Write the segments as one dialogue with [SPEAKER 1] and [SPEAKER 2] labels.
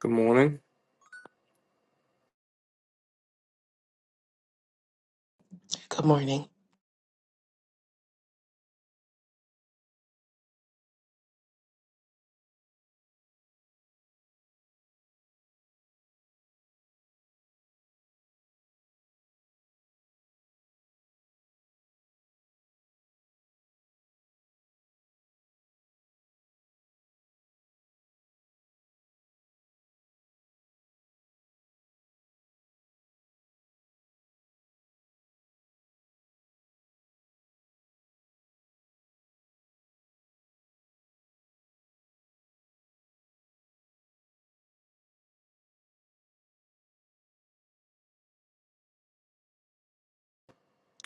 [SPEAKER 1] Good morning.
[SPEAKER 2] Good morning.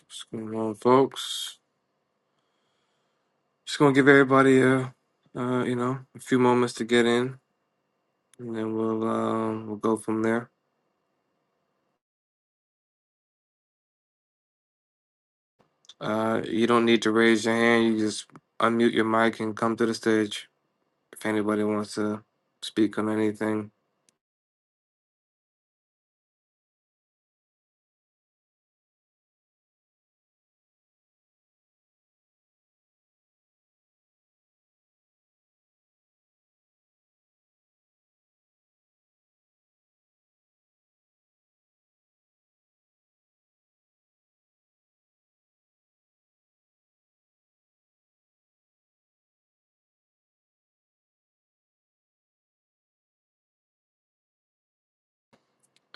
[SPEAKER 1] What's going on, folks? Just gonna give everybody a, uh, you know, a few moments to get in, and then we'll um, we'll go from there. Uh, you don't need to raise your hand. You just unmute your mic and come to the stage if anybody wants to speak on anything.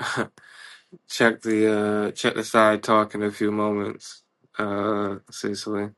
[SPEAKER 1] check the uh, check the side talk in a few moments. Uh, Cecily,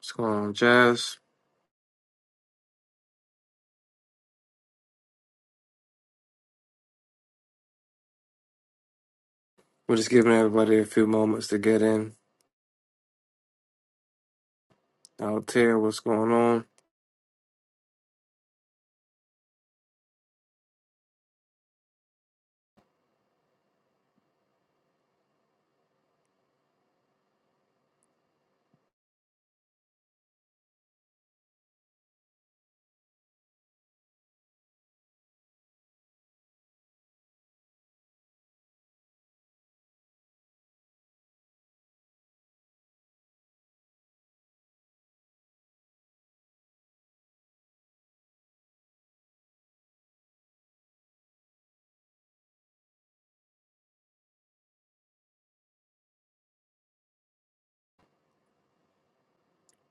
[SPEAKER 1] what's going on, Jazz? We're just giving everybody a few moments to get in. Altair, what's going on?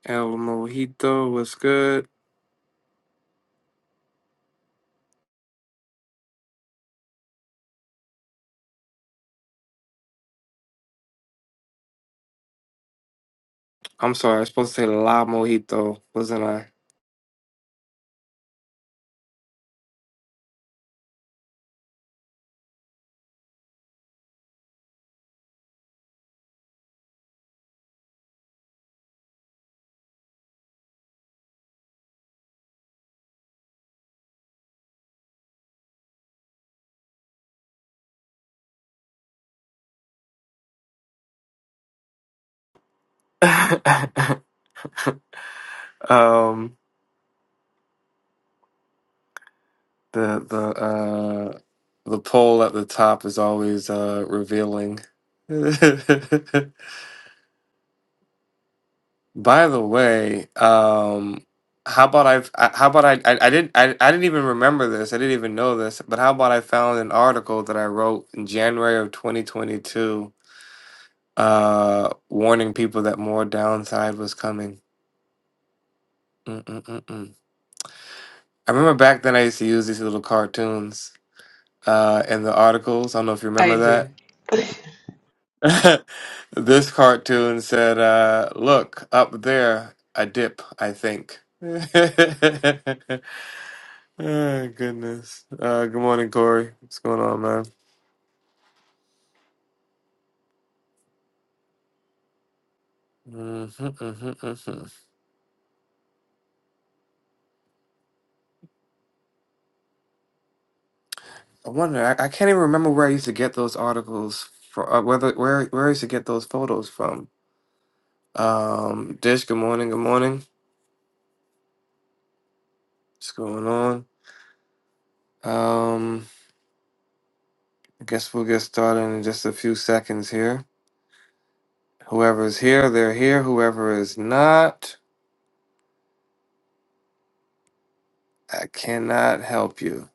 [SPEAKER 1] El Mojito, what's good? I'm sorry, I was supposed to say La Mojito, wasn't I? um, the the uh the poll at the top is always uh revealing. By the way, um, how about I've- I? How about I? I, I didn't. I, I didn't even remember this. I didn't even know this. But how about I found an article that I wrote in January of 2022, uh, warning people that more downside was coming. Mm-mm-mm-mm. I remember back then I used to use these little cartoons uh, in the articles. I don't know if you
[SPEAKER 2] I
[SPEAKER 1] remember
[SPEAKER 2] do.
[SPEAKER 1] that. this cartoon said, uh, "Look up there, a dip." I think. oh, goodness. Uh, good morning, Corey. What's going on, man? hmm hmm hmm I wonder. I, I can't even remember where I used to get those articles from. Uh, whether where where I used to get those photos from. Um, Dish. Good morning. Good morning. What's going on? Um. I guess we'll get started in just a few seconds here. Whoever's here, they're here. Whoever is not, I cannot help you.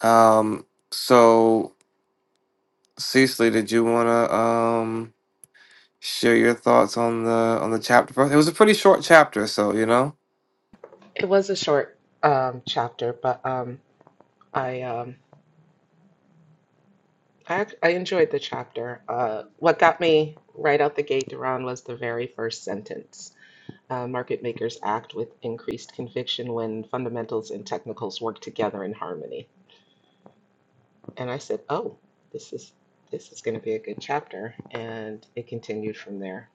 [SPEAKER 1] Um, so Cecily, did you wanna um share your thoughts on the on the chapter first? It was a pretty short chapter, so you know.
[SPEAKER 2] It was a short um, chapter, but um, I um, I, ac- I enjoyed the chapter. Uh, what got me right out the gate, Duran, was the very first sentence. Uh, market makers act with increased conviction when fundamentals and technicals work together in harmony. And I said, "Oh, this is this is going to be a good chapter." And it continued from there.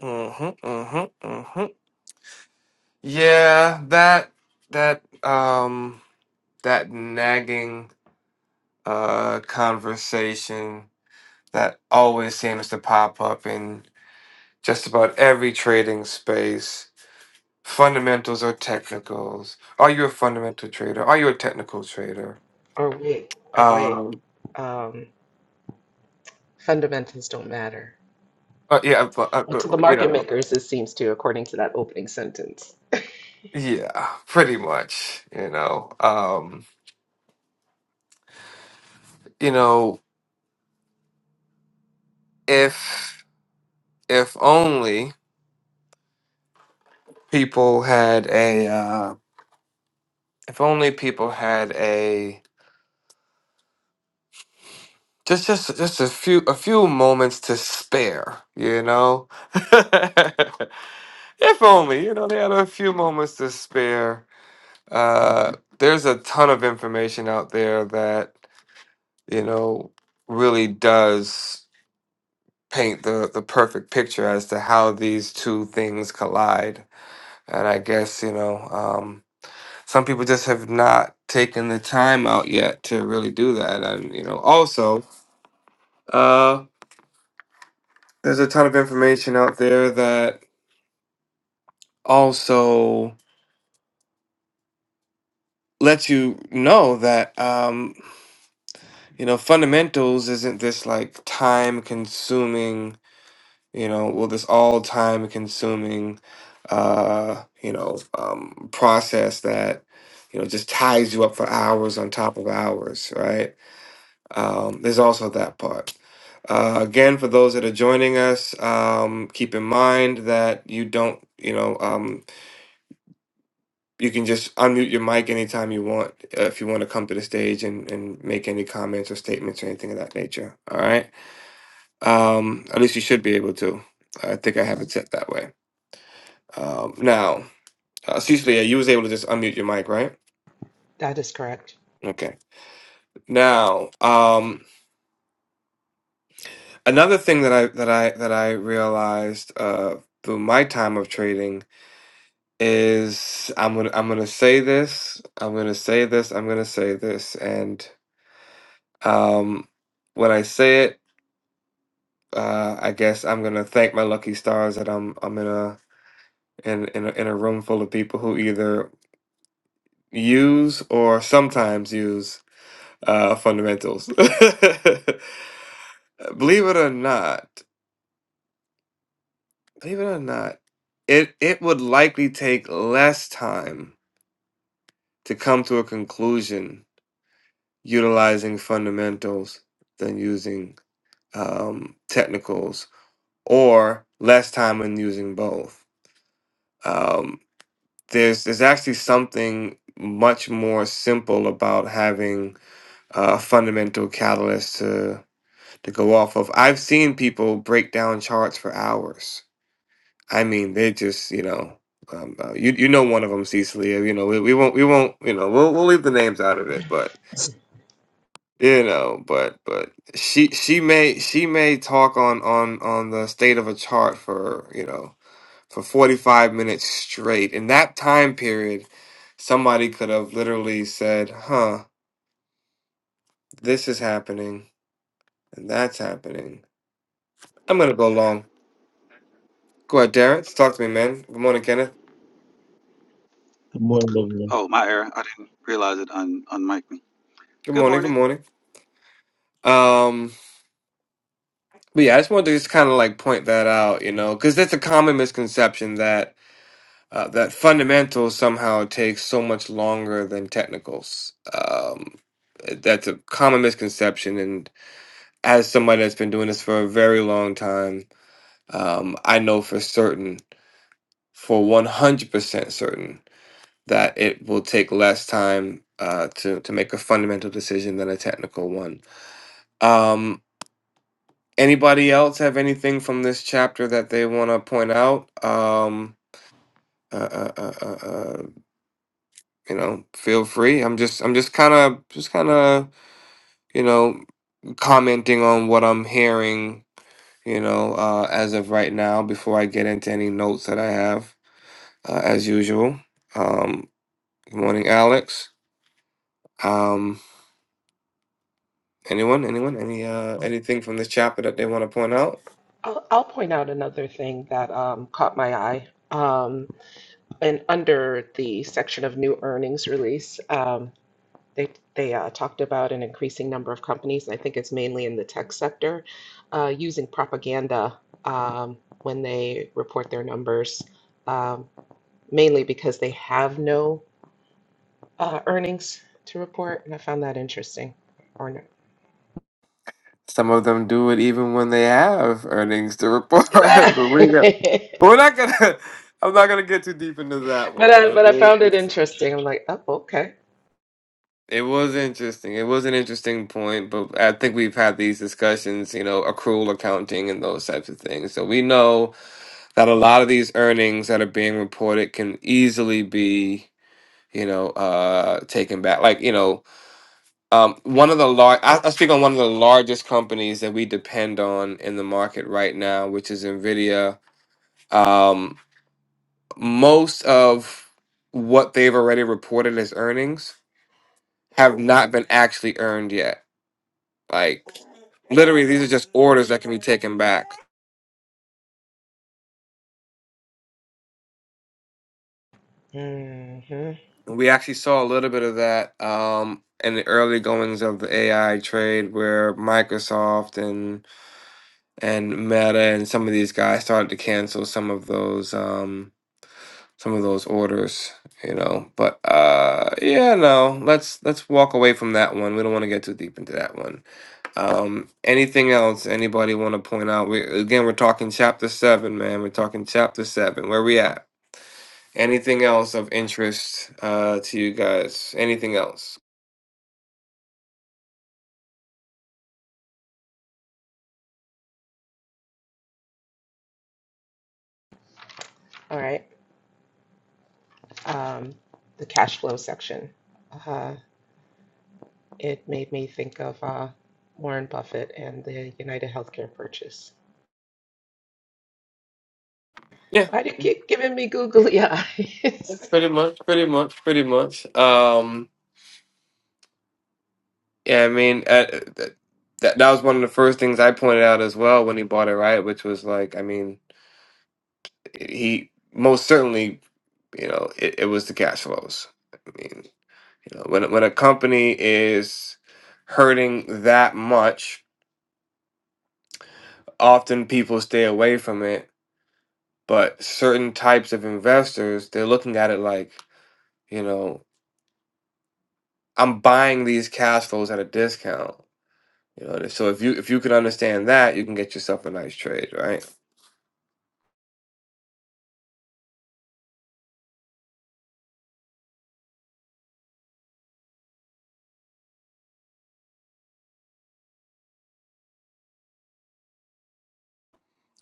[SPEAKER 1] Mm-hmm. Mm-hmm. Mm-hmm. Yeah, that that um that nagging uh conversation that always seems to pop up in just about every trading space. Fundamentals or technicals? Are you a fundamental trader? Are you a technical trader?
[SPEAKER 2] Or wait, or wait.
[SPEAKER 1] Um,
[SPEAKER 2] Um, fundamentals don't matter.
[SPEAKER 1] uh, yeah, but, uh, but,
[SPEAKER 2] To the
[SPEAKER 1] you
[SPEAKER 2] market
[SPEAKER 1] know,
[SPEAKER 2] makers, it seems to, according to that opening sentence.
[SPEAKER 1] yeah, pretty much. You know, um, you know, if if only people had a, uh, if only people had a just just just a few a few moments to spare. You know, if only you know they had a few moments to spare Uh, there's a ton of information out there that, you know, really does paint the, the perfect picture as to how these two things collide. And I guess, you know, um, some people just have not taken the time out yet to really do that. And, you know, also, uh, there's a ton of information out there that also lets you know that, um, you know, fundamentals isn't this like time consuming you know, with this all time consuming, uh, you know, um, process that, you know, just ties you up for hours on top of hours, right? Um, there's also that part. Uh, again, for those that are joining us, um, keep in mind that you don't, you know, um, you can just unmute your mic anytime you want uh, if you want to come to the stage and, and make any comments or statements or anything of that nature. All right. Um, at least you should be able to. I think I have it set that way. Um, now, uh, Cecilia, you was able to just unmute your mic, right?
[SPEAKER 2] That is correct.
[SPEAKER 1] Okay. Now, um, another thing that I that I that I realized uh, through my time of trading is I'm gonna I'm gonna say this, I'm gonna say this, I'm gonna say this, and um, when I say it, uh, I guess I'm gonna thank my lucky stars that I'm I'm in a in in a, in a room full of people who either use or sometimes use uh, fundamentals. Uh, Believe it or not, believe it or not, it it would likely take less time to come to a conclusion utilizing fundamentals than using um, technicals, or less time in using both. Um, there's there's actually something much more simple about having a fundamental catalyst to to go off of. I've seen people break down charts for hours I mean, they just you know, um, uh, you you know one of them, Cecilia. You know, we, we won't we won't you know we'll we'll leave the names out of it, but you know, but but she she may she may talk on on on the state of a chart for you know for forty five minutes straight. In that time period, somebody could have literally said, "Huh, this is happening and that's happening." I'm gonna go long. Go ahead, Darren. Talk to me, man. Good morning, Kenneth.
[SPEAKER 3] Good morning, Lillian.
[SPEAKER 4] Oh, my error. I didn't realize it un unmiked me.
[SPEAKER 1] Good
[SPEAKER 4] Good
[SPEAKER 1] morning. Good
[SPEAKER 4] morning.
[SPEAKER 1] morning. Um. But yeah, I just wanted to just kind of like point that out, you know, because that's a common misconception that uh, that fundamentals somehow takes so much longer than technicals. Um, that's a common misconception, and as somebody that's been doing this for a very long time, um, I know for certain, for one hundred percent certain, that it will take less time uh, to to make a fundamental decision than a technical one. Um, Anybody else have anything from this chapter that they want to point out? Um, uh, uh, uh, uh, uh, you know, feel free. I'm just, I'm just kind of, just kind of, you know, commenting on what I'm hearing, you know, uh, as of right now. Before I get into any notes that I have, uh, as usual. Um, good morning, Alex. Um, anyone, anyone, any, uh, anything from this chapter that they want to point out?
[SPEAKER 2] I'll, I'll point out another thing that um, caught my eye. Um, and under the section of new earnings release, um, they they uh, talked about an increasing number of companies, and I think it's mainly in the tech sector, uh, using propaganda um, when they report their numbers. Um, mainly because they have no uh, earnings to report, and I found that interesting. Or no.
[SPEAKER 1] Some of them do it even when they have earnings to report.
[SPEAKER 2] but I
[SPEAKER 1] Believe it We're not gonna. I'm not gonna get too deep into that one, but
[SPEAKER 2] but I
[SPEAKER 1] we'll,
[SPEAKER 2] found it interesting. I'm like, oh, okay.
[SPEAKER 1] it was interesting. It was an interesting point, but I think we've had these discussions, you know, accrual accounting and those types of things. So we know that a lot of these earnings that are being reported can easily be, you know, uh, taken back. Like, you know, um, one of the large. I, I speak on one of the largest companies that we depend on in the market right now, which is Nvidia. Um, most of what they've already reported as earnings have not been actually earned yet. Like literally, these are just orders that can be taken back.
[SPEAKER 2] hmm
[SPEAKER 1] And we actually saw a little bit of that um, in the early goings of the AI trade, where Microsoft and and Meta and some of these guys started to cancel some of those um, some of those orders. You know, but uh, yeah, no, let's let's walk away from that one. We don't want to get too deep into that one. Um, anything else anybody want to point out? We again, we're talking chapter seven, man. We're talking chapter seven. Where we at? Anything else of interest uh, to you guys? Anything else?
[SPEAKER 2] All right. Um, the cash flow section. Uh, it made me think of uh, Warren Buffett and the United Healthcare purchase.
[SPEAKER 1] Yeah,
[SPEAKER 2] Why do you keep giving me googly eyes?
[SPEAKER 1] pretty much, pretty much, pretty much. Um, yeah, I mean, uh, uh, th- that that was one of the first things I pointed out as well when he bought it, right? Which was like, I mean, he most certainly, you know, it, it was the cash flows. You know, when when a company is hurting that much, often people stay away from it. But certain types of investors, they're looking at it like, you know, I'm buying these cash flows at a discount. You know, so if you if you can understand that, you can get yourself a nice trade, right?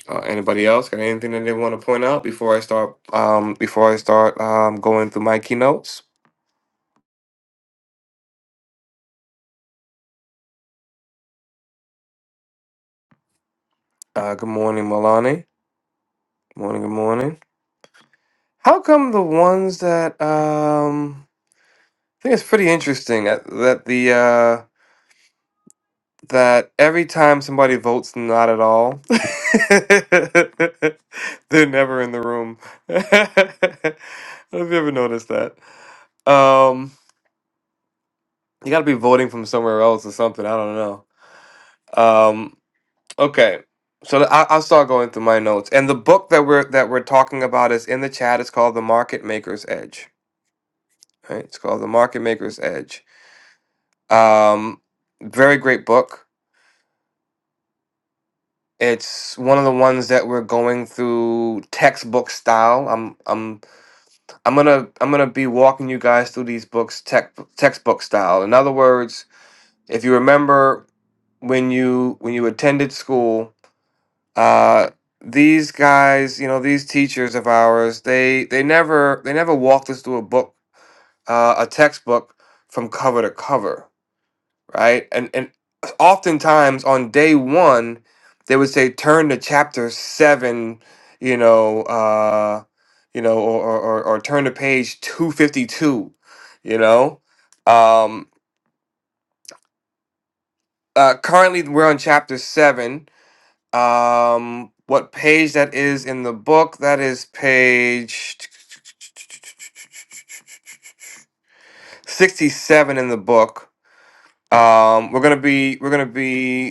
[SPEAKER 1] Uh, anybody else got anything that they want to point out before I start? Um, before I start um, going through my keynotes. Uh, good morning, Milani. Morning, good morning. How come the ones that um I think it's pretty interesting that, that the uh that every time somebody votes not at all they're never in the room. Have you ever noticed that? Um you got to be voting from somewhere else or something, I don't know. Um okay. So I I'll start going through my notes. And the book that we're that we're talking about is in the chat. It's called The Market Maker's Edge. Right? It's called The Market Maker's Edge Um, very great book. It's one of the ones that we're going through textbook style. I'm I'm I'm gonna I'm gonna be walking you guys through these books tech, textbook style. In other words, if you remember when you when you attended school, uh, these guys, you know, these teachers of ours, they they never they never walked us through a book, uh, a textbook from cover to cover right? And and oftentimes on day one, they would say turn to chapter seven, you know, uh, you know, or or, or or turn to page two fifty two, you know. Um, uh, currently, we're on chapter seven. Um, what page that is in the book? That is page. 67 in the book um we're gonna be we're gonna be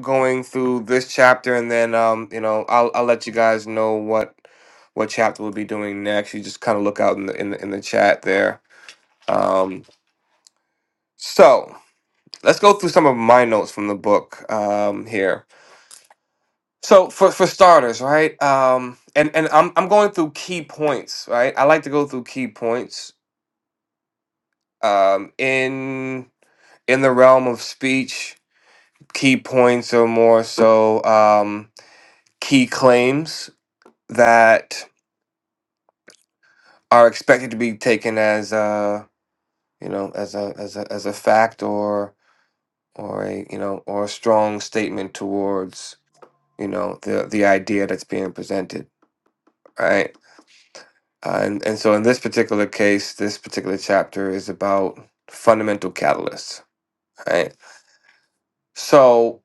[SPEAKER 1] going through this chapter, and then um, you know, I'll I'll let you guys know what what chapter we'll be doing next. You just kind of look out in the, in the in the chat there. Um, so let's go through some of my notes from the book um, here. So for for starters, right? Um, and and I'm I'm going through key points, right? I like to go through key points um, in in the realm of speech. Key points are more so um, key claims that are expected to be taken as uh you know as a as a as a fact or or a you know or a strong statement towards you know the the idea that's being presented right uh, and and so in this particular case this particular chapter is about fundamental catalysts right so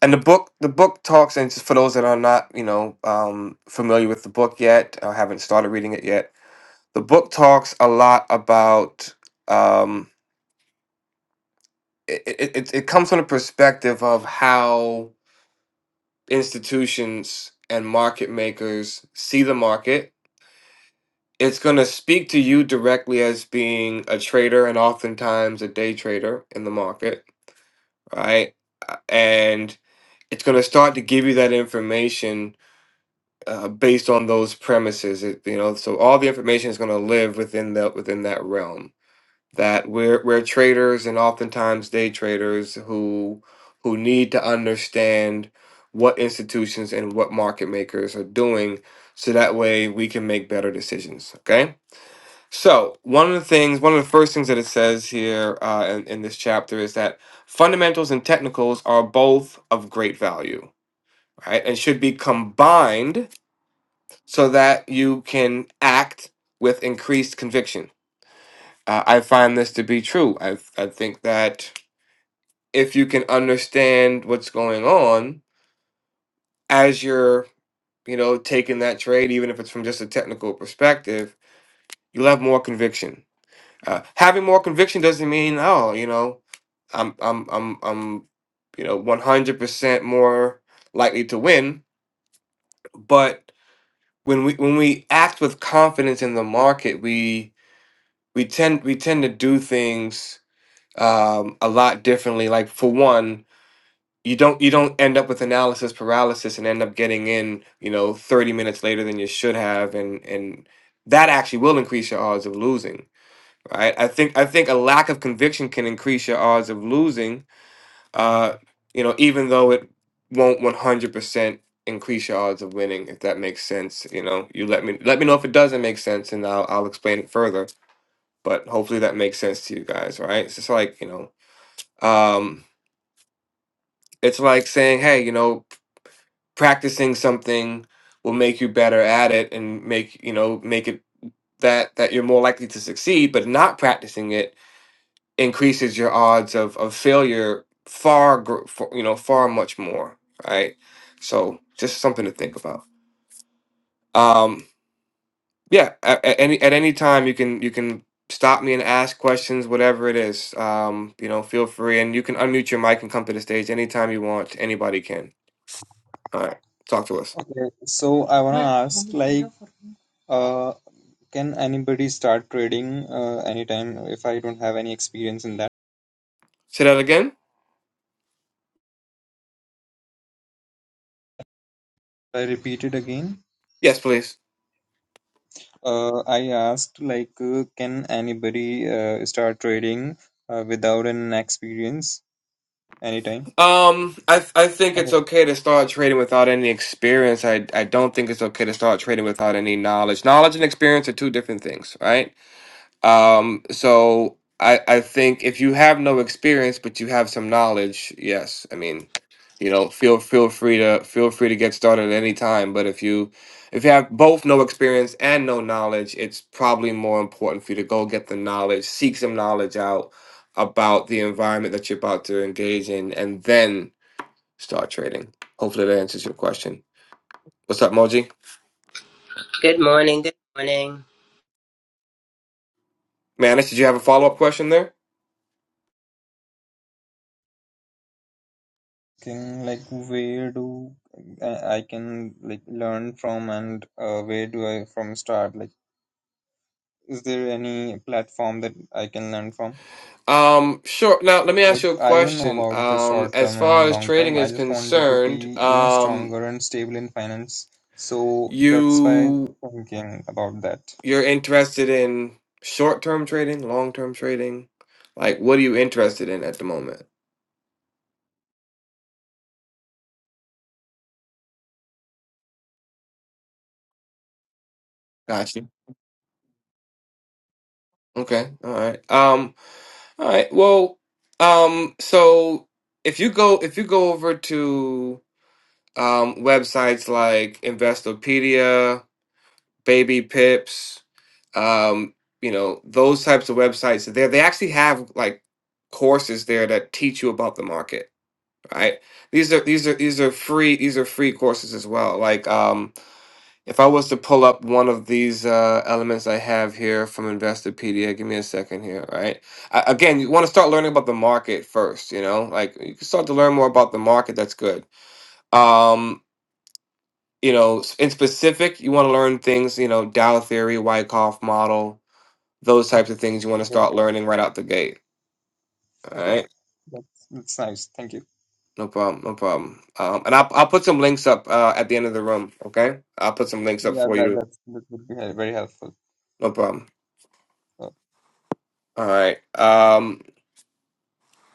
[SPEAKER 1] and the book the book talks and just for those that are not you know um familiar with the book yet or haven't started reading it yet the book talks a lot about um, it, it, it it comes from the perspective of how institutions and market makers see the market. It's going to speak to you directly as being a trader and oftentimes a day trader in the market, right? Uh, And it's going to start to give you that information uh, based on those premises. It, you know, so all the information is going to live within the within that realm that we're we're traders and oftentimes day traders who who need to understand what institutions and what market makers are doing so that way we can make better decisions okay so one of the things one of the first things that it says here uh, in, in this chapter is that fundamentals and technicals are both of great value right and should be combined so that you can act with increased conviction uh, i find this to be true i, I think that if you can understand what's going on as you're, you know, taking that trade, even if it's from just a technical perspective, you'll have more conviction. Uh, having more conviction doesn't mean, oh, you know, I'm, I'm, I'm, I'm, you know, 100% more likely to win. But when we when we act with confidence in the market, we we tend we tend to do things um, a lot differently. Like for one, you don't you don't end up with analysis paralysis and end up getting in you know 30 minutes later than you should have and and that actually will increase your odds of losing right i think i think a lack of conviction can increase your odds of losing uh you know even though it won't 100% increase your odds of winning if that makes sense you know you let me let me know if it doesn't make sense and i'll i'll explain it further but hopefully that makes sense to you guys right So it's just like you know um it's like saying hey you know practicing something will make you better at it and make you know make it that that you're more likely to succeed but not practicing it increases your odds of of failure far gr- for, you know far much more right so just something to think about um yeah at, at any at any time you can you can stop me and ask questions whatever it is um you know feel free and you can unmute your mic and come to the stage anytime you want anybody can all right talk to us
[SPEAKER 5] Okay, so I wanna But- ask, like, uh, can anybody start trading uh, anytime if I don't have any experience in that?
[SPEAKER 1] say that again
[SPEAKER 5] I repeat it again.
[SPEAKER 1] yes please
[SPEAKER 5] Uh, I asked, like, uh, can anybody uh, start trading uh, without an experience anytime?
[SPEAKER 1] Um, I th- I think it's
[SPEAKER 5] Okay.
[SPEAKER 1] okay to start trading without any experience. I I don't think it's okay to start trading without any knowledge. Knowledge and experience are two different things, right? Um, so I I think if you have no experience but you have some knowledge, yes, I mean, you know, feel feel free to feel free to get started at any time. But if you if you have both no experience and no knowledge, it's probably more important for you to go get the knowledge, seek some knowledge out about the environment that you're about to engage in, and then Start trading. Hopefully that answers your question. What's up, Moji?
[SPEAKER 6] Good morning. Good morning.
[SPEAKER 1] Manish, did you have a follow-up question there?
[SPEAKER 5] Can like where do I I can like learn from and uh, where do I from start? Like, is there any platform that I can learn from?
[SPEAKER 1] Um, sure. Now let me ask
[SPEAKER 5] like
[SPEAKER 1] you a
[SPEAKER 5] I don't know
[SPEAKER 1] question.
[SPEAKER 5] about the
[SPEAKER 1] Um,
[SPEAKER 5] short
[SPEAKER 1] as
[SPEAKER 5] term
[SPEAKER 1] far
[SPEAKER 5] and
[SPEAKER 1] as
[SPEAKER 5] long
[SPEAKER 1] trading
[SPEAKER 5] term. I
[SPEAKER 1] is
[SPEAKER 5] just wanted to
[SPEAKER 1] concerned,
[SPEAKER 5] be, you know,
[SPEAKER 1] um,
[SPEAKER 5] stronger and stable in finance. So that's why
[SPEAKER 1] you
[SPEAKER 5] thinking about that.
[SPEAKER 1] you're interested in short-term trading, long-term trading? Like, what are you interested in at the moment? Gotcha. Okay. All right. Um, all right. Well, um, so if you go if you go over to um, websites like Investopedia, Baby Pips, um, you know, those types of websites are there. They actually have like courses there that teach you about the market, right? These are these are these are free these are free courses as well. Like um, if I was to pull up one of these uh, elements I have here from Investopedia, give me a second here, right? I, again, you want to start learning about the market first, you know? Like you can start to learn more about the market, that's good. Um, you know, s- in specific, you want to learn things, you know, Dollar Theory, Wyckoff model, those types of things you want to
[SPEAKER 5] Okay.
[SPEAKER 1] start learning right out the gate. All
[SPEAKER 5] Okay.
[SPEAKER 1] right.
[SPEAKER 5] That's that's nice. Thank you.
[SPEAKER 1] No problem. No problem. Um, and I'll, I'll put some links up uh, at the end of the room. Okay. I'll put some links up
[SPEAKER 5] Yeah,
[SPEAKER 1] for
[SPEAKER 5] that
[SPEAKER 1] you.
[SPEAKER 5] that's, that would be very helpful.
[SPEAKER 1] No problem.
[SPEAKER 5] Uh,
[SPEAKER 1] All right. Um,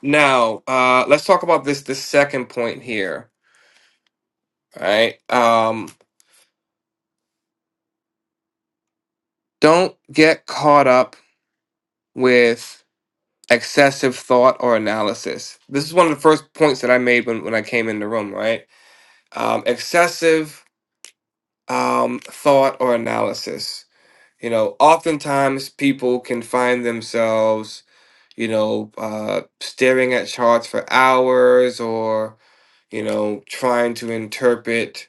[SPEAKER 1] now, uh, let's talk about this, this second point here. All right. Um, don't get caught up with excessive thought or analysis. This is one of the first points that I made when, when I came in the room, right? um, excessive um, thought or analysis. You know, oftentimes people can find themselves, you know, uh, staring at charts for hours or, you know, trying to interpret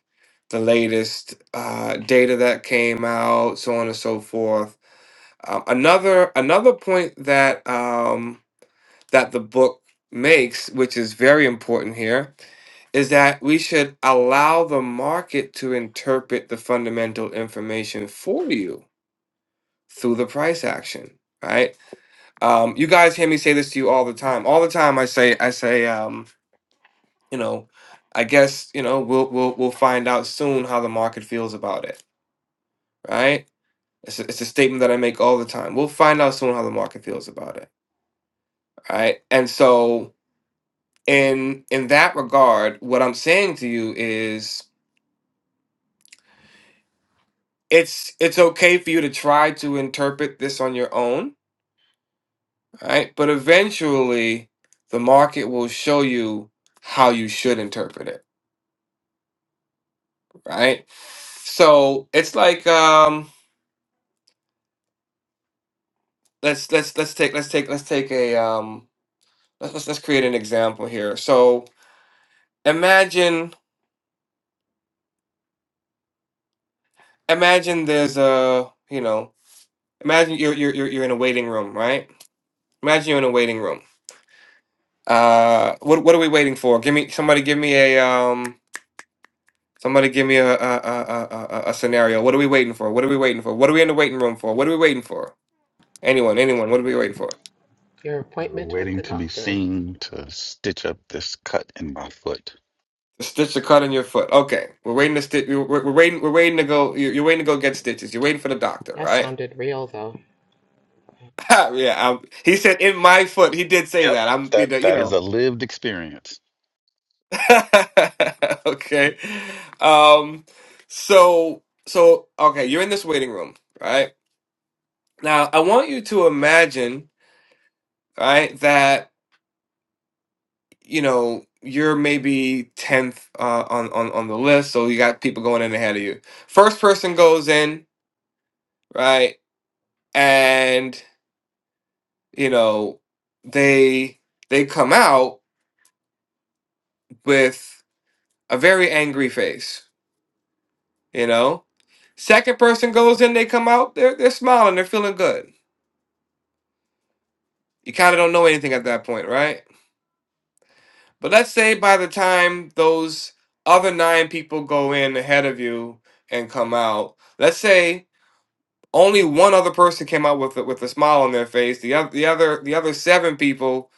[SPEAKER 1] the latest uh, data that came out, so on and so forth. Um, another another point that um, that the book makes, which is very important here, is that we should allow the market to interpret the fundamental information for you through the price action, right? Um, you guys hear me say this to you all the time. All the time, I say, I say, um, you know, I guess you know we'll we'll we'll find out soon how the market feels about it, right? It's a, it's a statement that I make all the time. We'll find out soon how the market feels about it, right? And so in in that regard, what I'm saying to you is it's it's okay for you to try to interpret this on your own right but eventually the market will show you how you should interpret it right so it's like um let's let's let's take let's take let's take a um let's let's, let's create an example here so imagine imagine there's a you know imagine you're you're you're, you're in a waiting room right imagine you're in a waiting room uh what what are we waiting for give me somebody give me a um Somebody give me a a, a a a a scenario. What are we waiting for? What are we waiting for? What are we in the waiting room for? What are we waiting for? Anyone, anyone. What are we waiting for?
[SPEAKER 2] Your
[SPEAKER 4] We're
[SPEAKER 2] appointment with the
[SPEAKER 4] waiting to be
[SPEAKER 2] doctor.
[SPEAKER 4] seen to stitch up this cut in my foot.
[SPEAKER 1] The stitch to cut in your foot. Okay, we're waiting to stitch. We're, we're waiting. We're waiting to go. You're, you're waiting to go get stitches. You're waiting for the doctor,
[SPEAKER 2] That
[SPEAKER 1] right?
[SPEAKER 2] sounded real, though.
[SPEAKER 1] yeah. i he said in my foot. He did say
[SPEAKER 4] Yep,
[SPEAKER 1] that. I'm. You
[SPEAKER 4] that
[SPEAKER 1] know. You
[SPEAKER 4] that is
[SPEAKER 1] know.
[SPEAKER 4] a lived experience.
[SPEAKER 1] okay. Um. So so okay. You're in this waiting room, right? Now I want you to imagine, right, that you know you're maybe 10th uh, on, on on the list so you got people going in ahead of you first person goes in right and you know they they come out with a very angry face you know second person goes in they come out they're, they're smiling they're feeling good you kind of don't know anything at that point right but let's say by the time those other nine people go in ahead of you and come out let's say Only one other person came out with a, with a smile on their face. The other the other the other seven people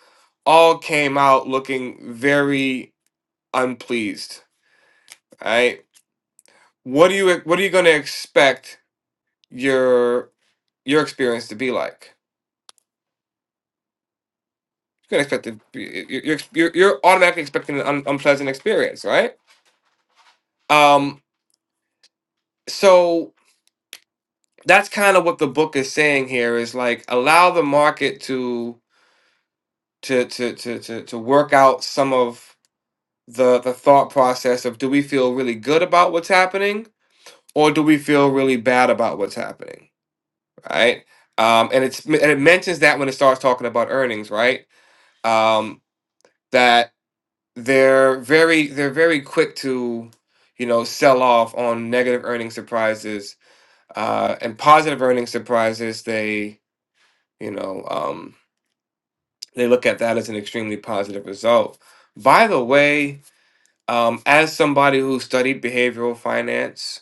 [SPEAKER 1] all came out looking very unpleased. All right, what do you what are you going to expect your your experience to be like? You're going to expect to be, you're, you're you're automatically expecting an un, unpleasant experience, right? Um, so that's kind of what the book is saying here is like allow the market to to to to to, to work out some of the the thought process of do we feel really good about what's happening or do we feel really bad about what's happening right um and it's and it mentions that when it starts talking about earnings right um that they're very they're very quick to you know sell off on negative earning surprises uh and positive earning surprises they you know um they look at that as an extremely positive result by the way um as somebody who studied behavioral finance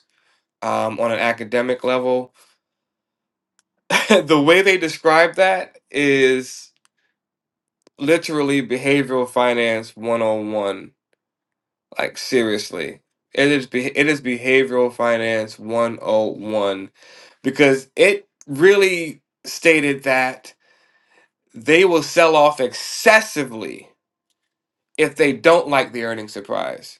[SPEAKER 1] um, on an academic level. the way they describe that is literally behavioral finance 101. Like, seriously. It is, be- it is behavioral finance 101 because it really stated that they will sell off excessively if they don't like the earnings surprise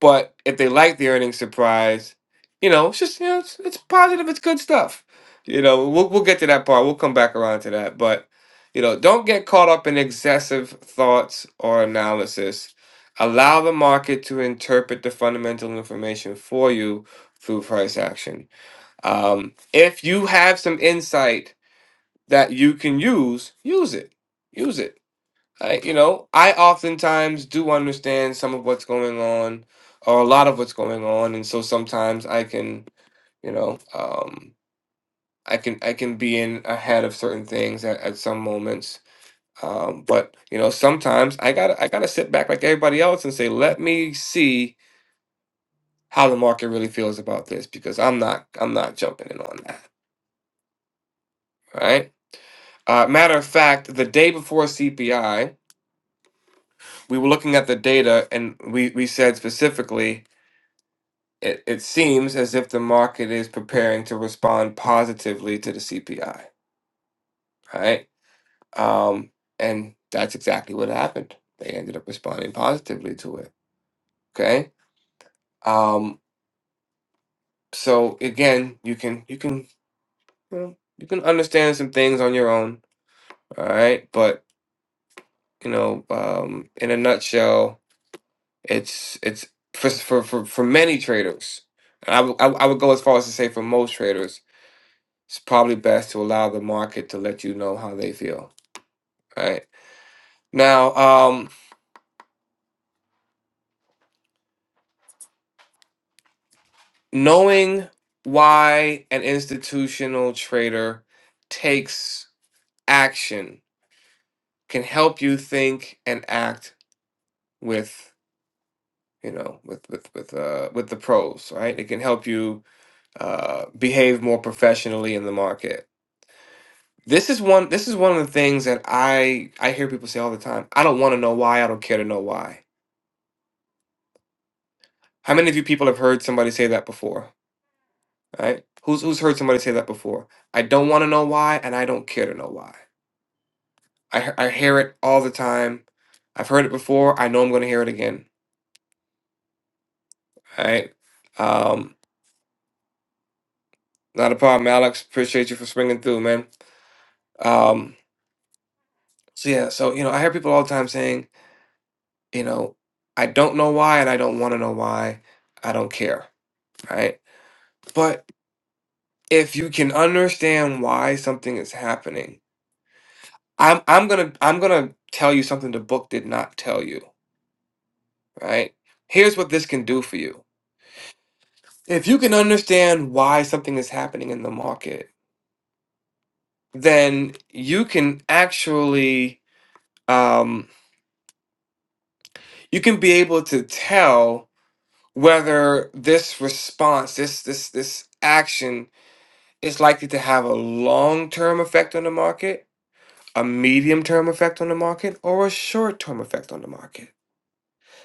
[SPEAKER 1] But if they like the earnings surprise, you know, it's just you know, it's, it's positive, it's good stuff. You know, we'll we'll get to that part. We'll come back around to that. But you know, don't get caught up in excessive thoughts or analysis. Allow the market to interpret the fundamental information for you through price action. Um, if you have some insight that you can use, use it. Use it I, you know, I oftentimes do understand some of what's going on, or a lot of what's going on, and so sometimes I can, you know, um, I can I can be in ahead of certain things at, at some moments. Um, but you know, sometimes I gotta I gotta sit back like everybody else and say, let me see how the market really feels about this because I'm not I'm not jumping in on that, right? Uh, matter of fact, the day before CPI, we were looking at the data and we we said specifically It, it seems as if the market is preparing to respond positively to the CPI, right? Um, and that's exactly what happened. They ended up responding positively to it. Okay. Um, so again, you can you can you know you can understand some things on your own, all right? But you know, um, in a nutshell, it's it's for for for, for many traders. And I would I would I would go as far as to say for most traders it's probably best to allow the market to let you know how they feel right now um knowing why an institutional trader takes action can help you think and act with you know with with with uh with the pros right it can help you uh behave more professionally in the market this is one this is one of the things that i i hear people say all the time i don't want to know why i don't care to know why how many of you people have heard somebody say that before Right, Who's who's heard somebody say that before? I don't want to know why, and I don't care to know why. I he- I hear it all the time. I've heard it before. I know I'm going to hear it again. Right, Um, not a problem, Alex. Appreciate you for swinging through, man. Um, so yeah. So you know, I hear people all the time saying, you know, I don't know why, and I don't want to know why. I don't care. Right. But if you can understand why something is happening, I'm I'm gonna I'm gonna tell you something the book did not tell you right? Here's what this can do for you. If you can understand why something is happening in the market, then you can actually um, you can be able to tell whether this response, this this this action is likely to have a long-term effect on the market, a medium-term effect on the market, or a short-term effect on the market.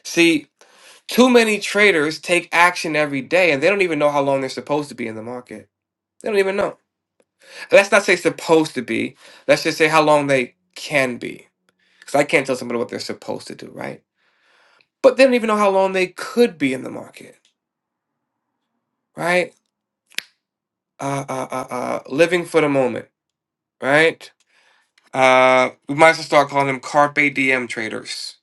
[SPEAKER 1] See, too many traders take action every day and they don't even know how long they're supposed to be in the market. They don't even know. Let's not say supposed to be. Let's just say how long they can be. Because I can't tell somebody what they're supposed to do, right? But they don't even know how long they could be in the market, right? Uh, uh, uh, uh, living for the moment, right? Uh, we might as well start calling them carpe diem traders,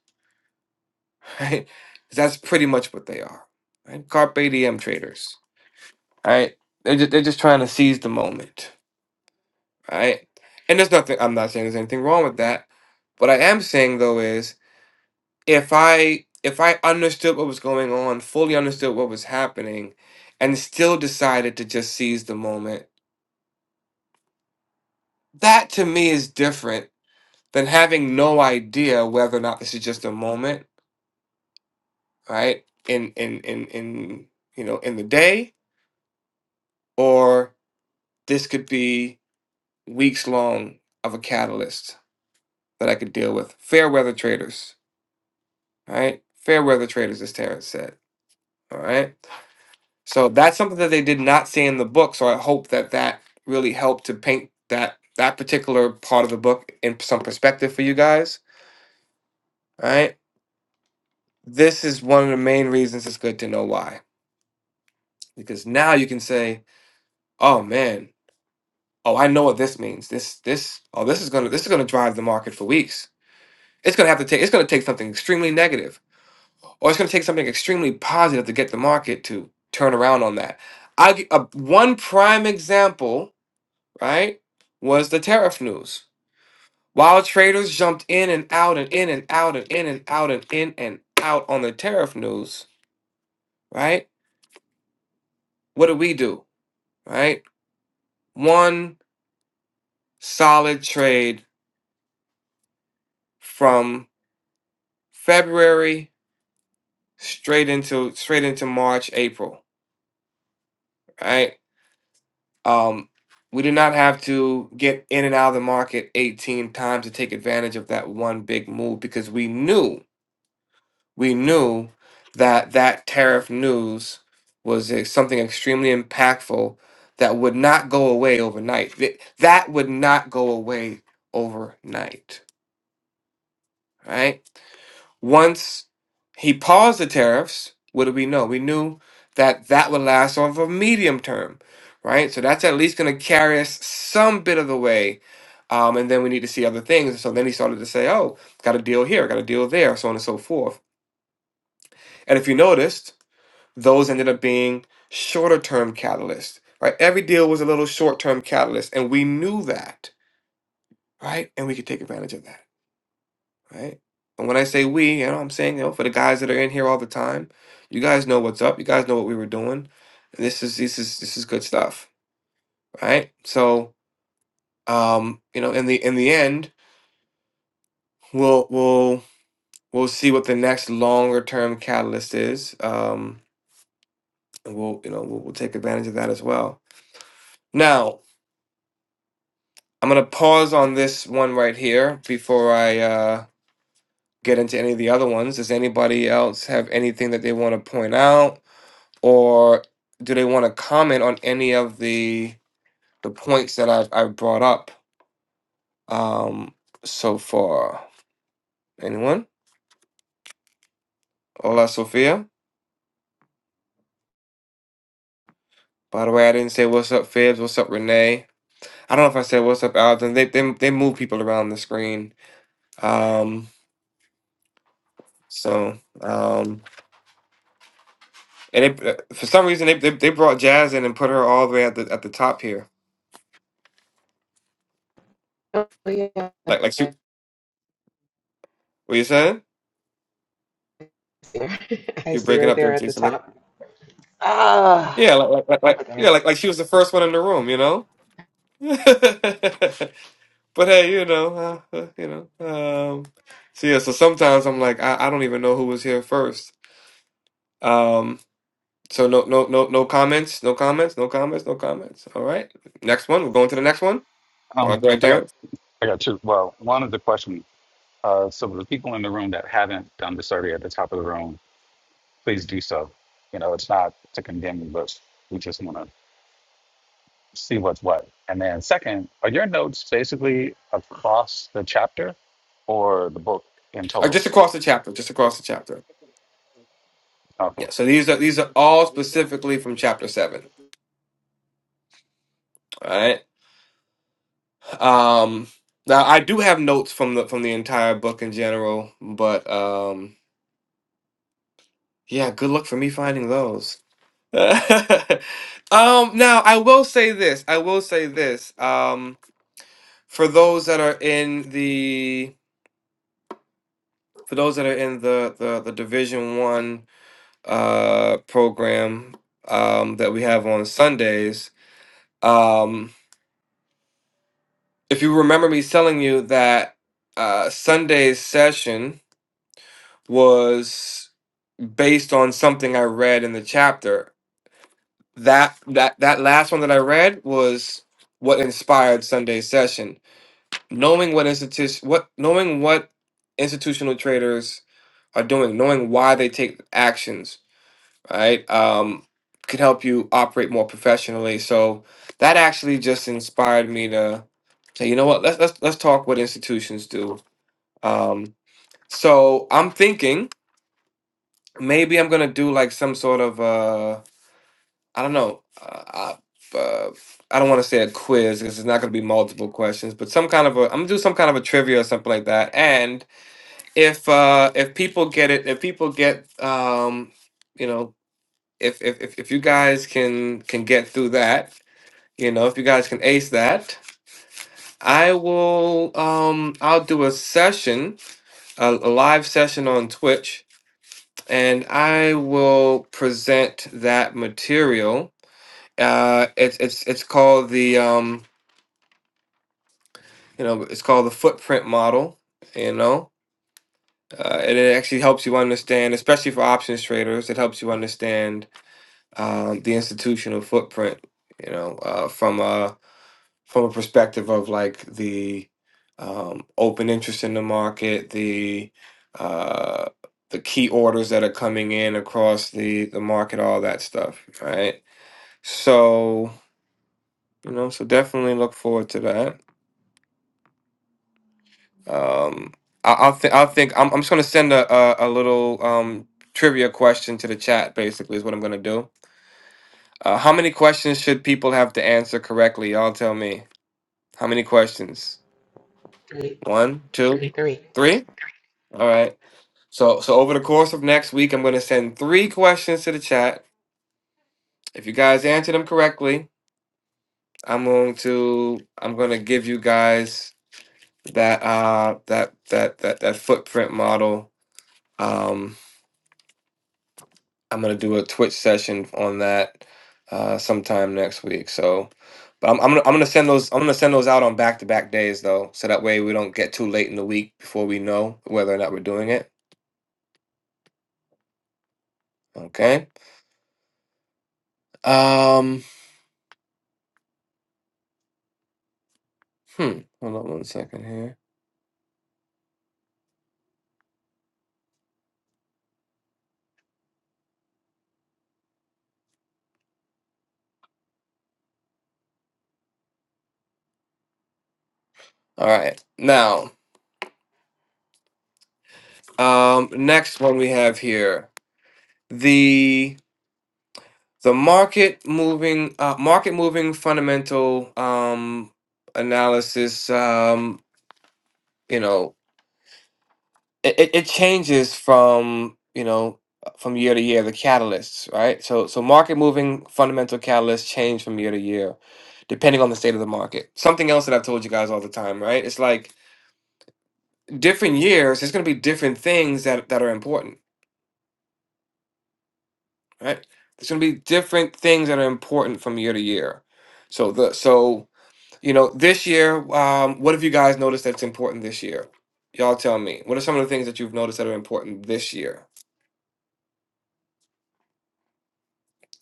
[SPEAKER 1] right? 'Cause that's pretty much what they are, right? Carpe diem traders, right? They're just, they're just trying to seize the moment, right? And there's nothing. I'm not saying there's anything wrong with that. What I am saying though is if I if I understood what was going on, fully understood what was happening, and still decided to just seize the moment, that to me is different than having no idea whether or not this is just a moment, right? In in in in you know in the day, or this could be weeks long of a catalyst that I could deal with. Fair weather traders, right? Fair weather traders, as Terrence said. All right. So that's something that they did not see in the book. So I hope that that really helped to paint that that particular part of the book in some perspective for you guys. All right, this is one of the main reasons it's good to know why, because now you can say, "Oh man, oh I know what this means. This this oh this is gonna this is gonna drive the market for weeks. It's gonna have to take it's gonna take something extremely negative, or it's gonna take something extremely positive to get the market to turn around on that." I will a one prime example right, was the tariff news. While traders jumped in and out and in and out and in and out and in and out on the tariff news, right? What did we do, right? One solid trade from February straight into straight into March, April, right? Um, we did not have to get in and out of the market 18 times to take advantage of that one big move because we knew we knew that that tariff news was uh, something extremely impactful that would not go away overnight. Th- That would not go away overnight, right? Once he paused the tariffs, what did we know? We knew that that would last on for medium term, right? So that's at least going to carry us some bit of the way. Um, and then we need to see other things. So then he started to say, oh, got a deal here, got a deal there, so on and so forth. And if you noticed, those ended up being shorter term catalysts, right? Every deal was a little short term catalyst, and we knew that, right? And we could take advantage of that, right? And when I say we, you know, I'm saying, you know, for the guys that are in here all the time, you guys know what's up. You guys know what we were doing. And this is this is this is good stuff, right? So, um, you know, in the in the end, we'll we'll we'll see what the next longer term catalyst is. Um, and we'll you know we'll, we'll take advantage of that as well. Now, I'm gonna pause on this one right here before I uh, get into any of the other ones. Does anybody else have anything that they want to point out, or do they want to comment on any of the the points that I've I've brought up um, so far? Anyone? Hola, Sophia. By the way, I didn't say what's up, Fibs. What's up, Renee? I don't know if I said what's up, Alvin. They they they move people around the screen. Um, so um, And they, uh, for some reason, they, they they brought Jazz in and put her all the way at the at the top here.
[SPEAKER 2] Oh,
[SPEAKER 1] Like like
[SPEAKER 2] yeah.
[SPEAKER 1] she, what you saying?
[SPEAKER 2] there. I
[SPEAKER 1] You're
[SPEAKER 2] see
[SPEAKER 1] breaking
[SPEAKER 2] her
[SPEAKER 1] up there,
[SPEAKER 2] there at the
[SPEAKER 1] Jason.
[SPEAKER 2] top.
[SPEAKER 1] Yeah,
[SPEAKER 2] Ah,
[SPEAKER 1] like, like like like
[SPEAKER 2] over there.
[SPEAKER 1] yeah, like like she was the first one in the room, you know. but hey, you know, uh, uh, you know. Um, so yeah, so sometimes I'm like, I, I don't even know who was here first. Um, so no no no no comments, no comments, no comments, no comments. All right, next one. We're going to the next one. All
[SPEAKER 4] Um,
[SPEAKER 1] right,
[SPEAKER 4] I got
[SPEAKER 1] Darren.
[SPEAKER 4] I got two. Well, one is the question. Uh, so the people in the room that haven't done the survey at the top of the room, please do so. You know, it's not to condemn you, but we just want to see what's what. And then second, are your notes basically across the chapter or the book in
[SPEAKER 1] Uh,
[SPEAKER 4] total?
[SPEAKER 1] just across the chapter, just across the chapter.
[SPEAKER 4] Okay.
[SPEAKER 1] Yeah, so these are these are all specifically from chapter seven. All right. Um now I do have notes from the from the entire book in general, but um yeah, good luck for me finding those. um now I will say this. I will say this. Um for those that are in the for those that are in the the, the division one uh program um that we have on Sundays, um, if you remember me telling you that uh, Sunday's session was based on something I read in the chapter. That that that last one that I read was what inspired Sunday's session. Knowing what institution what knowing what institutional traders are doing, knowing why they take actions, right? Um, could help you operate more professionally. So that actually just inspired me to say, you know what, let's let's let's talk what institutions do Um, so I'm thinking maybe I'm gonna do like some sort of uh, I don't know. Uh, I, uh, I don't want to say a quiz because it's not gonna be multiple questions, but some kind of a I'm gonna do some kind of a trivia or something like that. And if uh, if people get it, if people get um, you know, if if if if you guys can can get through that, you know, if you guys can ace that. I will um I'll do a session a, a live session on Twitch and I will present that material. Uh, it's it's it's called the um, you know it's called the footprint model. You know, uh, and it actually helps you understand, especially for options traders, it helps you understand um, the institutional footprint. You know, uh, from a from a perspective of like the um, open interest in the market, the uh, the key orders that are coming in across the the market, all that stuff, right? So you know, so definitely look forward to that. Um, I, I'll think I'll think I'm, I'm just gonna send a, a a little um trivia question to the chat. Basically, is what I'm gonna do. Uh, how many questions should people have to answer correctly? Y'all tell me. How many questions?
[SPEAKER 2] Three,
[SPEAKER 1] One, two, three.
[SPEAKER 2] three.
[SPEAKER 1] Three? All right. So so over the course of next week, I'm gonna send three questions to the chat. If you guys answer them correctly, I'm going to I'm gonna give you guys that uh that that that that footprint model. Um, I'm gonna do a Twitch session on that uh, sometime next week. So, but I'm I'm gonna, I'm gonna send those I'm gonna send those out on back to back days though, so that way we don't get too late in the week before we know whether or not we're doing it. Okay. Um. Hmm. Hold on one second here. All right. Now, um, next one we have here the the market moving uh, market moving fundamental um, analysis um, you know it, it it changes from you know from year to year the catalysts right so so market moving fundamental catalysts change from year to year depending on the state of the market something else that i've told you guys all the time right it's like different years there's going to be different things that that are important right there's going to be different things that are important from year to year so the so You know, this year, um, what have you guys noticed that's important this year? Y'all tell me. What are some of the things that you've noticed that are important this year?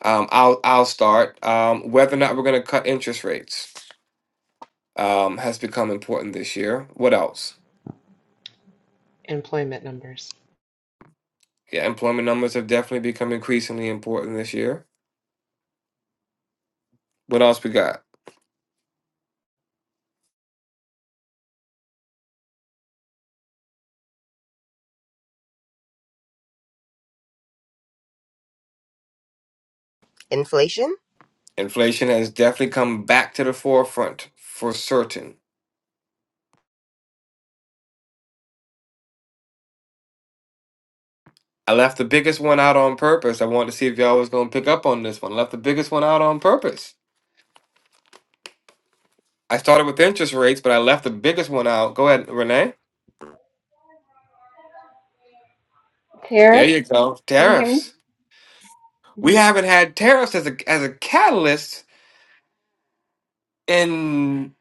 [SPEAKER 1] Um, I'll I'll start. Um, whether or not we're going to cut interest rates um, has become important this year. What else?
[SPEAKER 2] Employment numbers.
[SPEAKER 1] Yeah, employment numbers have definitely become increasingly important this year. What else we got?
[SPEAKER 6] Inflation?
[SPEAKER 1] Inflation has definitely come back to the forefront for certain. I left the biggest one out on purpose. I wanted to see if y'all was going to pick up on this one. I left the biggest one out on purpose I started with interest rates, but I left the biggest one out. Go ahead, Renee. There
[SPEAKER 7] Tariff,
[SPEAKER 1] you go.
[SPEAKER 7] can you hear me?
[SPEAKER 1] Tariffs.
[SPEAKER 7] Mhm.
[SPEAKER 1] We haven't had tariffs as a as a catalyst in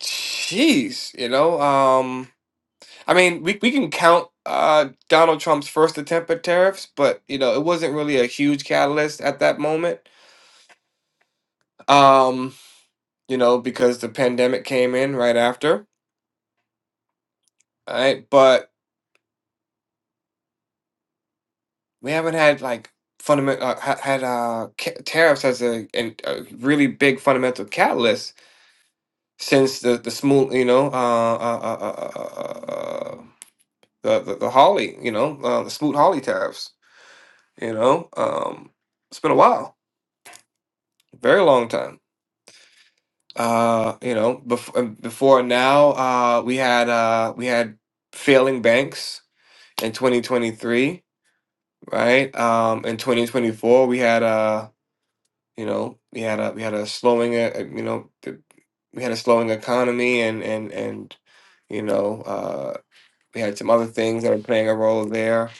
[SPEAKER 1] jeez, you know. Um I mean, we we can count uh Donald Trump's first attempt at tariffs, but you know, it wasn't really a huge catalyst at that moment. Um, you know, because the pandemic came in right after. All right, but We haven't had like fundamental uh, ha- had uh ca- tariffs as a, an, a really big fundamental catalyst since the the smooth you know uh uh uh, uh, uh, uh uh, the, the the Hawley you know uh, the Smoot Hawley tariffs you know um it's been a while very long time uh you know before before now uh we had uh we had failing banks in 2023 right um in 2024 we had uh, You know, we had a we had a slowing, uh, uh, you know, th- we had a slowing economy, and and and you know, uh, we had some other things that are playing a role there.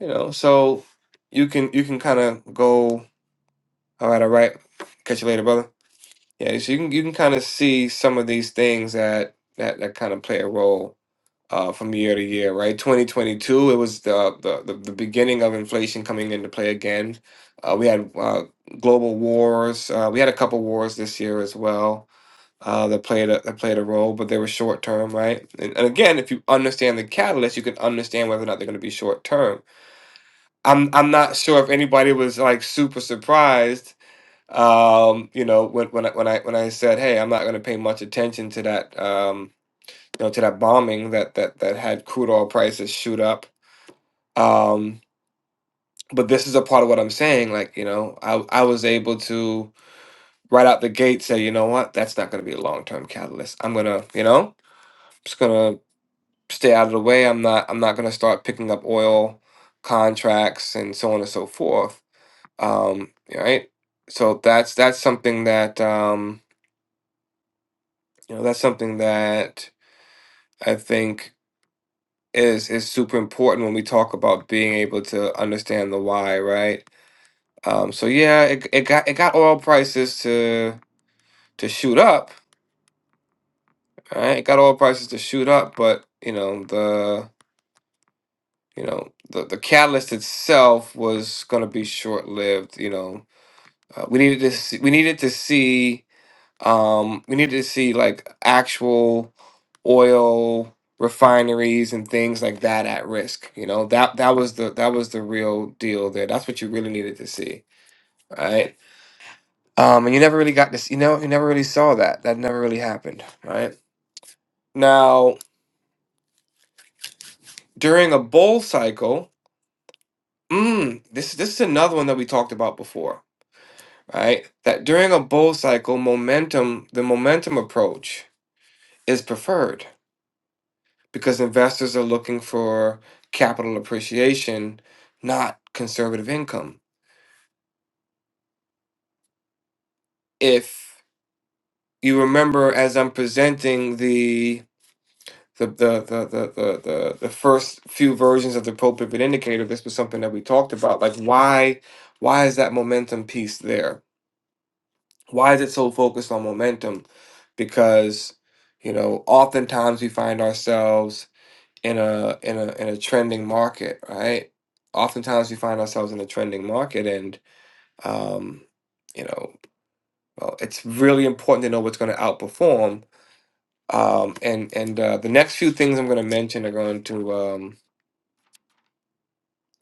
[SPEAKER 1] You know, so you can you can kind of go. All right, all right. Catch you later, brother. Yeah, so you can you can kind of see some of these things that that that kind of play a role uh, from year to year, right? 2022, it was the, the, the, the beginning of inflation coming into play again. Uh, we had uh, global wars. Uh, we had a couple wars this year as well uh, that played a, that played a role, but they were short term, right? And, and again, if you understand the catalyst, you can understand whether or not they're going to be short term. I'm I'm not sure if anybody was like super surprised. Um, you know, when when I, when I when I said, "Hey, I'm not going to pay much attention to that," Um, you know, to that bombing that that that had crude oil prices shoot up. Um, but this is a part of what I'm saying. Like, you know, I I was able to right out the gate say, you know what, that's not going to be a long term catalyst. I'm gonna, you know, just gonna stay out of the way. I'm not I'm not gonna start picking up oil contracts and so on and so forth. Um, yeah, right. So that's that's something that um, you know that's something that I think is is super important when we talk about being able to understand the why, right? Um, so yeah, it, it got it got oil prices to to shoot up, right? It got oil prices to shoot up, but you know the you know the the catalyst itself was going to be short lived. You know, uh, we needed to see, we needed to see Um, we need to see like actual oil refineries and things like that at risk. You know, that that was the that was the real deal there. That's what you really needed to see, right? Um, and you never really got this, you know, you never really saw that. That never really happened, right? Now, during a bull cycle, mm, this this is another one that we talked about before, right? That during a bull cycle, momentum, the momentum approach is preferred because investors are looking for capital appreciation, not conservative income. If you remember, as I'm presenting the the the the the the, the, the first few versions of the pro pivot indicator, this was something that we talked about. Like why why is that momentum piece there? Why is it so focused on momentum? Because you know, oftentimes we find ourselves in a in a in a trending market, right? Oftentimes we find ourselves in a trending market, and um, you know, well, it's really important to know what's going to outperform. Um, and and uh, the next few things I'm going to mention are going to um,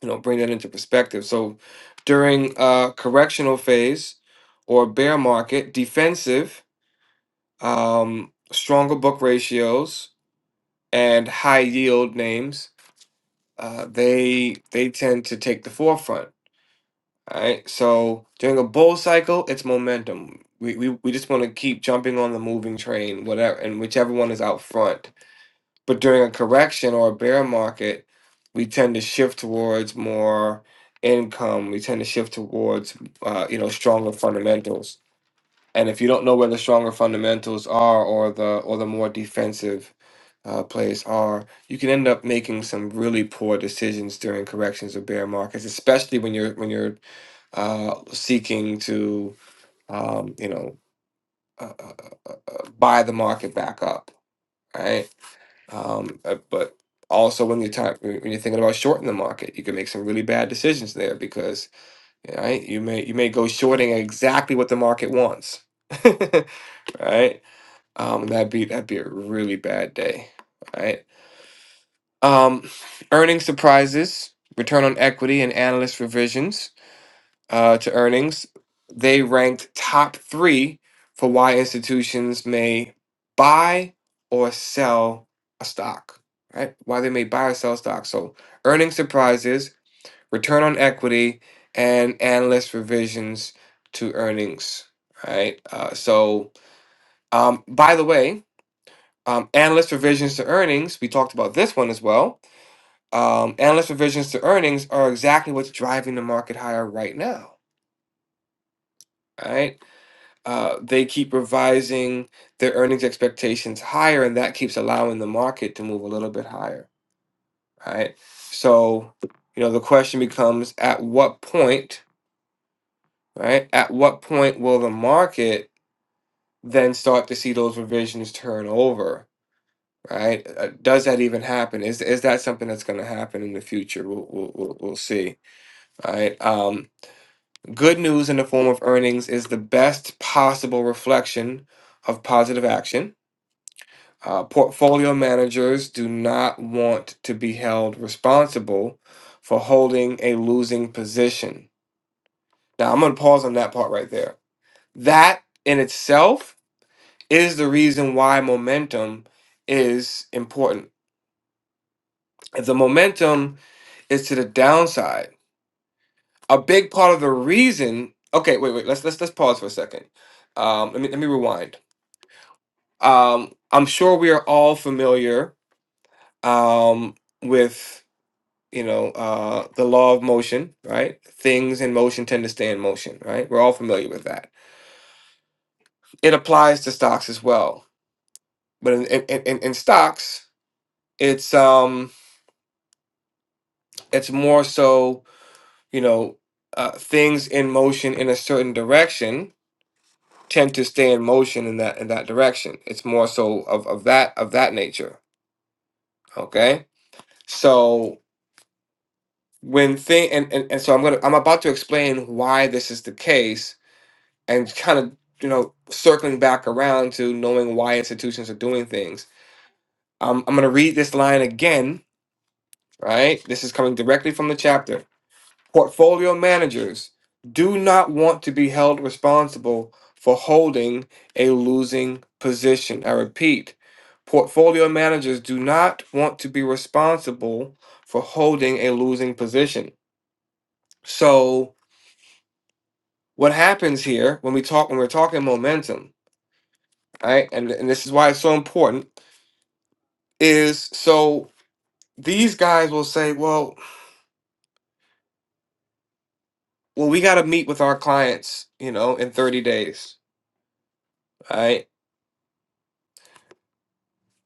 [SPEAKER 1] you know bring that into perspective. So during uh, correctional phase or bear market, defensive, um, stronger book ratios, and high yield names, uh, they they tend to take the forefront All right. So during a bull cycle, it's momentum. We, we, we just want to keep jumping on the moving train, whatever, and whichever one is out front. But during a correction or a bear market, we tend to shift towards more income. We tend to shift towards, uh, you know, stronger fundamentals. And if you don't know where the stronger fundamentals are, or the or the more defensive uh, plays are, you can end up making some really poor decisions during corrections or bear markets, especially when you're when you're uh, seeking to um, you know uh, uh, uh, buy the market back up, right? Um, uh, but also when you're time, when you're thinking about shorting the market, you can make some really bad decisions there because right you may you may go shorting exactly what the market wants, right? Um, that'd be that'd be a really bad day, right? Um, earnings surprises, return on equity, and analyst revisions uh, to earnings. They ranked top three for why institutions may buy or sell a stock, right? Why they may buy or sell stock. So earnings surprises, return on equity, and analyst revisions to earnings, right? Uh, so, um, by the way, um, analyst revisions to earnings, we talked about this one as well. Um, analyst revisions to earnings are exactly what's driving the market higher right now, right? uh, they keep revising their earnings expectations higher, and that keeps allowing the market to move a little bit higher, right? So, you know, the question becomes at what point, right? At what point will the market then start to see those revisions turn over, right? Uh, does that even happen? Is is that something that's going to happen in the future? We'll we'll, we'll we'll see. All right. Um, good news in the form of earnings is the best possible reflection of positive action Uh, portfolio managers do not want to be held responsible for holding a losing position. Now, I'm going to pause on that part right there. That in itself is the reason why momentum is important. If the momentum is to the downside, a big part of the reason. Okay, wait, wait. Let's let's let's pause for a second. Um, let me let me rewind. Um, I'm sure we are all familiar um, with. you know, uh, the law of motion, right? Things in motion tend to stay in motion, right? We're all familiar with that. It applies to stocks as well, but in in, in, in stocks, it's um, it's more so, you know, uh, things in motion in a certain direction tend to stay in motion in that in that direction. It's more so of, of that of that nature. Okay, so when thing and, and and so I'm gonna I'm about to explain why this is the case and kind of you know circling back around to knowing why institutions are doing things um, i'm going to read this line again right this is coming directly from the chapter portfolio managers do not want to be held responsible for holding a losing position i repeat portfolio managers do not want to be responsible for holding a losing position so what happens here when we talk when we're talking momentum right and, and this is why it's so important is so these guys will say, well, well, we got to meet with our clients, you know, in 30 days. All right.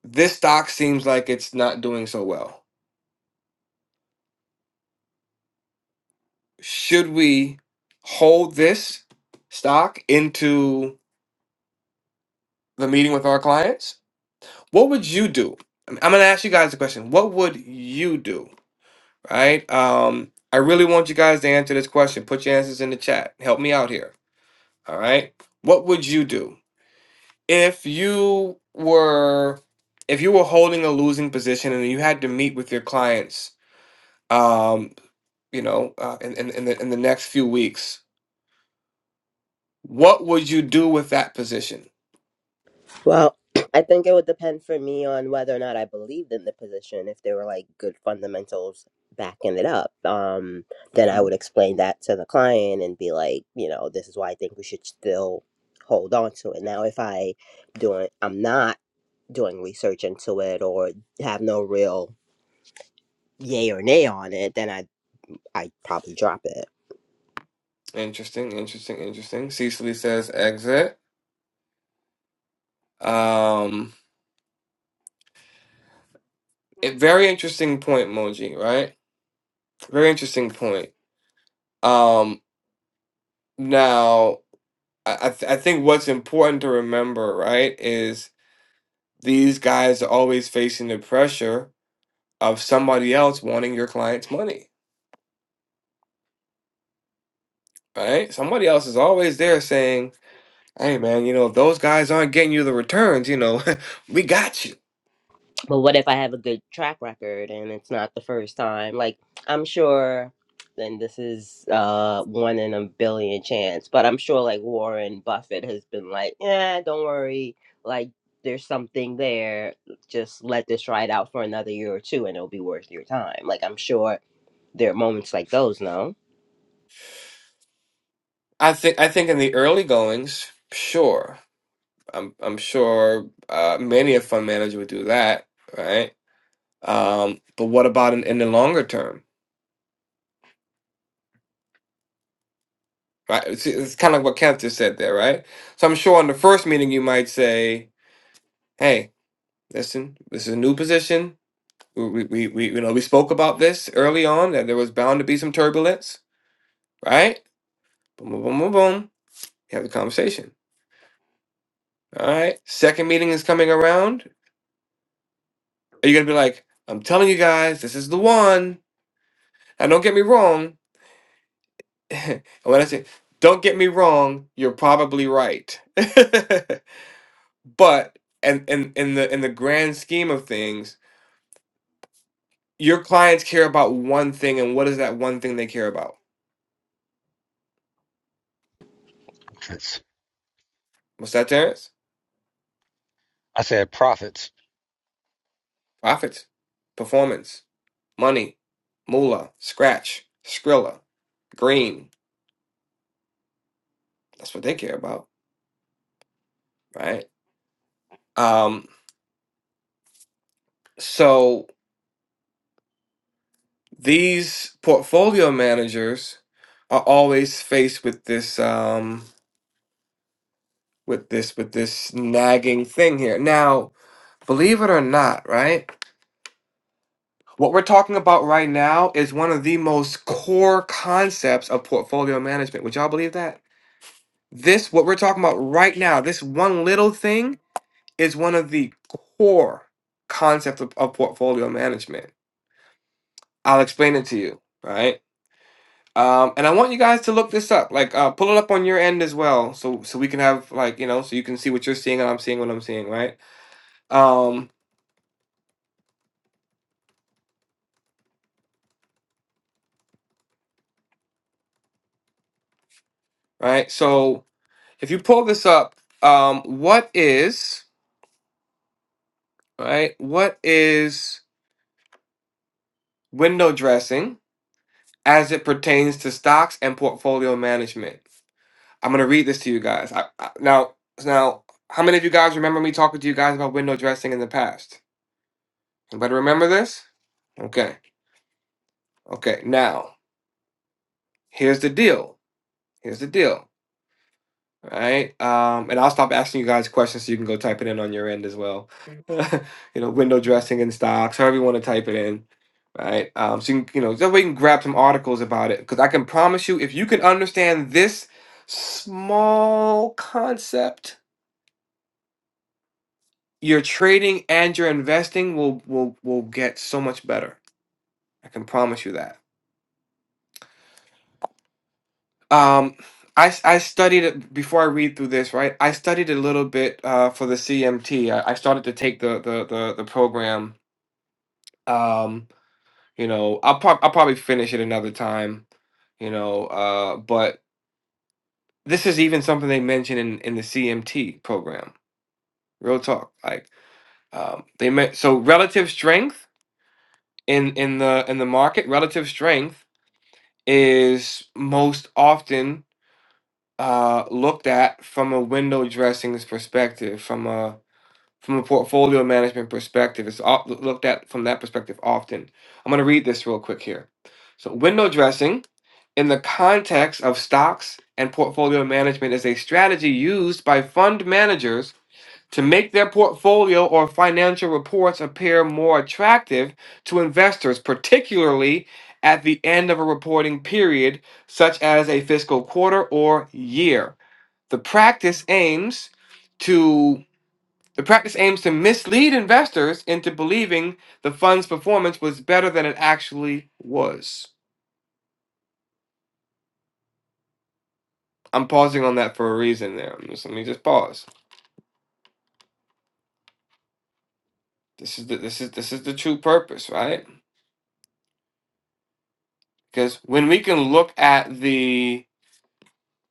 [SPEAKER 1] This stock seems like it's not doing so well. Should we hold this stock into the meeting with our clients? What would you do? I'm going to ask you guys a question. What would you do? Right. Um, I really want you guys to answer this question. Put your answers in the chat. Help me out here. All right. What would you do? if you were if you were holding a losing position and you had to meet with your clients um you know uh, in, in in the in the next few weeks what would you do with that position
[SPEAKER 6] Well, I think it would depend for me on whether or not I believed in the position. If there were like good fundamentals backing it up, um, then I
[SPEAKER 1] Mhm.
[SPEAKER 6] would explain that to the client and be like, you know, this is why I think we should still hold on to it. Now, if I doing, I'm not doing research into it or have no real yay or nay on it, then I I probably drop it.
[SPEAKER 1] interesting interesting interesting cecily says exit um a very interesting point moji right very interesting point um now i i, th- I think what's important to remember right is these guys are always facing the pressure of somebody else wanting your client's money, right? Somebody else is always there saying, "Hey, man, you know if those guys aren't getting you the returns, you know, we got you."
[SPEAKER 6] but what if I have a good track record and it's not the first time? Like, I'm sure, then this is uh one in a billion chance, but I'm sure like Warren Buffett has been like, yeah, don't worry, like there's something there. Just let this ride out for another year or two and it'll be worth your time. Like, I'm sure there are moments like those, no?
[SPEAKER 1] I think I think in the early goings, sure, I'm I'm sure uh, many a fund manager would do that, right? Um, but what about in, in the longer term, right? It's, it's kind of what Kent just said there, right? So I'm sure in the first meeting you might say, "Hey, listen, this is a new position." We, we, we, we- you know, we spoke about this early on that there was bound to be some turbulence, right? Boom, boom, boom, boom, boom. You have the conversation. All right. Second meeting is coming around. Are you gonna be like, I'm telling you guys, this is the one. Now, don't get me wrong. and when I say, don't get me wrong, you're probably right. but and in, in the in the grand scheme of things, your clients care about one thing, and what is that one thing they care about? What's that, Terrence?
[SPEAKER 4] I said profits.
[SPEAKER 1] Profits, performance Money, moolah, scratch, skrilla, green. That's what they care about, right? Um, so these portfolio managers are always faced with this um, with this with this nagging thing here. Now, believe it or not, right? What we're talking about right now is one of the most core concepts of portfolio management. Would y'all believe that? This, what we're talking about right now, this one little thing is one of the core concepts of, of portfolio management. I'll explain it to you, right? Um, and I want you guys to look this up, like uh, pull it up on your end as well, so so we can have like you know, so you can see what you're seeing and I'm seeing what I'm seeing, right? Um, right. So if you pull this up, um, what is right? What is window dressing as it pertains to stocks and portfolio management? I'm gonna read this to you guys. I, I, now, now, how many of you guys remember me talking to you guys about window dressing in the past? Anybody remember this? Okay, okay. Now, here's the deal. Here's the deal. All right. Um, and I'll stop asking you guys questions so you can go type it in on your end as well. you know, window dressing in stocks, however you want to type it in. Right. Um, so you can, you know, that way you can grab some articles about it. Because I can promise you, if you can understand this small concept your trading and your investing will will will get so much better. I can promise you that. Um, I s- I studied it before I read through this. Right, I studied a little bit uh, for the CMT. I, I started to take the the the, the program. Um, you know, I'll prob- I'll probably finish it another time. You know, uh, but this is even something they mention in in the CMT program. Real talk, like um, they meant so relative strength in in the in the market, relative strength is most often uh, looked at from a window dressings perspective, from a from a portfolio management perspective. It's o- looked at from that perspective often. I'm going to read this real quick here. So, window dressing in the context of stocks and portfolio management is a strategy used by fund managers to make their portfolio or financial reports appear more attractive to investors, particularly at the end of a reporting period, such as a fiscal quarter or year. The practice aims to the practice aims to mislead investors into believing the fund's performance was better than it actually was. I'm pausing on that for a reason there. I'm just- let me just pause. This is the this is this is the true purpose, right? Because when we can look at the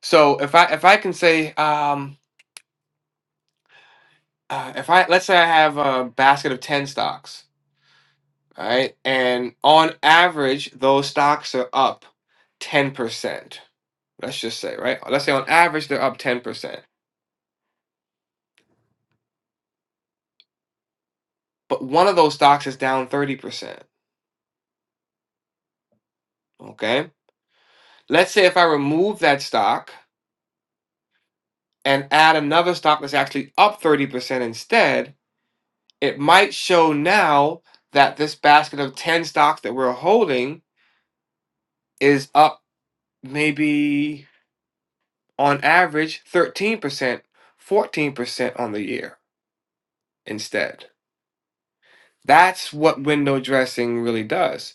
[SPEAKER 1] So if I if I can say um, uh, if I let's say I have a basket of ten stocks, all right, and on average those stocks are up ten percent. Let's just say right. Let's say on average they're up ten percent, but one of those stocks is down thirty percent. Okay. Let's say if I remove that stock and add another stock that's actually up thirty percent instead, it might show now that this basket of ten stocks that we're holding is up maybe on average 13%, 14% on the year instead. That's what window dressing really does.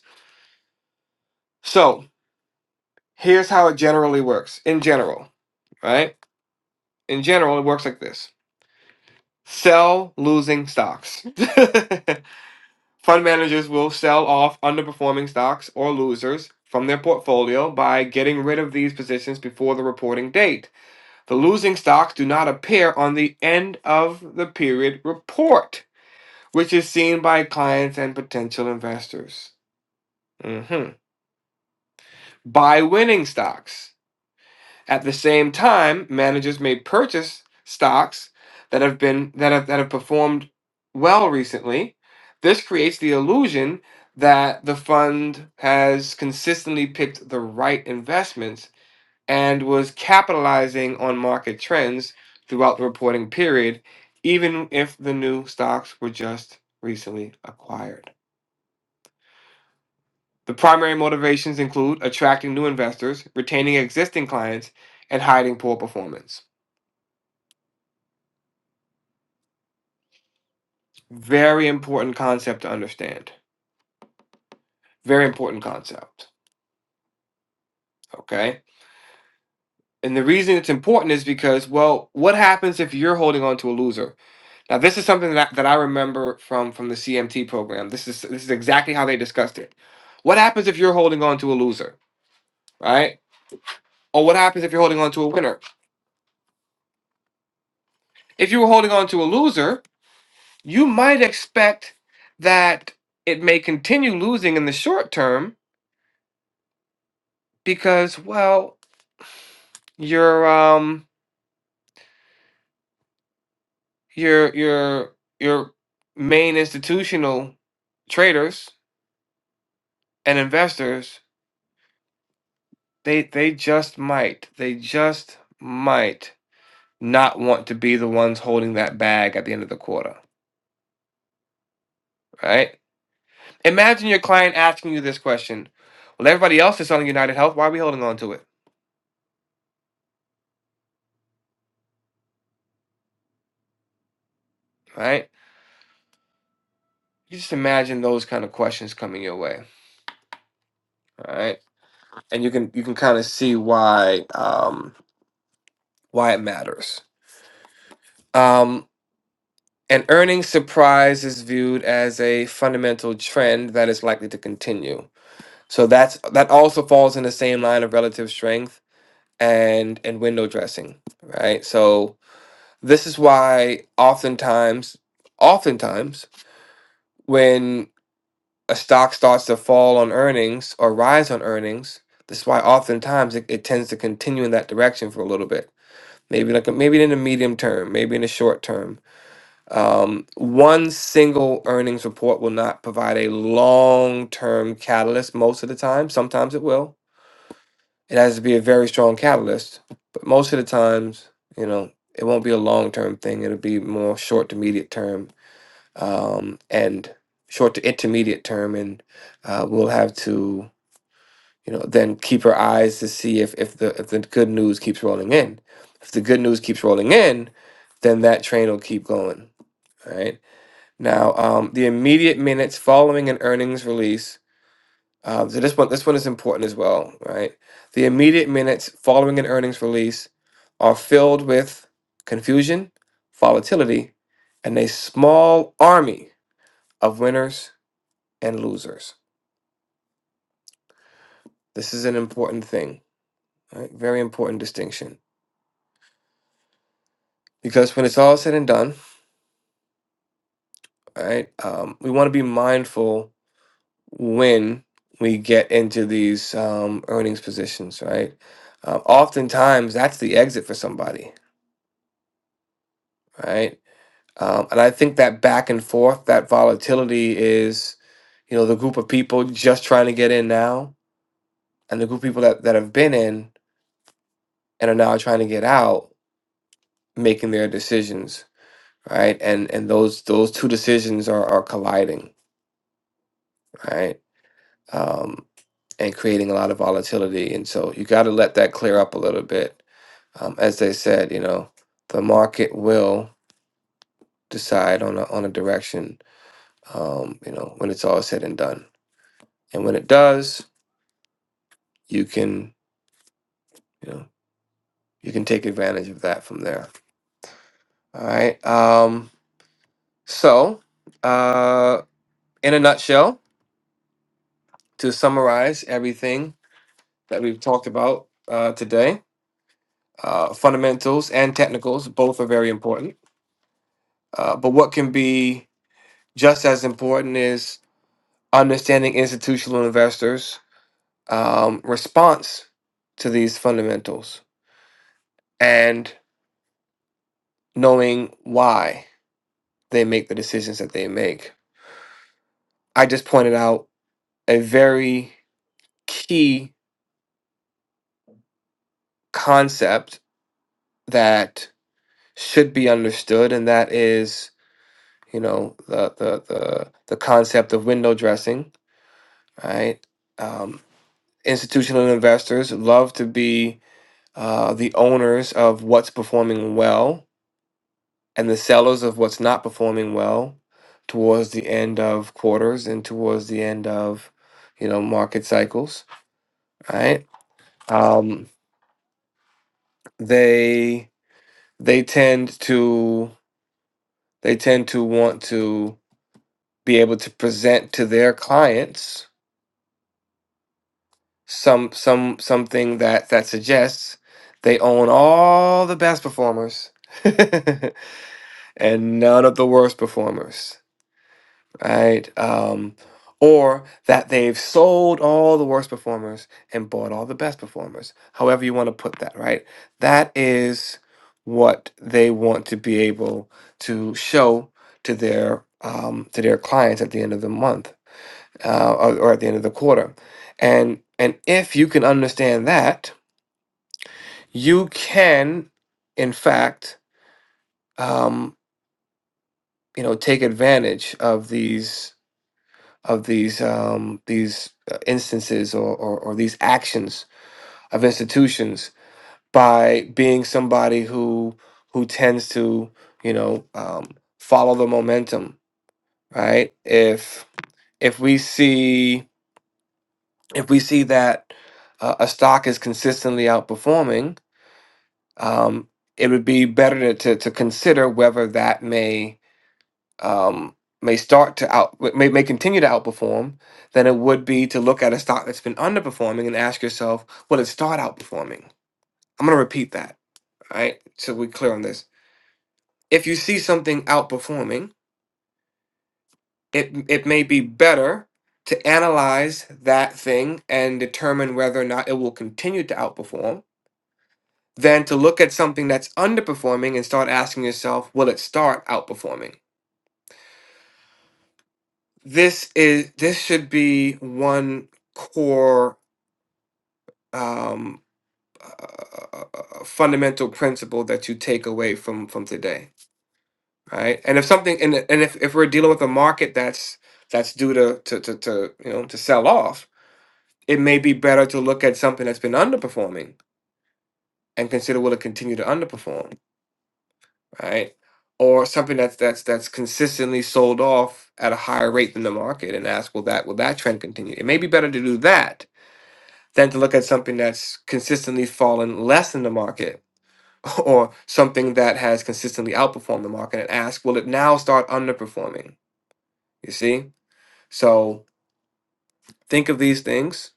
[SPEAKER 1] So here's how it generally works in general, right? In general, it works like this sell losing stocks. Fund managers will sell off underperforming stocks or losers from their portfolio by getting rid of these positions before the reporting date. The losing stocks do not appear on the end of the period report which is seen by clients and potential investors. Mhm. Buy winning stocks. At the same time, managers may purchase stocks that have been that have that have performed well recently. This creates the illusion that the fund has consistently picked the right investments and was capitalizing on market trends throughout the reporting period, even if the new stocks were just recently acquired. The primary motivations include attracting new investors, retaining existing clients, and hiding poor performance. Very important concept to understand. Very important concept. Okay. And the reason it's important is because, well, what happens if you're holding on to a loser? Now, this is something that, that I remember from, from the CMT program. This is this is exactly how they discussed it. What happens if you're holding on to a loser, right? Or what happens if you're holding on to a winner? If you were holding on to a loser, you might expect that it may continue losing in the short term because well your um your your your main institutional traders and investors they they just might they just might not want to be the ones holding that bag at the end of the quarter right imagine your client asking you this question well everybody else is selling united health why are we holding on to it right you just imagine those kind of questions coming your way All right, and you can you can kind of see why um, why it matters. Um, an earnings surprise is viewed as a fundamental trend that is likely to continue. So that's that also falls in the same line of relative strength and and window dressing, right? So this is why oftentimes oftentimes when a stock starts to fall on earnings or rise on earnings, this is why oftentimes it, it tends to continue in that direction for a little bit maybe like a, maybe in the medium term, maybe in the short term. Um, one single earnings report will not provide a long term catalyst most of the time. Sometimes it will. It has to be a very strong catalyst, but most of the times, you know, it won't be a long term thing. It'll be more short to medium term um, and short to intermediate term, and uh, we'll have to you know then keep her eyes to see if if the if the good news keeps rolling in if the good news keeps rolling in then that train will keep going all right now um the immediate minutes following an earnings release um so this one this one is important as well right the immediate minutes following an earnings release are filled with confusion volatility and a small army of winners and losers this is an important thing right? very important distinction because when it's all said and done, right, um, we want to be mindful when we get into these um, earnings positions, right? Um, oftentimes, that's the exit for somebody, right? Um, and I think that back and forth, that volatility is, you know, the group of people just trying to get in now, and the group of people that, that have been in and are now trying to get out, making their decisions, right? And and those those two decisions are are colliding, right? um, and creating a lot of volatility. And so you got to let that clear up a little bit. Um, as they said, you know, the market will decide on a, on a direction, um, you know, when it's all said and done. And when it does, you can, you know, you can take advantage of that from there. All right. Um, so, uh, in a nutshell, to summarize everything that we've talked about uh, today, uh, fundamentals and technicals both are very important Uh, but what can be just as important is understanding institutional investors' um, response to these fundamentals and knowing why they make the decisions that they make. I just pointed out a very key concept that should be understood, and that is, you know, the the the, the concept of window dressing, right? Um, institutional investors love to be uh, the owners of what's performing well and the sellers of what's not performing well towards the end of quarters and towards the end of you know market cycles right um, they they tend to they tend to want to be able to present to their clients some some something that that suggests they own all the best performers and none of the worst performers right? Um, or that they've sold all the worst performers and bought all the best performers, however you want to put that, right? That is what they want to be able to show to their um, to their clients at the end of the month uh, or, or at the end of the quarter, and and if you can understand that, you can, in fact, um, you know, take advantage of these of these um, these uh, instances or, or, or these actions of institutions by being somebody who who tends to you know um, follow the momentum right if if we see if we see that uh, a stock is consistently outperforming um, it would be better to, to, to consider whether that may um, may start to out may, may continue to outperform than it would be to look at a stock that's been underperforming and ask yourself will it start outperforming i'm going to repeat that all right so we're clear on this if you see something outperforming it it may be better to analyze that thing and determine whether or not it will continue to outperform than to look at something that's underperforming and start asking yourself will it start outperforming this is this should be one core um, uh, fundamental principle that you take away from from today, right? And if something and and if, if we're dealing with a market that's that's due to to, to to you know to sell off, it may be better to look at something that's been underperforming and consider will it continue to underperform, right? Or something that's that's that's consistently sold off at a higher rate than the market, and ask will that will that trend continue? It may be better to do that than to look at something that's consistently fallen less than the market or something that has consistently outperformed the market and ask, will it now start underperforming? You see? So think of these things,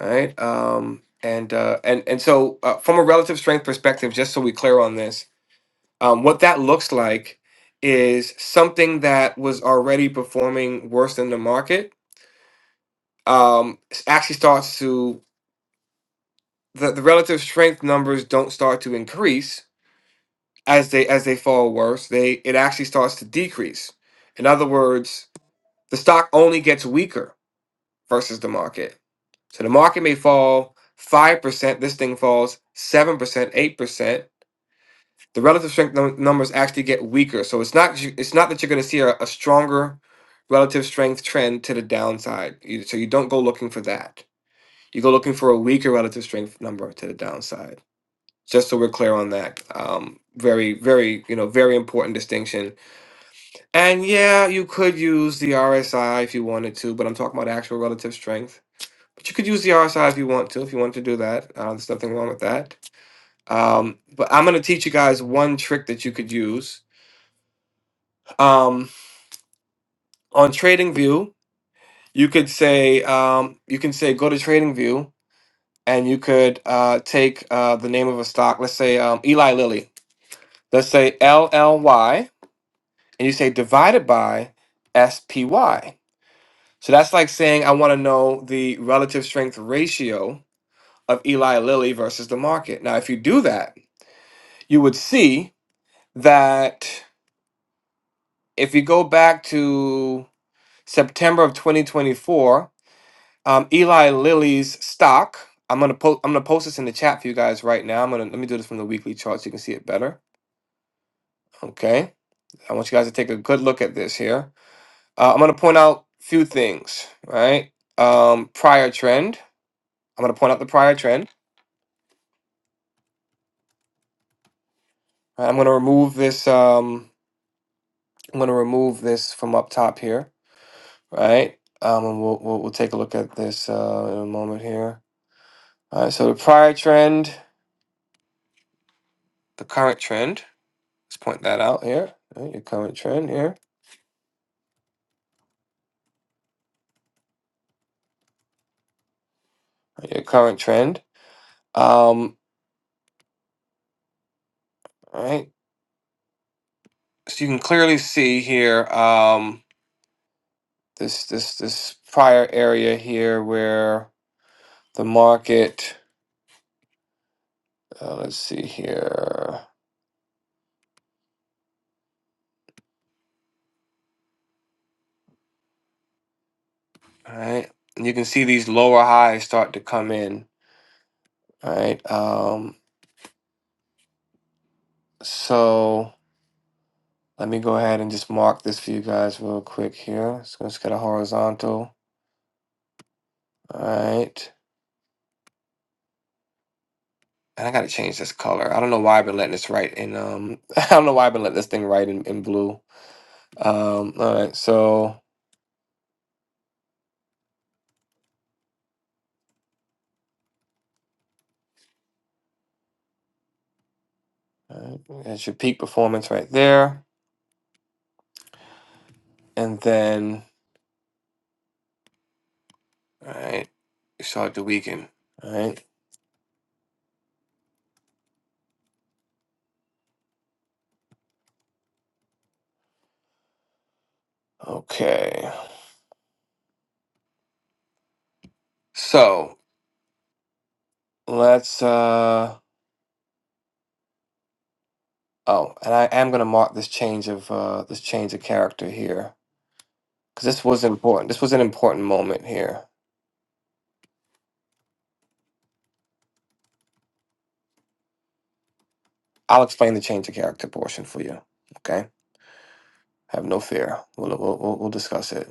[SPEAKER 1] right? Um, and, uh, and, and so, uh, from a relative strength perspective, just so we clear on this, um, what that looks like is something that was already performing worse than the market um, s- actually starts to, the, the relative strength numbers don't start to increase as they as they fall worse, they it actually starts to decrease. In other words, the stock only gets weaker versus the market. So the market may fall five percent. This thing falls seven percent, eight percent. The relative strength num- numbers actually get weaker. So it's not you- it's not that you're going to see a, a stronger relative strength trend to the downside. You- So you don't go looking for that. You go looking for a weaker relative strength number to the downside. Just so we're clear on that, um, very, very, you know, very important distinction And yeah, you could use the RSI if you wanted to, but I'm talking about actual relative strength. But you could use the RSI if you want to, if you want to do that. Uh, there's nothing wrong with that. Um, but I'm going to teach you guys one trick that you could use. Um, on TradingView, you could say, um, you can say, go to TradingView and you could uh, take uh, the name of a stock, let's say um, Eli Lilly, let's say LLY, and you say divided by SPY So that's like saying I want to know the relative strength ratio of Eli Lilly versus the market. Now, if you do that, you would see that if you go back to September of 2024, um, Eli Lilly's stock. I'm gonna post. I'm gonna post this in the chat for you guys right now. I'm gonna let me do this from the weekly chart so you can see it better. Okay. I want you guys to take a good look at this here. Uh, I'm gonna point out a few things. Right. Um, prior trend. I'm gonna point out the prior trend. Right, I'm gonna remove this. Um, I'm gonna remove this from up top here, right? Um, and we'll we'll, we'll take a look at this uh, in a moment here. All right. So the prior trend, the current trend. Let's point that out here. All Right, your current trend here. All right, Your current trend. Um, all right. So you can clearly see here um, this this this prior area here where the market. Uh, let's see here. All right. And you can see these lower highs start to come in All right. Um, so let me go ahead and just mark this for you guys real quick here. So let's get a horizontal. All right. And I gotta change this color. I don't know why I've been letting this write in um I don't know why I've been letting this thing write in, in blue. Um all right, so all right, that's your peak performance right there. And then all right, you start to weaken. All right. Okay. So let's uh oh, and I am gonna mark this change of uh this change of character here. because this was important. This was an important moment here. I'll explain the change of character portion for you. Okay, have no fear. We'll we'll we'll, we'll discuss it.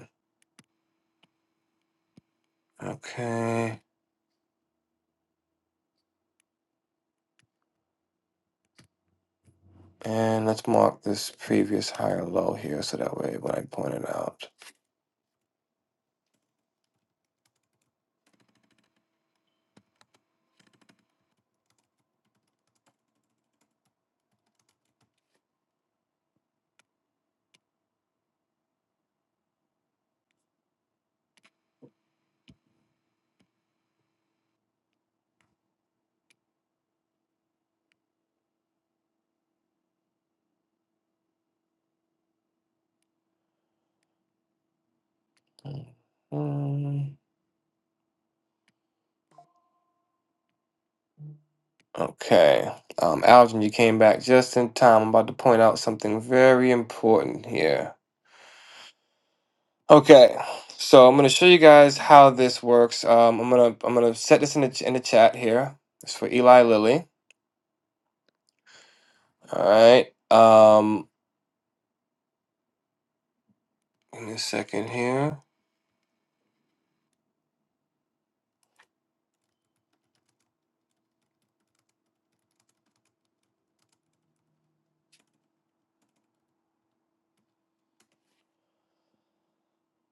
[SPEAKER 1] Okay, and let's mark this previous higher low here, so that way when I point it out. Mhm. Okay, um, Algin, you came back just in time. I'm about to point out something very important here. Okay, so I'm gonna show you guys how this works. Um, I'm gonna I'm gonna set this in the ch- in the chat here. It's for Eli Lilly. All right. Um, give me a second here.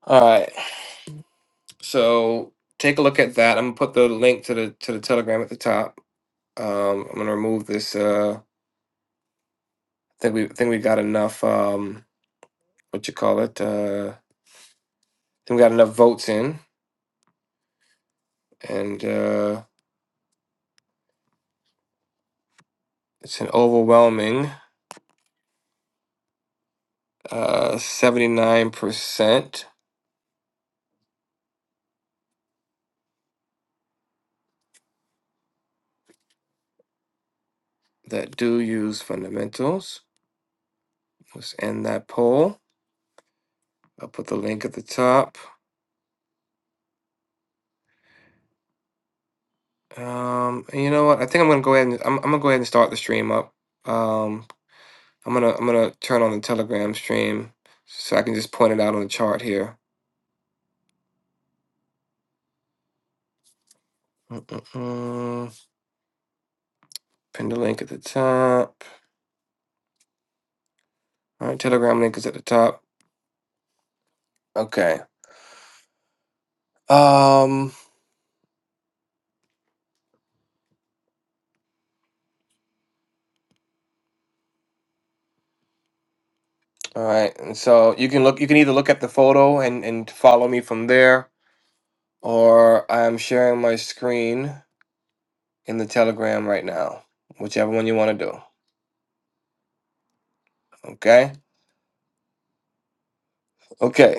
[SPEAKER 1] All right. So take a look at that. I'm gonna put the link to the to the Telegram at the top. Um, I'm gonna remove this. Uh, I think we I think we got enough. Um, what you call it? Uh, I think we got enough votes in, and uh, it's an overwhelming uh 79% that do use fundamentals. Let's end that poll. I'll put the link at the top. Um, and you know what? I think I'm gonna go ahead and I'm, I'm gonna go ahead and start the stream up. Um, I'm gonna I'm gonna turn on the Telegram stream so I can just point it out on the chart here. Mm-mm-mm. Pin the link at the top. All right, Telegram link is at the top. Okay. Um. All right. And so you can look. You can either look at the photo and and follow me from there, or I am sharing my screen in the Telegram right now. Whichever one you want to do. Okay. Okay.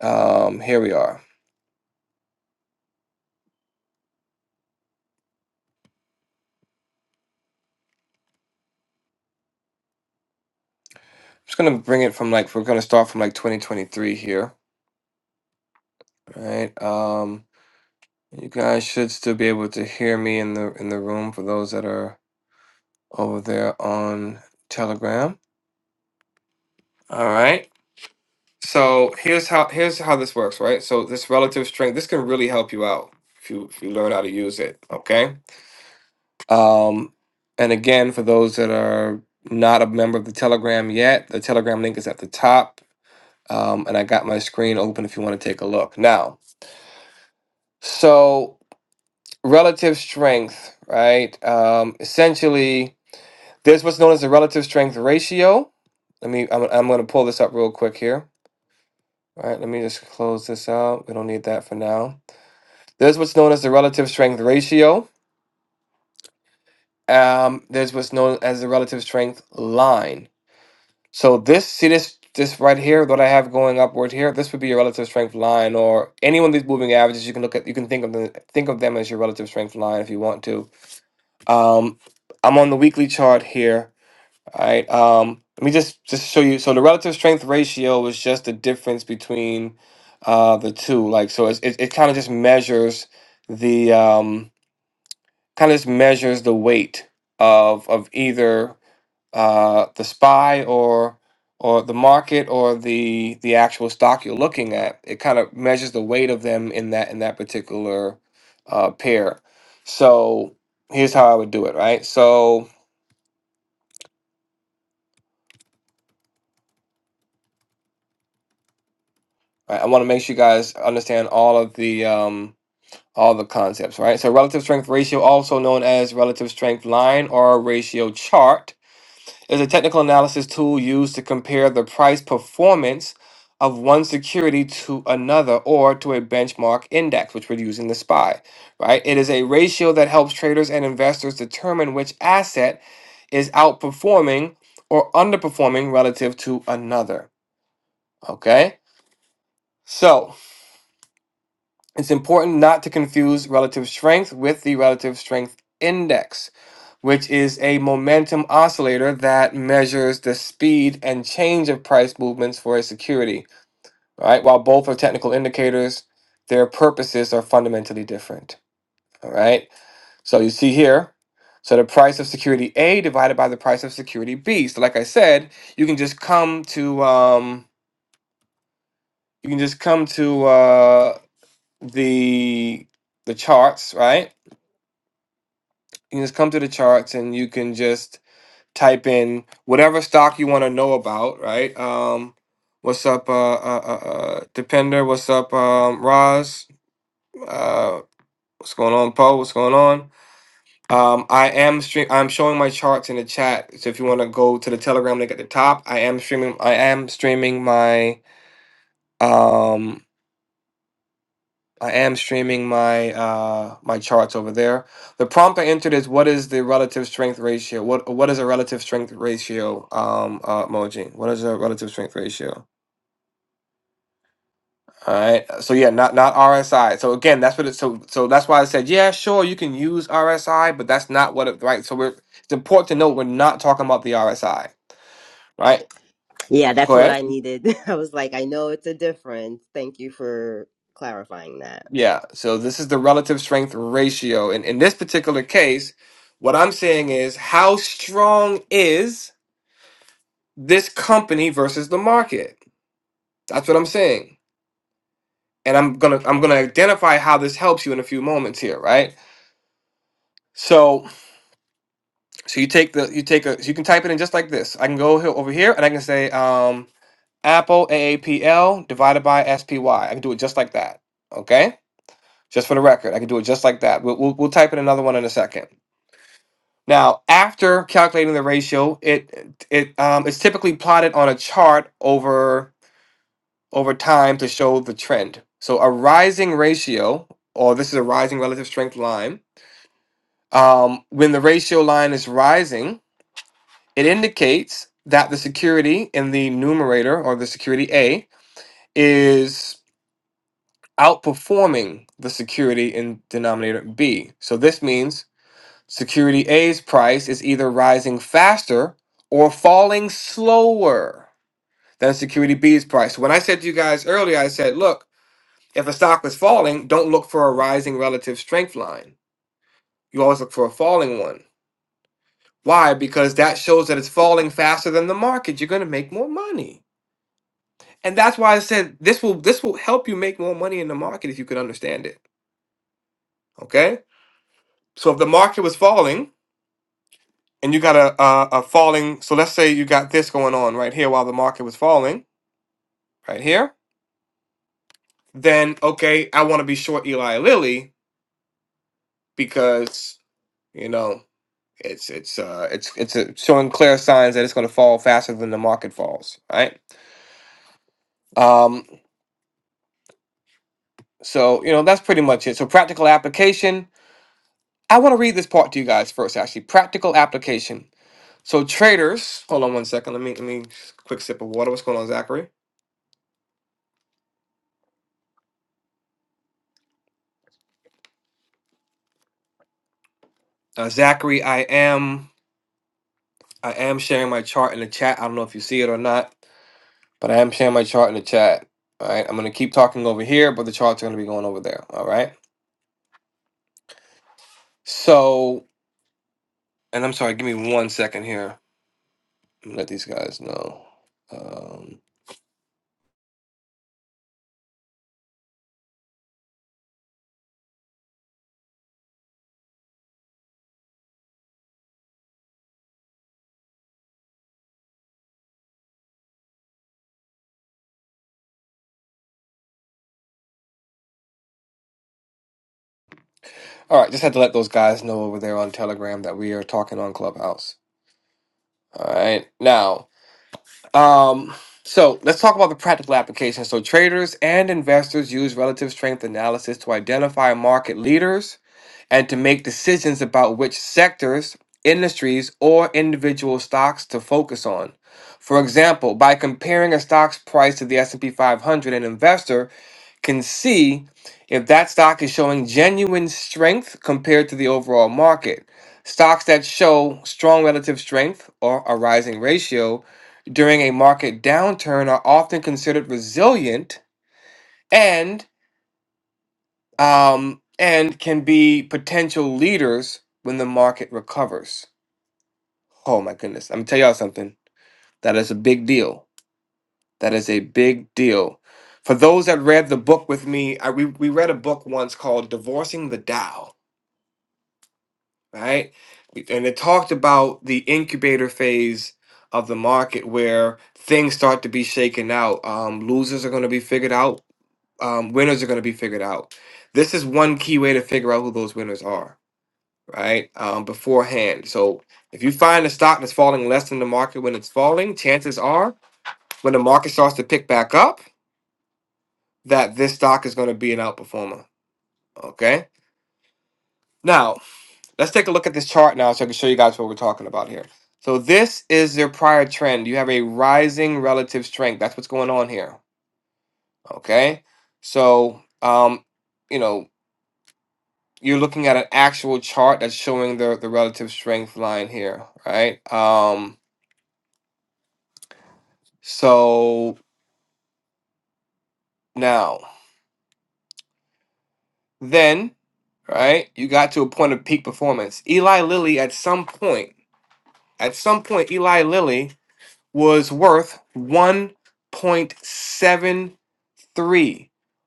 [SPEAKER 1] Um. Here we are. just gonna bring it from like we're gonna start from like 2023 here, All right? Um, you guys should still be able to hear me in the in the room for those that are over there on Telegram. All right. So here's how here's how this works, right? So this relative strength this can really help you out if you if you learn how to use it. Okay. Um, and again, for those that are not a member of the Telegram yet, the Telegram link is at the top. Um, and I got my screen open if you want to take a look now. So relative strength, right? Um, essentially, there's what's known as the relative strength ratio. Let me, I'm, I'm going to pull this up real quick here. All right, let me just close this out. We don't need that for now. There's what's known as the relative strength ratio. Um, there's what's known as the relative strength line. So this, see this, this right here, what I have going upward here, this would be your relative strength line, or any one of these moving averages. You can look at, you can think of them, think of them as your relative strength line if you want to Um, I'm on the weekly chart here. All right. Um, let me just just show you. So the relative strength ratio is just the difference between uh, the two. Like so, it's, it it kind of just measures the um, kind of just measures the weight of of either uh, the spy or or the market or the the actual stock you're looking at. It kind of measures the weight of them in that in that particular uh, pair. So here's how I would do it. Right. So right? I want to make sure you guys understand all of the um, all the concepts, right? So relative strength ratio, also known as relative strength line or ratio chart, is a technical analysis tool used to compare the price performance of one security to another or to a benchmark index, which we're using the SPY, right? It is a ratio that helps traders and investors determine which asset is outperforming or underperforming relative to another. Okay? So It's important not to confuse relative strength with the relative strength index, which is a momentum oscillator that measures the speed and change of price movements for a security. All right, while both are technical indicators, their purposes are fundamentally different. All right, so you see here. So the price of security A divided by the price of security B. So like I said, you can just come to um, you can just come to uh, the the charts, right? You just come to the charts and you can just type in whatever stock you want to know about, right? Um, what's up, uh, uh, uh, uh, Depender? What's up, um, Roz? Uh, what's going on, Poe? What's going on? Um, I am stream. I'm showing my charts in the chat. So if you want to go to the Telegram link at the top, I am streaming. I am streaming my um I am streaming my uh my charts over there. The prompt I entered is what is the relative strength ratio? What what is a relative strength ratio? Um, uh, emoji. What is a relative strength ratio? All right. So yeah, not not RSI. So again, that's what it's so so that's why I said yeah, sure you can use RSI, but that's not what it right. So we're it's important to note we're not talking about the RSI, right?
[SPEAKER 6] Yeah, that's
[SPEAKER 1] Go
[SPEAKER 6] what
[SPEAKER 1] ahead.
[SPEAKER 6] I needed. I was like, I know it's a difference. Thank you for clarifying that.
[SPEAKER 1] Yeah. So this is the relative strength ratio, and in this particular case, what I'm saying is how strong is this company versus the market. That's what I'm saying. And I'm gonna I'm gonna identify how this helps you in a few moments here, right? So so you take the you take a so you can type it in just like this. I can go here over here and I can say um Apple AAPL divided by S P Y. I can do it just like that. Okay? Just for the record, I can do it just like that. We'll, we'll, we'll type in another one in a second. Now, after calculating the ratio, it it um, it's typically plotted on a chart over. over time to show the trend. So a rising ratio, or this is a rising relative strength line, um, when the ratio line is rising, it indicates that the security in the numerator or the security A is outperforming the security in denominator B. So this means security A's price is either rising faster or falling slower than security B's price. When I said to you guys earlier, I said, look, If the stock is falling, don't look for a rising relative strength line. You always look for a falling one. Why? Because that shows that it's falling faster than the market. You're going to make more money. And that's why I said this will this will help you make more money in the market if you can understand it. Okay? So if the market was falling and you got a, a, a falling, so let's say you got this going on right here while the market was falling, right here, then okay, I want to be short Eli Lilly because, you know, It's it's uh it's it's uh, showing clear signs that it's going to fall faster than the market falls, right? Um, so you know that's pretty much it. So practical application. I want to read this part to you guys first, actually. Practical application. So traders, hold on one second. Let me let me quick sip of water. What's going on, Zachary? Uh, Zachary, I am I am sharing my chart in the chat. I don't know if you see it or not, but I am sharing my chart in the chat. All right, I'm gonna keep talking over here, but the charts are gonna be going over there. All right. So, and I'm sorry. Give me one second here. let these guys know. Um, all right, just had to let those guys know over there on Telegram that we are talking on Clubhouse. All right, now, um, so let's talk about the practical application. So, traders and investors use relative strength analysis to identify market leaders and to make decisions about which sectors, industries, or individual stocks to focus on. For example, by comparing a stock's price to the S&P 500, an investor can see if that stock is showing genuine strength compared to the overall market. Stocks that show strong relative strength or a rising ratio during a market downturn are often considered resilient and um, and can be potential leaders when the market recovers. Oh my goodness! I'm gonna tell y'all something. That is a big deal. That is a big deal. For those that read the book with me, I, we, we read a book once called "Divorcing the Dow." right? And it talked about the incubator phase of the market where things start to be shaken out. Um, losers are going to be figured out. Um, winners are going to be figured out. This is one key way to figure out who those winners are, right? Um, beforehand. So if you find a stock that's falling less than the market when it's falling, chances are when the market starts to pick back up, that this stock is going to be an outperformer. Okay. now. Let's take a look at this chart now so I can show you guys what we're talking about here. So this is their prior trend. You have a rising relative strength. That's what's going on here. Okay. So um, you know, you're looking at an actual chart that's showing the the relative strength line here, right? Um, so now then, right, you got to a point of peak performance. Eli Lilly at some point, at some point, Eli Lilly was worth 1.73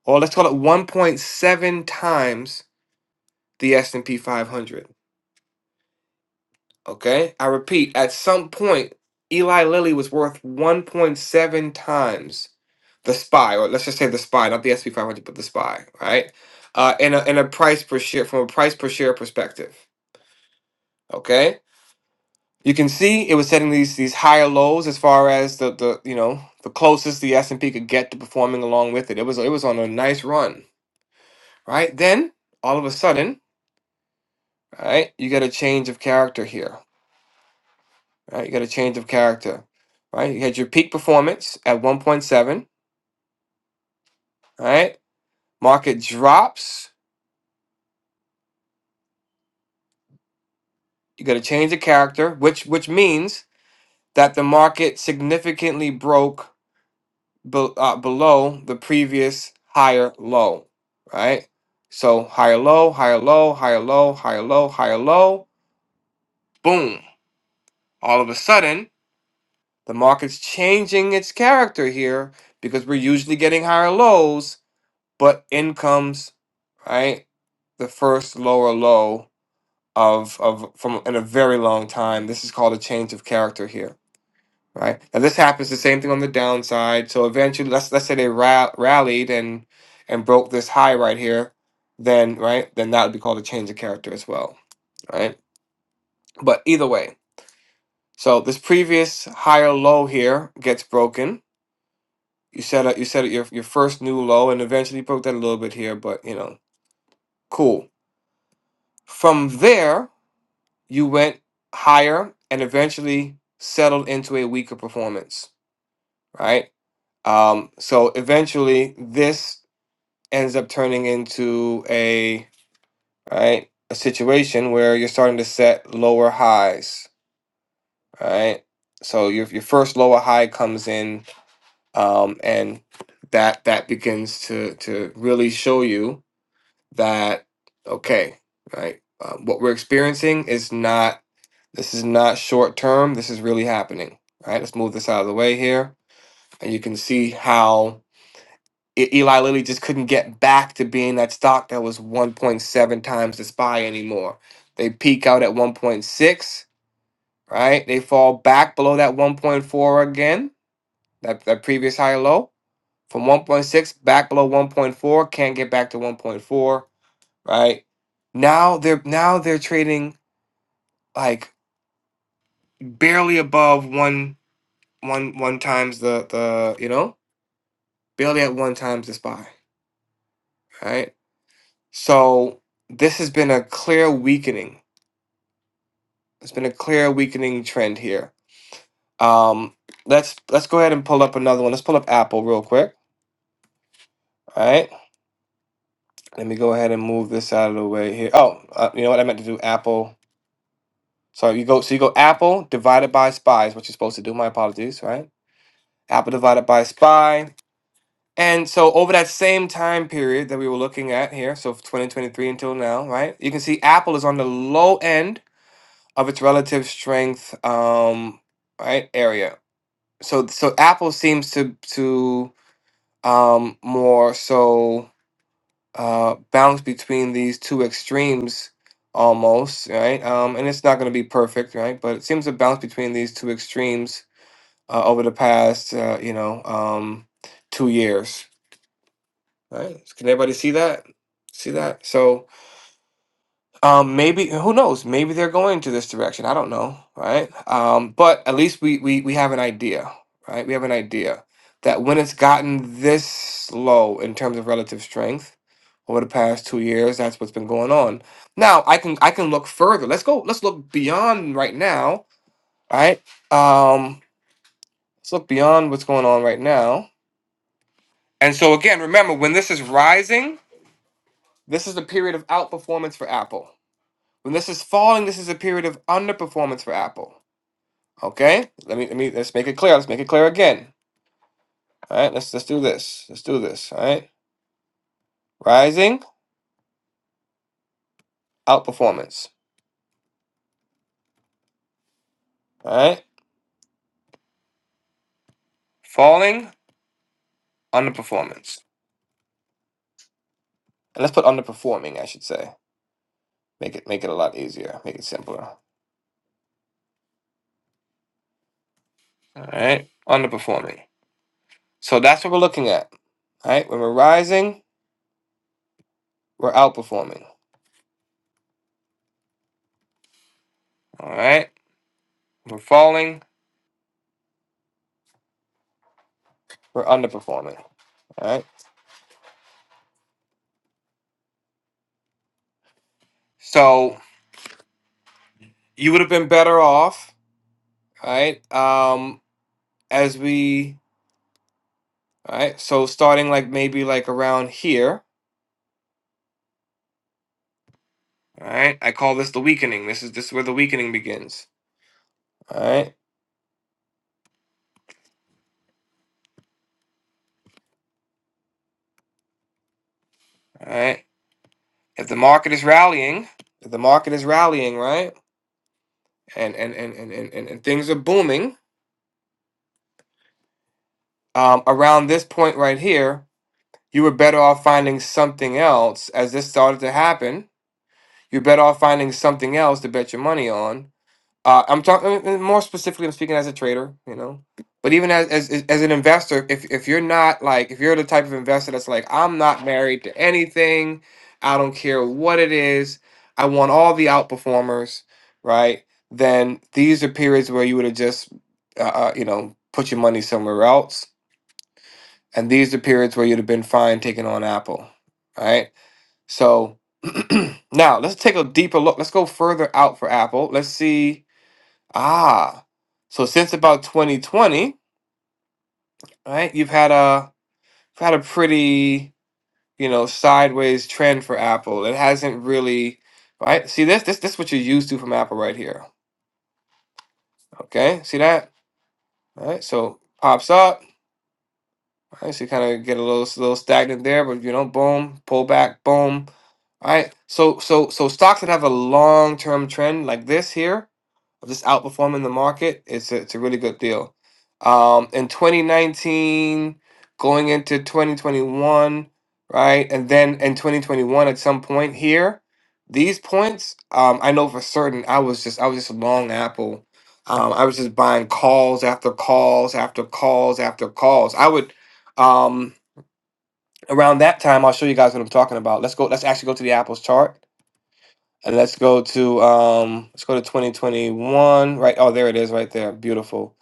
[SPEAKER 1] or let's call it 1.7 times the S&P 500 okay i repeat at some point Eli Lilly was worth 1.7 times the spy or let's just say the spy not the S&P 500 but the spy right uh in a in a price per share from a price per share perspective okay You can see it was setting these these higher lows as far as the the you know the closest the S and P could get to performing along with it. It was it was on a nice run, right? Then all of a sudden, right, you get a change of character here, right? You get a change of character, right? You had your peak performance at one point seven, right? Market drops. You got a change of character, which which means that the market significantly broke be- uh, below the previous higher low, right? So higher low, higher low, higher low, higher low, higher low. Boom. All of a sudden, the market's changing its character here because we're usually getting higher lows, but in comes, right? The first lower low of of from in a very long time. This is called a change of character here right? now, this happens the same thing on the downside. So eventually, let's let's say they ra- rallied and and broke this high right here, then right, then that would be called a change of character as well, right? But either way, so this previous higher low here gets broken. You set up you set up your your first new low, and eventually you broke that a little bit here, but you know, cool. From there, you went higher and eventually settled into a weaker performance, right? Um, so eventually, this ends up turning into a right a situation where you're starting to set lower highs right so your your first lower high comes in um and that that begins to to really show you that okay right uh, what we're experiencing is not this is not short term this is really happening All right let's move this out of the way here and you can see how E- Eli Lilly just couldn't get back to being that stock that was 1.7 times the SPY anymore. They peak out at 1.6, right? They fall back below that 1.4 again, that, that previous high low. From 1.6 back below 1.4, can't get back to 1.4, right? Now they're now they're trading like barely above one one one times the the you know barely at one times the spy, right? So this has been a clear weakening There's been a clear weakening trend here. Um, let's let's go ahead and pull up another one. Let's pull up Apple real quick. All right, let me go ahead and move this out of the way here. Oh, uh, you know what I meant to do? Apple. Sorry, you go. So you go Apple divided by SPY is what you're supposed to do. My apologies. Right? Apple divided by SPY. And so over that same time period that we were looking at here, so 2023 until now, right? You can see Apple is on the low end of its relative strength um, right area so so Apple seems to to um more so uh bounce between these two extremes almost right um and it's not going to be perfect right but it seems to bounce between these two extremes uh, over the past uh, you know um two years right can everybody see that see that so Um, maybe who knows? Maybe they're going to this direction. I don't know, right? Um, but at least we we we have an idea, right? We have an idea that when it's gotten this low in terms of relative strength over the past two years, that's what's been going on. Now I can I can look further. Let's go. Let's look beyond right now, right? Um, let's look beyond what's going on right now. And so again, remember when this is rising, this is a period of outperformance for Apple When this is falling, this is a period of underperformance for Apple. Okay? Let me let me let's make it clear. Let's make it clear again. All right, let's let's do this. Let's do this. All right. Rising, outperformance. All right. Falling, underperformance. And let's put underperforming, I should say. Make it make it a lot easier. Make it simpler. All right. Underperforming. So that's what we're looking at. All right. When we're rising, we're outperforming. All right. We're falling, we're underperforming. All right. So you would have been better off All right. Um, as we, all right. So starting like maybe like around here. All right. I call this the weakening. This is this is where the weakening begins. All right. All right. If the market is rallying, if the market is rallying, right, and and and and and, and, and things are booming, um, around this point right here, you were better off finding something else. As this started to happen, you're better off finding something else to bet your money on Uh, I'm talking more specifically. I'm speaking as a trader, you know. But even as as as an investor, if if you're not like if you're the type of investor that's like I'm not married to anything, I don't care what it is, I want all the outperformers, right? Then these are periods where you would have just, uh, uh, you know, put your money somewhere else, and these are periods where you'd have been fine taking on Apple, right? So now let's take a deeper look. Let's go further out for Apple. Let's see. Ah, so since about 2020, right, you've had a you've had a pretty, you know, sideways trend for Apple. It hasn't really, right? See this this this is what you're used to from Apple right here. Okay, see that? All right, so pops up. All right, so you kind of get a little little stagnant there, but you know, boom, pull back, boom. All right, so so so stocks that have a long term trend like this here. of just outperforming the market, it's a, it's a really good deal. Um, in 2019, going into 2021, right, and then in 2021 at some point here, these points, um, I know for certain, I was just I was just long Apple. Um, I was just buying calls after calls after calls after calls. I would um, around that time, I'll show you guys what I'm talking about. Let's go. Let's actually go to the Apple's chart and let's go to um let's go to 2021. Right oh there it is right there. Beautiful.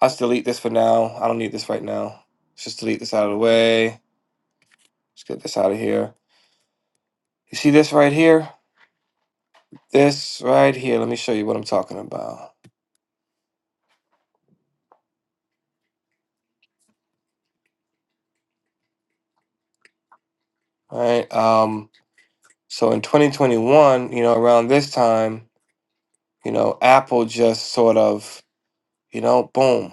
[SPEAKER 1] I'll delete this for now. I don't need this right now. Let's just delete this out of the way. Let's get this out of here. You see this right here? This right here. Let me show you what I'm talking about. All right. Um so in 2021, you know, around this time, you know, Apple just sort of, you know, boom.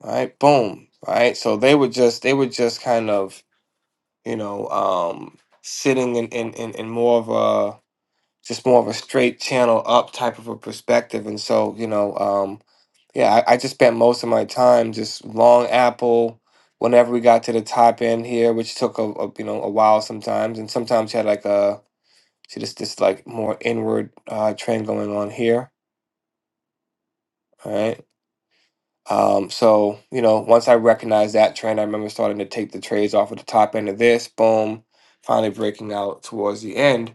[SPEAKER 1] All right, boom. All right. So they were just they were just kind of you know, um, sitting in, in, in, in more of a just more of a straight channel up type of a perspective. And so, you know, um, yeah, I, I just spent most of my time just long apple. Whenever we got to the top end here, which took a, a you know a while sometimes, and sometimes you had like a see this this like more inward uh, trend going on here. All right. Um, so you know, once I recognized that trend, I remember starting to take the trades off at the top end of this. Boom, finally breaking out towards the end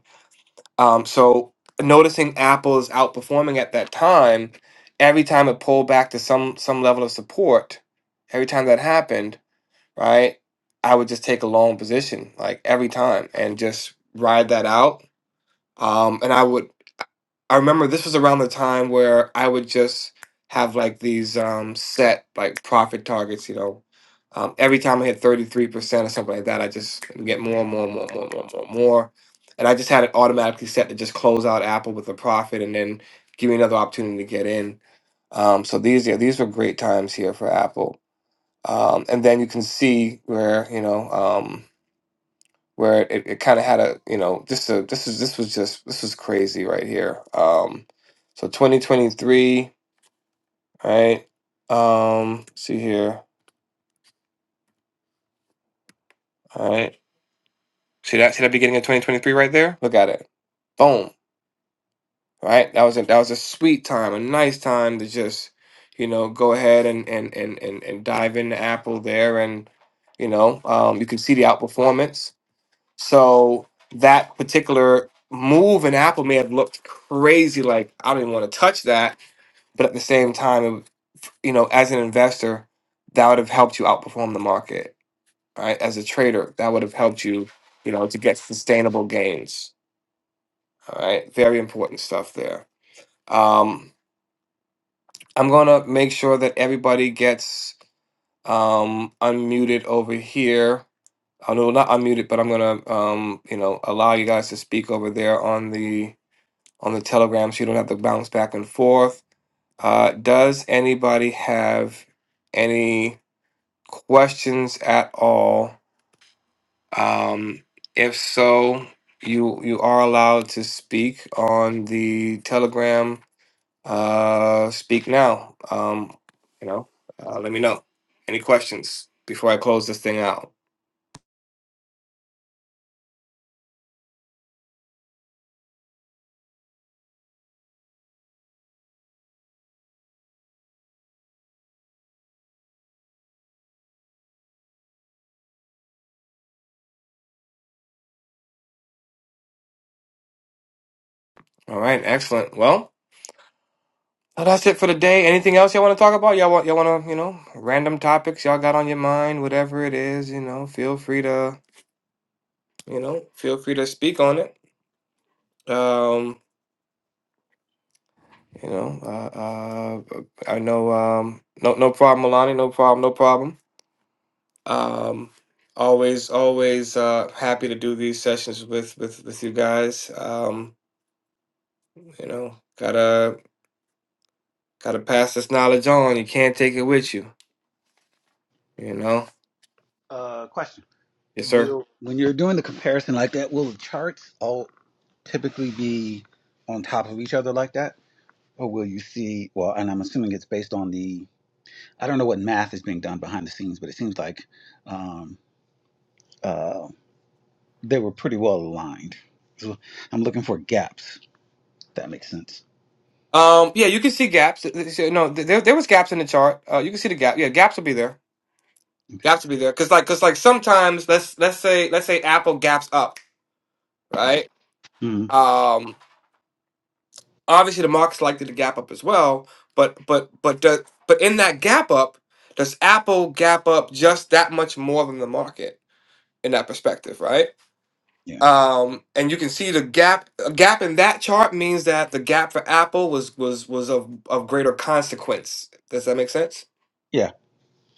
[SPEAKER 1] Um, so noticing Apple is outperforming at that time, every time it pulled back to some some level of support, every time that happened, right, I would just take a long position, like every time, and just ride that out. Um, and I would I remember this was around the time where I would just have like these um, set like profit targets. You know, um, every time I hit thirty three percent or something like that, I just get more and more and more and more and more and more, and more. And I just had it automatically set to just close out Apple with a profit and then give me another opportunity to get in. Um, so these yeah, these were great times here for Apple. Um, and then you can see where you know. Um, where it, it kind of had a you know this a, this is this was just this was crazy right here. Um, so 2023, right? Um, see here, all right. See that see that beginning of 2023 right there. Look at it, boom. Right, that was a, that was a sweet time, a nice time to just you know go ahead and and and and, and dive into Apple there, and you know um, you can see the outperformance So that particular move in Apple may have looked crazy, like I don't even want to touch that. But at the same time, it, would- you know, as an investor, that would have helped you outperform the market. All right, as a trader, that would have helped you, you know, to get sustainable gains. All right, very important stuff there. Um, I'm gonna make sure that everybody gets um, unmuted over here. Oh, no, not unmuted, but I'm gonna, um, you know, allow you guys to speak over there on the on the Telegram so you don't have to bounce back and forth. Uh, does anybody have any questions at all? Um, if so, you you are allowed to speak on the Telegram. Uh, speak now. Um, you know, uh, let me know. Any questions before I close this thing out? All right, excellent. Well. Well, that's it for the day. Anything else y'all want to talk about? Y'all want y'all want to you know random topics y'all got on your mind, whatever it is. You know, feel free to you know feel free to speak on it. Um, you know, uh, uh, I know um, no no problem, Milani, no problem, no problem. Um, always always uh, happy to do these sessions with with with you guys. Um, you know, gotta gotta pass this knowledge on. You can't take it with you. You know,
[SPEAKER 4] Uh, question:
[SPEAKER 1] yes sir.
[SPEAKER 4] Will when you're doing the comparison like that, will the charts all typically be on top of each other like that, or will you see? Well, and I'm assuming it's based on the. I don't know what math is being done behind the scenes, but it seems like um, uh, they were pretty well aligned. So I'm looking for gaps. If that makes sense.
[SPEAKER 1] Um, yeah, you can see gaps. So, No, th- there there was gaps in the chart. Uh, you can see the gap. Yeah, gaps will be there. Gaps will be there because like because like sometimes let's let's say let's say Apple gaps up, right?
[SPEAKER 4] hmm
[SPEAKER 1] Um, obviously the market's likely to gap up as well, but but but do, but in that gap up, does Apple gap up just that much more than the market in that perspective, right?
[SPEAKER 4] Yeah.
[SPEAKER 1] Um, and you can see the gap a gap in that chart means that the gap for Apple was was was of of greater consequence. Does that make sense?
[SPEAKER 4] Yeah.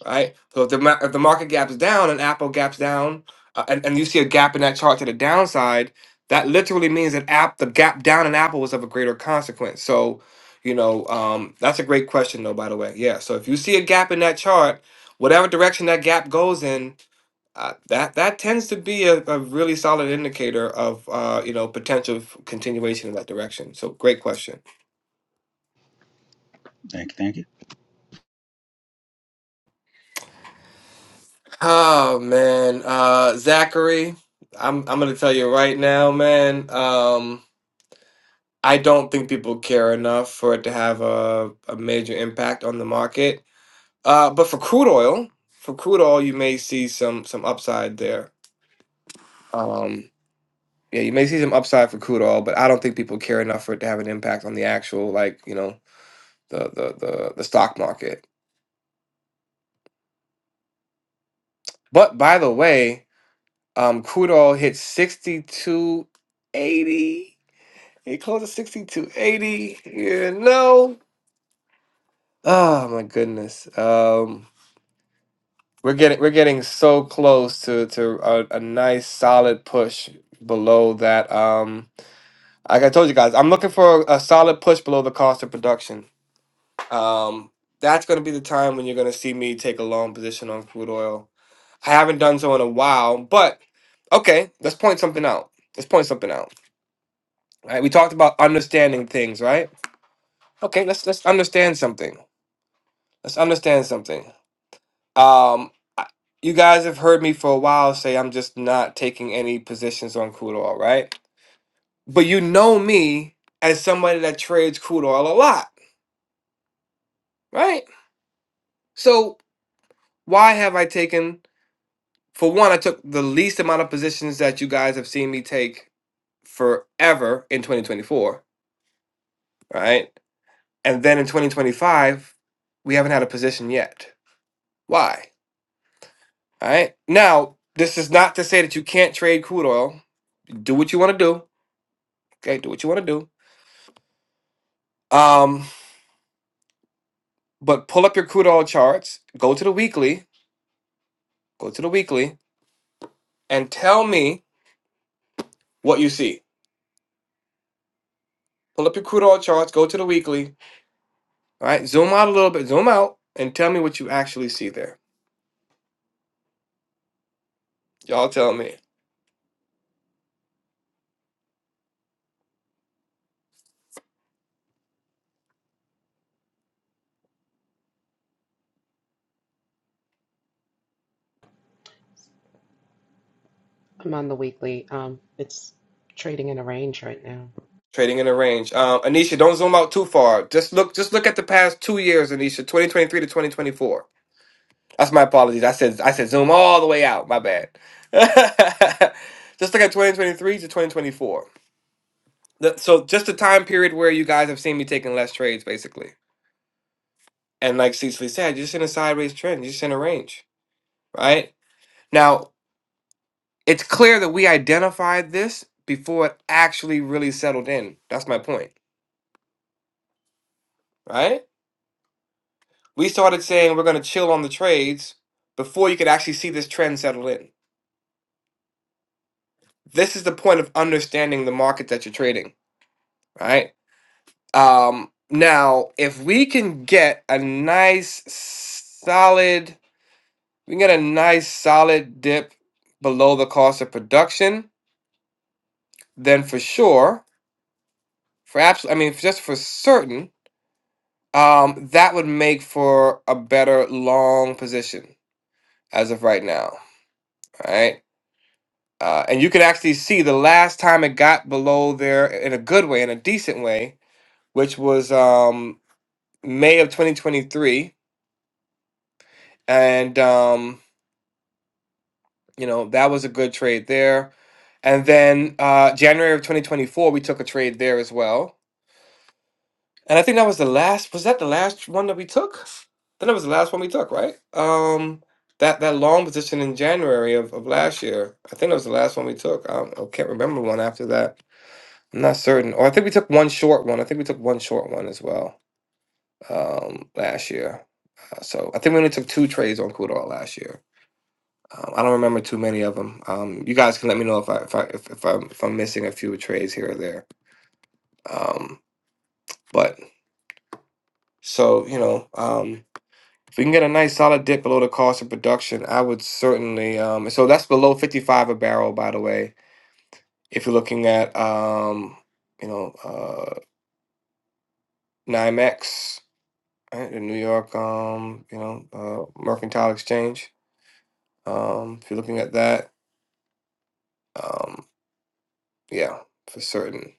[SPEAKER 1] right? So if the ma- if the market gaps down and Apple gaps down, uh, and and you see a gap in that chart to the downside, that literally means that app the gap down in Apple was of a greater consequence. So, you know, um, that's a great question though. By the way, yeah. So if you see a gap in that chart, whatever direction that gap goes in. Uh, that that tends to be a, a really solid indicator of uh, you know potential f- continuation in that direction. So great question.
[SPEAKER 4] Thank you. Thank you.
[SPEAKER 1] Oh man, uh, Zachary, I'm I'm gonna tell you right now, man. Um, I don't think people care enough for it to have a, a major impact on the market. Uh, but for crude oil, for crude oil, you may see some some upside there. Um, yeah, you may see some upside for crude oil, but I don't think people care enough for it to have an impact on the actual, like, you know, the the the, the stock market. But by the way, um, crude oil hit sixty two eighty. He closed at 6280. Yeah, no. Oh my goodness. Um we're getting we're getting so close to to a, a nice solid push below that um like I told you guys, I'm looking for a solid push below the cost of production. Um that's going to be the time when you're going to see me take a long position on crude oil. I haven't done so in a while, but okay, let's point something out. Let's point something out. Right? We talked about understanding things, right? Okay, let's let's understand something. let's understand something. Um, I- you guys have heard me for a while say I'm just not taking any positions on crude oil, right? But you know me as somebody that trades crude oil a lot, right? So why have I taken? For one, I took the least amount of positions that you guys have seen me take forever in 2024, right? And then in 2025, we haven't had a position yet. Why? All right. Now, this is not to say that you can't trade crude oil. Do what you want to do Okay, do what you want to do. Um, but pull up your crude oil charts, go to the weekly, go to the weekly, and tell me what you see. Pull up your crude oil charts, go to the weekly. All right, zoom out a little bit, zoom out, and tell me what you actually see there. Y'all tell me.
[SPEAKER 2] I'm on the weekly. Um, it's trading in a range right now.
[SPEAKER 1] Trading in a range. Um, Anisha, don't zoom out too far. Just look, just look at the past two years, Anisha, 2023 to 2024. That's my apologies. I said I said zoom all the way out. My bad. just look at 2023 to 2024. The- so just the time period where you guys have seen me taking less trades, basically. And like Cecily said, you're just in a sideways trend. You're just in a range, right? Now it's clear that we identified this before it actually really settled in. That's my point, right? We started saying we're going to chill on the trades before you could actually see this trend settle in. This is the point of understanding the market that you're trading, right? Um, now, if we can get a nice, solid we can get a nice solid dip below the cost of production, then for sure, for absolute, I mean, just for certain, um, that would make for a better long position as of right now, right? Uh, and you can actually see the last time it got below there in a good way, in a decent way, which was um, May of 2023, and um, you know that was a good trade there. And then uh, January of 2024, we took a trade there as well And I think that was the last. Was that the last one that we took? I think that was the last one we took, right? Um, that that long position in January of, of last year. I think that was the last one we took. I, don't, I can't remember one after that. I'm not certain. Or I think we took one short one. I think we took one short one as well um, last year. Uh, so I think we only took two trades on Kudal last year. Um, I don't remember too many of them. Um, you guys can let me know if I if I if, if I'm if I'm missing a few trades here or there. Um, but so you know. Um, If we can get a nice solid dip below the cost of production, I would certainly. Um, so that's below fifty-five a barrel, by the way. If you're looking at, um, you know, uh, NYMEX, right, the New York, um, you know, uh, Mercantile Exchange. Um, if you're looking at that, um, yeah, for certain.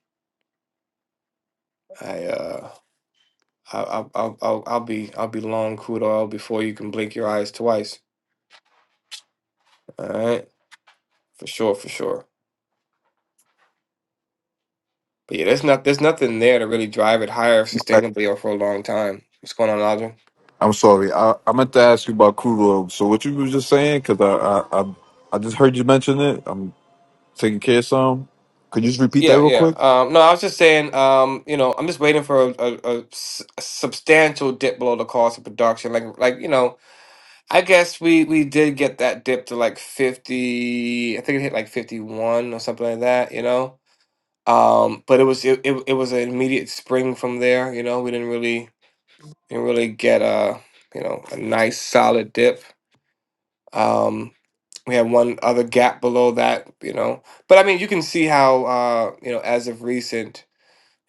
[SPEAKER 1] I, uh, I, i I'll, I'll I'll be, I'll be long crude oil before you can blink your eyes twice. All right, for sure, for sure. But yeah, there's not there's nothing there to really drive it higher
[SPEAKER 8] I-
[SPEAKER 1] sustainably or for a long time. What's going on, Audra?
[SPEAKER 8] I'm sorry. I, I meant to ask you about crude oil. So what you were just saying, because I, I I I just heard you mention it. I'm taking care of some. Could you just repeat that
[SPEAKER 1] Yeah,
[SPEAKER 8] real
[SPEAKER 1] yeah.
[SPEAKER 8] quick?
[SPEAKER 1] Um, no, I was just saying. Um, you know, I'm just waiting for a, a, a s- a substantial dip below the cost of production. Like, like you know, I guess we we did get that dip to like 50. I think it hit like 51 or something like that. You know, um, but it was it, it, it was an immediate spring from there. You know, we didn't really didn't really get a you know a nice solid dip. Um, we have one other gap below that, you know. But I mean, you can see how uh, you know as of recent,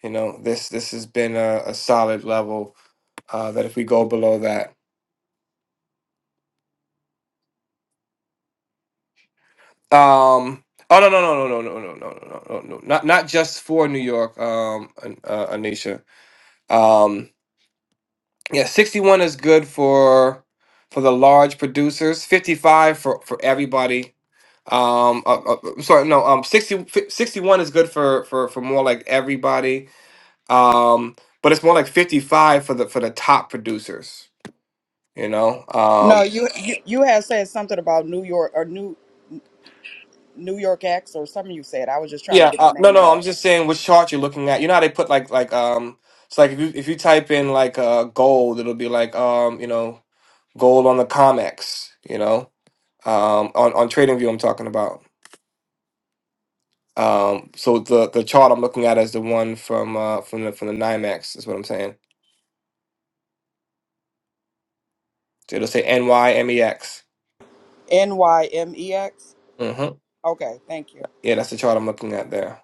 [SPEAKER 1] you know, this this has been a, a solid level. Uh, that if we go below that, um, oh no no no no no no no no no no no no, not not just for New York, um, An- uh, Anisha. Um, yeah, sixty one is good for for the large producers. Fifty five for for everybody um uh, uh, uh, sorry no um 60 61 is good for for for more like everybody um but it's more like 55 for the for the top producers you know
[SPEAKER 9] No,
[SPEAKER 1] um
[SPEAKER 9] you you, you had said something about New York or New New York X or something you said. I was just trying to
[SPEAKER 1] yeah
[SPEAKER 9] get the
[SPEAKER 1] uh, no
[SPEAKER 9] name of
[SPEAKER 1] no i'm
[SPEAKER 9] that.
[SPEAKER 1] just saying which chart you're looking at you know how they put like like um it's like if you if you type in like uh gold it'll be like um you know gold on the comex you know um on on trading view i'm talking about um so the the chart i'm looking at is the one from uh from the from the nymex is what i'm saying So it'll say nymex
[SPEAKER 9] N Y M E X.
[SPEAKER 1] mm-hmm.
[SPEAKER 9] Okay, thank you.
[SPEAKER 1] yeah that's the chart i'm looking at there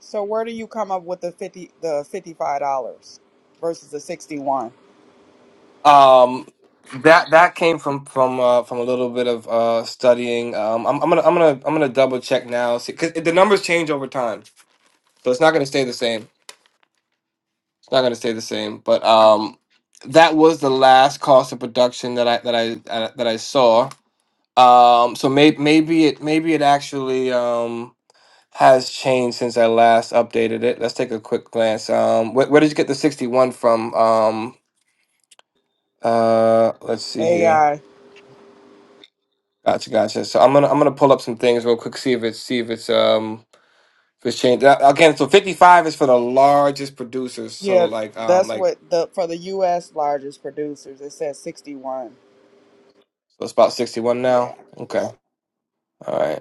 [SPEAKER 9] So where do you come up with the fifty the fifty five dollars versus the sixty one?
[SPEAKER 1] Um, that that came from from uh, from a little bit of uh, studying. Um, I'm, I'm gonna I'm gonna I'm gonna double check now see, because the numbers change over time, so it's not gonna stay the same. It's not gonna stay the same. But um, that was the last cost of production that I that I uh, that I saw. Um, so maybe maybe it maybe it actually um has changed since I last updated it. Let's take a quick glance. Um, where, where did you get the 61 from? Um, uh, let's see here.
[SPEAKER 9] AI.
[SPEAKER 1] Gotcha, gotcha. So I'm gonna I'm gonna pull up some things real quick, see if it's see if it's um if it's changed. Uh, Again, so 55 is for the largest producers. So
[SPEAKER 9] Yeah,
[SPEAKER 1] like um
[SPEAKER 9] that's
[SPEAKER 1] like
[SPEAKER 9] what the for the US largest producers it says sixty one.
[SPEAKER 1] so it's about 61
[SPEAKER 9] Yeah.
[SPEAKER 1] now. Okay, all right.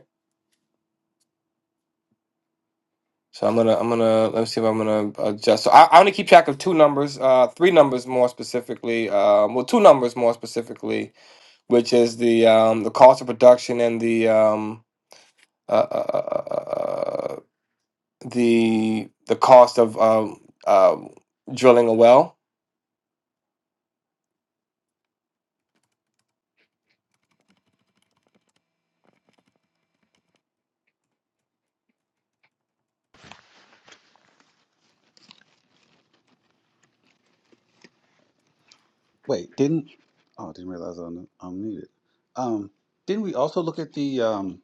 [SPEAKER 1] So I'm gonna I'm gonna let me see if I'm gonna adjust. So I I only keep track of two numbers, uh three numbers more specifically. Um, well, two numbers more specifically, which is the um the cost of production and the um uh, uh, uh, uh uh, uh, the the cost of um uh, drilling a well
[SPEAKER 4] Wait, didn't? Oh, I didn't realize I'm, I'm muted. Um, didn't we also look at the? um,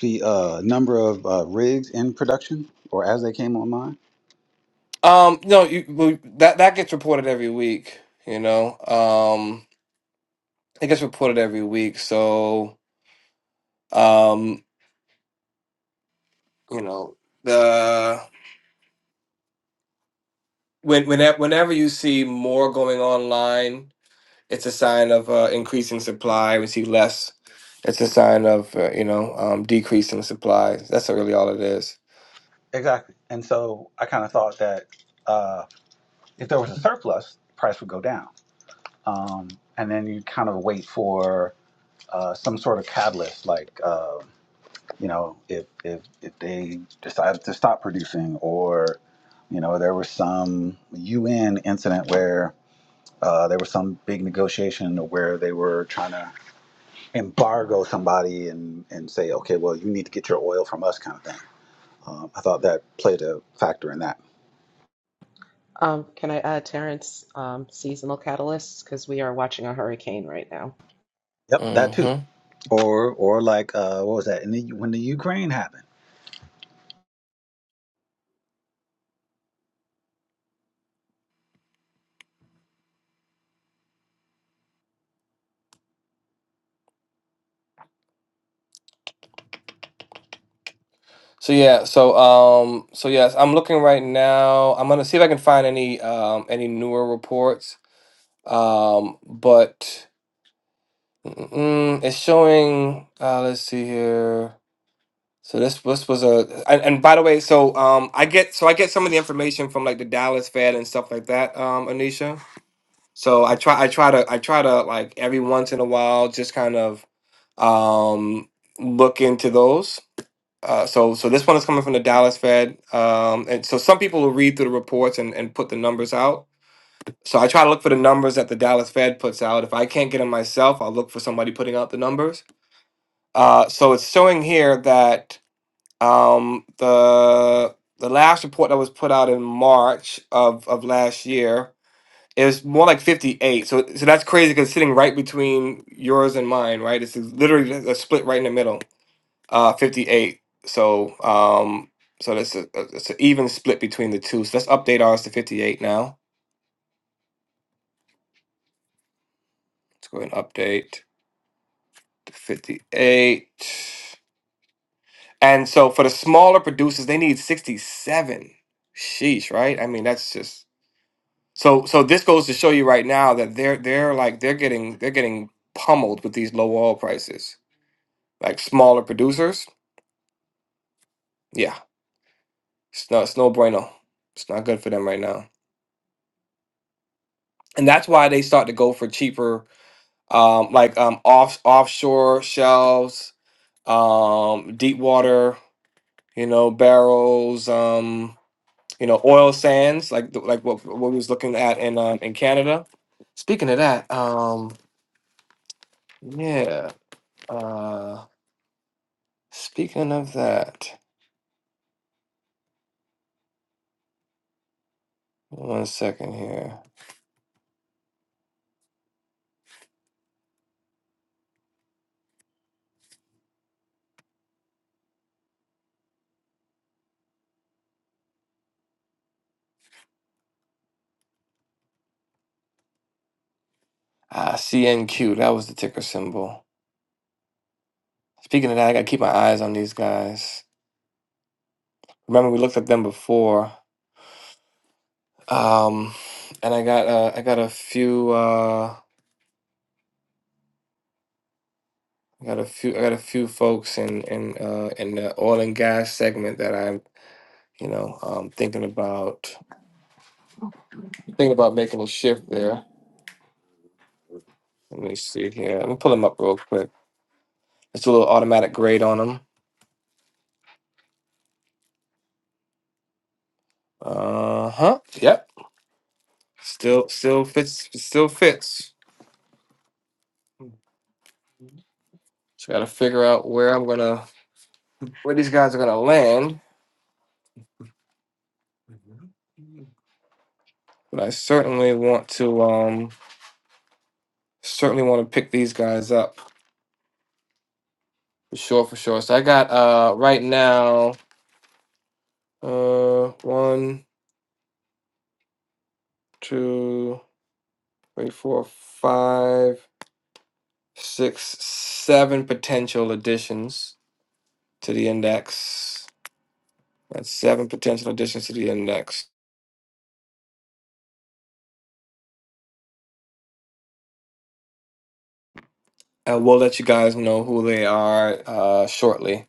[SPEAKER 4] the uh, number of uh, rigs in production or as they came online?
[SPEAKER 1] Um, no, you, well, that that gets reported every week. You know, um, it gets reported every week. So, um, you know, the when whenever whenever you see more going online, it's a sign of uh, increasing supply. We see less, it's a sign of uh, you know um, decreasing supply. That's really all it is.
[SPEAKER 4] Exactly. And so I kind of thought that uh, if there was a surplus, price would go down. Um, and then you kind of wait for uh, some sort of catalyst like uh, you know, if if if they decided to stop producing, or you know, there was some UN incident where uh, there was some big negotiation where they were trying to embargo somebody and and say, okay, well, you need to get your oil from us, kind of thing. Um, I thought that played a factor in that.
[SPEAKER 2] Um, can I add Terrence? Um, seasonal catalysts because we are watching a hurricane right now.
[SPEAKER 4] Yep, that too.
[SPEAKER 1] Mm-hmm.
[SPEAKER 4] Or or like uh, what was that? In the, when the Ukraine happened.
[SPEAKER 1] So yeah, so um, so yes, I'm looking right now. I'm gonna see if I can find any um any newer reports Um, but mm, it's showing. Uh, let's see here. So this this was a and, and by the way, so um, I get so I get some of the information from like the Dallas Fed and stuff like that. Um, Anisha. So I try I try to I try to like every once in a while just kind of um look into those. Uh, so so this one is coming from the Dallas Fed. Um, and so some people will read through the reports and and put the numbers out So I try to look for the numbers that the Dallas Fed puts out. If I can't get them myself, I'll look for somebody putting out the numbers. Uh, so it's showing here that um, the the last report that was put out in March of, of last year it was more like 58. So so that's crazy because it's sitting right between yours and mine, right? It's literally a split right in the middle, uh, 58. So um, so that's a, a- it's an even split between the two. So let's update ours to 58 now. Let's go ahead and update. 58. And so for the smaller producers, they need 67. Sheesh, right? I mean, that's just so so this goes to show you right now that they're they're like they're getting they're getting pummeled with these low oil prices. Like smaller producers, yeah. It's no it's no bueno. It's not good for them right now. And that's why they start to go for cheaper um like um off offshore shelves, um deep water, you know, barrels, um. you know, oil sands, like the, like what what we was looking at in um, in Canada. Speaking of that, um, yeah. Uh, speaking of that, one second here. Ah, CNQ, that was the ticker symbol. Speaking of that, I gotta keep my eyes on these guys. Remember, we looked at them before. Um, and I got uh, I got a few uh, I got a few I got a few folks in in uh, in the oil and gas segment that I'm you know um, thinking about Think about making a shift there. Let me see here. Let me pull them up real quick. It's a little automatic grade on them. Uh huh. Yep. Still, still fits. Still fits. So got to figure out where I'm gonna, where these guys are gonna land. But I certainly want to, um, certainly want to pick these guys up for sure, for sure. So I got uh right now, uh, one, two, three, four, five, six, seven potential additions to the index. That's seven potential additions to the index. And we'll let you guys know who they are uh, shortly.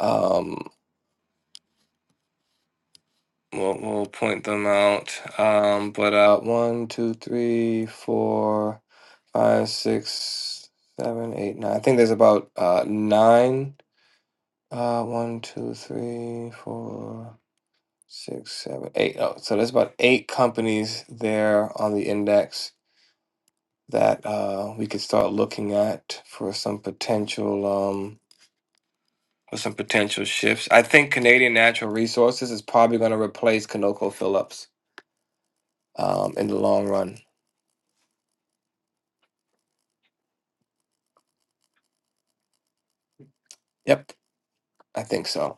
[SPEAKER 1] Um, we'll, we'll point them out. Um, but uh, one, two, three, four, five, six, seven, eight, nine. I think there's about uh, nine. Uh, one, two, three, four, six, seven, eight. Oh, so there's about eight companies there on the index that uh, we could start looking at for some potential um, for some potential shifts. I think Canadian Natural Resources is probably going to replace Conoco Phillips um, in the long run. Yep, I think so.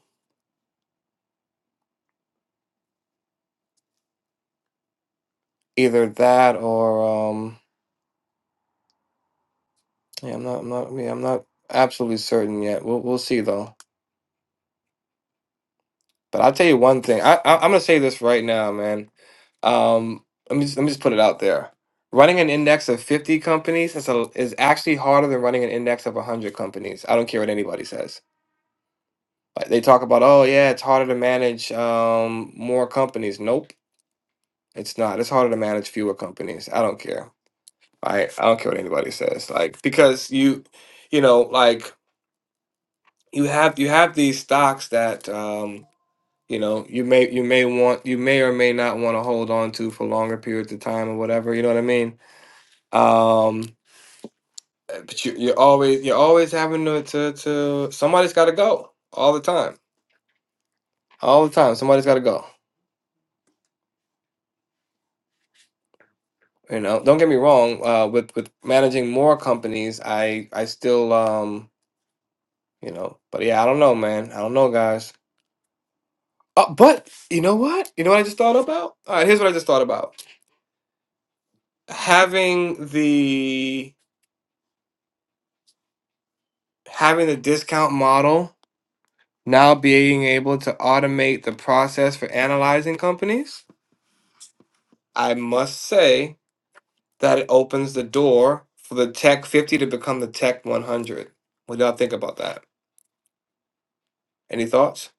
[SPEAKER 1] Either that or um, yeah, I'm not, I'm not, yeah, I'm not absolutely certain yet. We'll we'll see though. But I'll tell you one thing. I, I I'm gonna say this right now, man. Um, let me just, let me just put it out there. Running an index of 50 companies is a, is actually harder than running an index of 100 companies. I don't care what anybody says. Like they talk about, oh yeah, it's harder to manage um more companies. Nope, it's not. It's harder to manage fewer companies. I don't care. I I don't care what anybody says. Like because you, you know, like you have you have these stocks that um you know you may you may want you may or may not want to hold on to for longer periods of time or whatever you know what i mean um uh, but you, you're always you're always having to to, to somebody's got to go all the time all the time somebody's got to go you know don't get me wrong uh with with managing more companies i i still um you know but yeah i don't know man i don't know guys uh, but you know what you know what i just thought about all right here's what i just thought about having the having the discount model Now being able to automate the process for analyzing companies, I must say that it opens the door for the Tech 50 to become the Tech 100. What do y'all think about that? Any thoughts?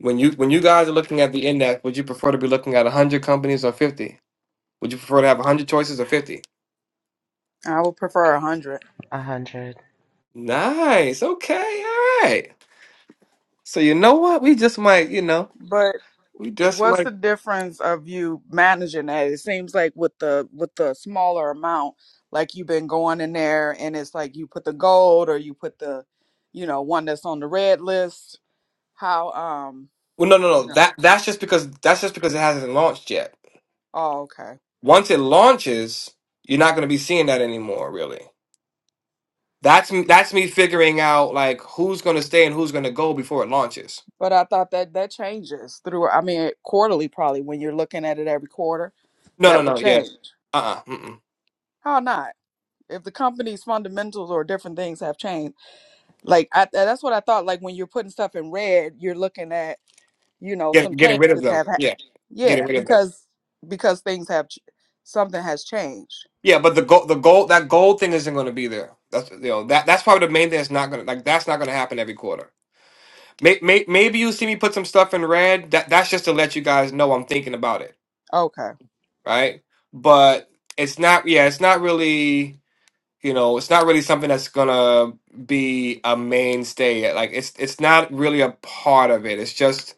[SPEAKER 1] When you when you guys are looking at the index, would you prefer to be looking at 100 companies or 50? Would you prefer to have 100 choices or 50?
[SPEAKER 9] I would prefer a hundred.
[SPEAKER 2] A hundred.
[SPEAKER 1] Nice. Okay. All right. So you know what? We just might, you know,
[SPEAKER 9] But
[SPEAKER 1] we just
[SPEAKER 9] what's
[SPEAKER 1] might.
[SPEAKER 9] the difference of you managing that it seems like with the with the smaller amount like you've been going in there and it's like you put the gold or you put the you know one that's on the red list how um
[SPEAKER 1] Well, no, no, no.
[SPEAKER 9] you know
[SPEAKER 1] That that's just because that's just because it hasn't launched yet
[SPEAKER 9] oh okay
[SPEAKER 1] Once it launches, you're not going to be seeing that anymore, really. That's m- that's me figuring out like who's going to stay and who's going to go before it launches.
[SPEAKER 9] but i thought that that changes through i mean quarterly probably when you're looking at it every quarter
[SPEAKER 1] No, no,
[SPEAKER 9] that would
[SPEAKER 1] no. Yeah.
[SPEAKER 9] change
[SPEAKER 1] Uh-uh. Mm-mm.
[SPEAKER 9] how not if the company's fundamentals or different things have changed like I, that's what i thought like when you're putting stuff in red you're looking at you know some
[SPEAKER 1] Get, getting
[SPEAKER 9] changes
[SPEAKER 1] rid of them.
[SPEAKER 9] have ha-
[SPEAKER 1] Yeah.
[SPEAKER 9] yeah
[SPEAKER 1] Getting rid of them.
[SPEAKER 9] because because things have ch- something has changed
[SPEAKER 1] Yeah, but the gold, the gold, that gold thing isn't going to be there. That's you know that that's probably the main thing that's not going to like that's not going to happen every quarter. May, may, maybe you see me put some stuff in red. That that's just to let you guys know I'm thinking about it,
[SPEAKER 9] okay
[SPEAKER 1] right? But it's not. Yeah, it's not really. you know, it's not really something that's gonna be a mainstay. Like it's it's not really a part of it. It's just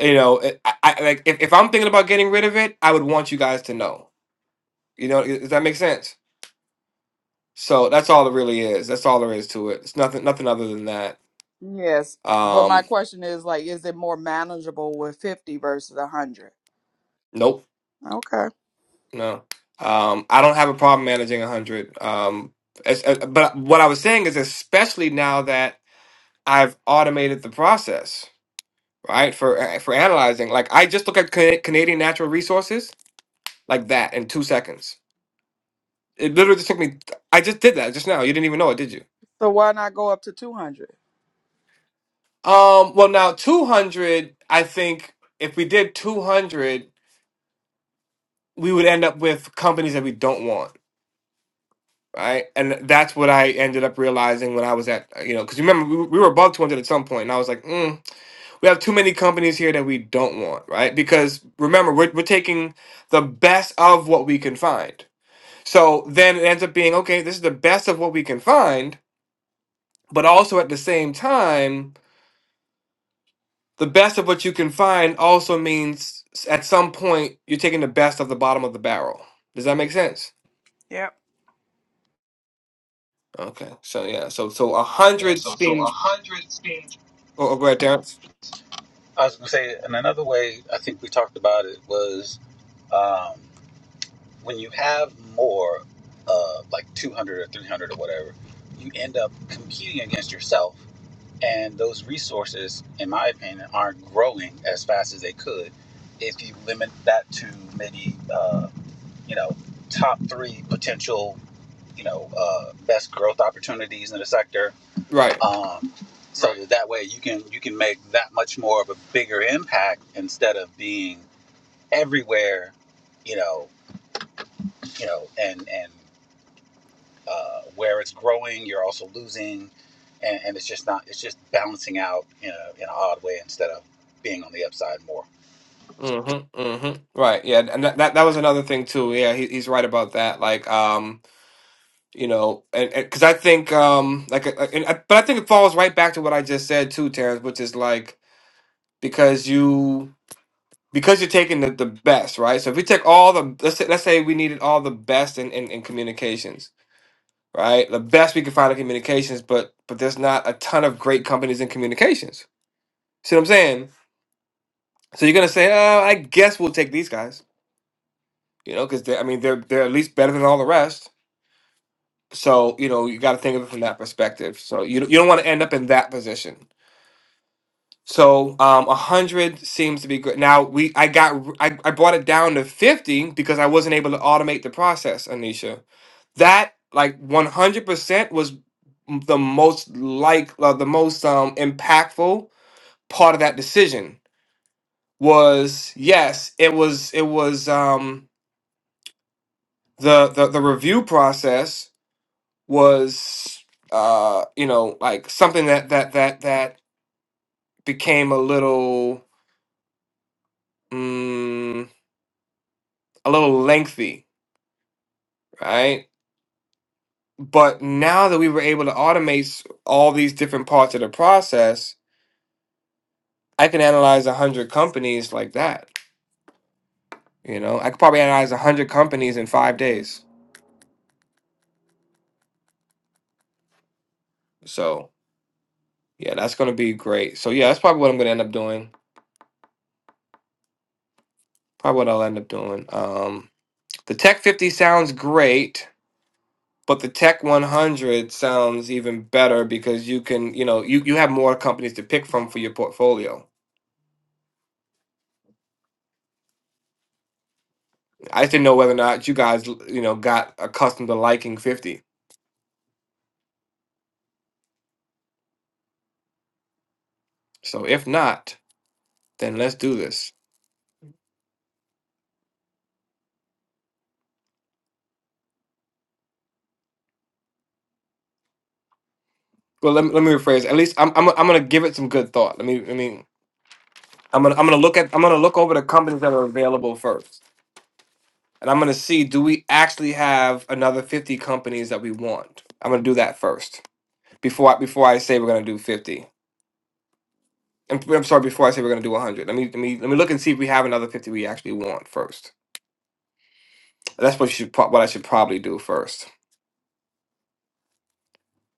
[SPEAKER 1] you know, it, I, I like if, if I'm thinking about getting rid of it, I would want you guys to know. You know, does that make sense? So that's all it really is. That's all there is to it. It's nothing nothing other than that.
[SPEAKER 9] yes but my
[SPEAKER 1] Um,
[SPEAKER 9] question is like is it more manageable with 50 versus 100
[SPEAKER 1] nope,
[SPEAKER 9] okay
[SPEAKER 1] no. Um, I don't have a problem managing a hundred. Um, as, as- but what I was saying is, especially now that I've automated the process right? For uh, for analyzing, like I just look at Ca- Canadian natural resources like that in two seconds. It literally just took me. I just did that just now. You didn't even know it, did you?
[SPEAKER 9] so why not go up to 200
[SPEAKER 1] Um. Well, now two hundred. I think if we did two hundred, we would end up with companies that we don't want, right? And that's what I ended up realizing when I was at you know because remember we, we were above two hundred at some point, and I was like, mm, we have too many companies here that we don't want, right? Because remember we're we're taking the best of what we can find So then it ends up being okay, this is the best of what we can find, but also at the same time, the best of what you can find also means s- at some point you're taking the best of the bottom of the barrel. Does that make sense?
[SPEAKER 9] yep
[SPEAKER 1] Okay. So yeah, so so a
[SPEAKER 4] Yeah,
[SPEAKER 1] hundred
[SPEAKER 4] so so a
[SPEAKER 1] seems
[SPEAKER 4] hundred.
[SPEAKER 1] oh, oh, right Terrence.
[SPEAKER 4] I was gonna say, in another way, I think we talked about it was. Um, when you have more, uh, like 200 or 300 or whatever, you end up competing against yourself. And those resources, in my opinion, aren't growing as fast as they could if you limit that to maybe, uh, you know, top three potential, you know, uh, best growth opportunities in the sector.
[SPEAKER 1] Right.
[SPEAKER 4] Um, so Right. that, that way you can you can make that much more of a bigger impact instead of being everywhere, you know, you know, and and uh, where it's growing, you're also losing, and, and it's just not. It's just balancing out in a in an odd way instead of being on the upside more.
[SPEAKER 1] Mm-hmm. Mm-hmm. Right. Yeah. And that, that that was another thing too. Yeah, he, he's right about that. Like, um, you know, and because I think, um, like, uh, uh, and, I- but I think it falls right back to what I just said too, Terrence, which is like, because you because you're taking the, the best, right? So if we take all the let's say, let's say we needed all the best in, in, in communications, right? The best we could find in communications, but but there's not a ton of great companies in communications. See what I'm saying? So you're gonna say, oh, I guess we'll take these guys, you know, because I mean they're they're at least better than all the rest. So you know you got to think of it from that perspective. So you don't- you don't want to end up in that position. So um, a hundred seems to be good. Now we I got r- I, I brought it down to fifty because I wasn't able to automate the process, Anisha. That like one hundred percent was m- the most like uh, the most um impactful part of that decision was yes it was it was um the the, the review process was uh you know like something that that that that became a little mm, a little lengthy, right? But now that we were able to automate s- all these different parts of the process, I can analyze 100 companies like that. You know, I could probably analyze 100 companies in five days. So, yeah, that's going to be great. So, yeah, that's probably what I'm going to end up doing. Probably what I'll end up doing. Um, the Tech 50 sounds great, but the Tech 100 sounds even better because you can, you know, you, you have more companies to pick from for your portfolio I just didn't know whether or not you guys, you know, got accustomed to liking 50. So if not, then let's do this. Well, let me, let me rephrase. At least I'm, I'm I'm gonna give it some good thought. Let me I mean I'm gonna I'm gonna look at I'm gonna look over the companies that are available first, and I'm gonna see do we actually have another 50 companies that we want. I'm gonna do that first before I, before I say we're gonna do 50. I'm, I'm sorry before I say we're gonna do 100. Let me let me let me look and see if we have another 50 we actually want first. That's what you should pro- what I should probably do first.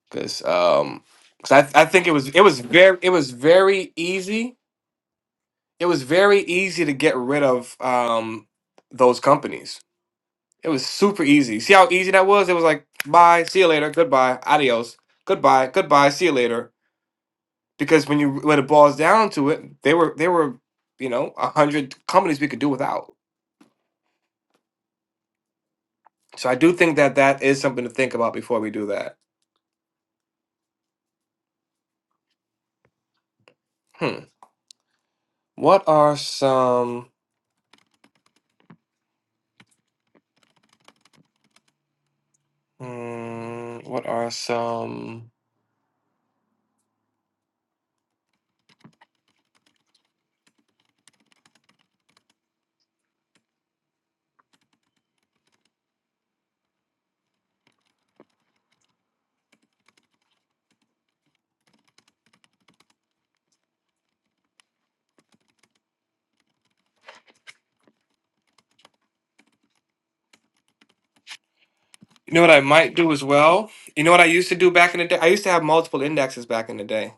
[SPEAKER 1] because um, cause I I think it was it was very it was very easy it was very easy to get rid of um those companies it was super easy see how easy that was it was like bye see you later goodbye adios goodbye goodbye see you later because when you when it boils down to it they were they were you know a hundred companies we could do without so I do think that that is something to think about before we do that hmm what are some hmm, what are some You know what I might do as well? You know what I used to do back in the day? I used to have multiple indexes back in the day.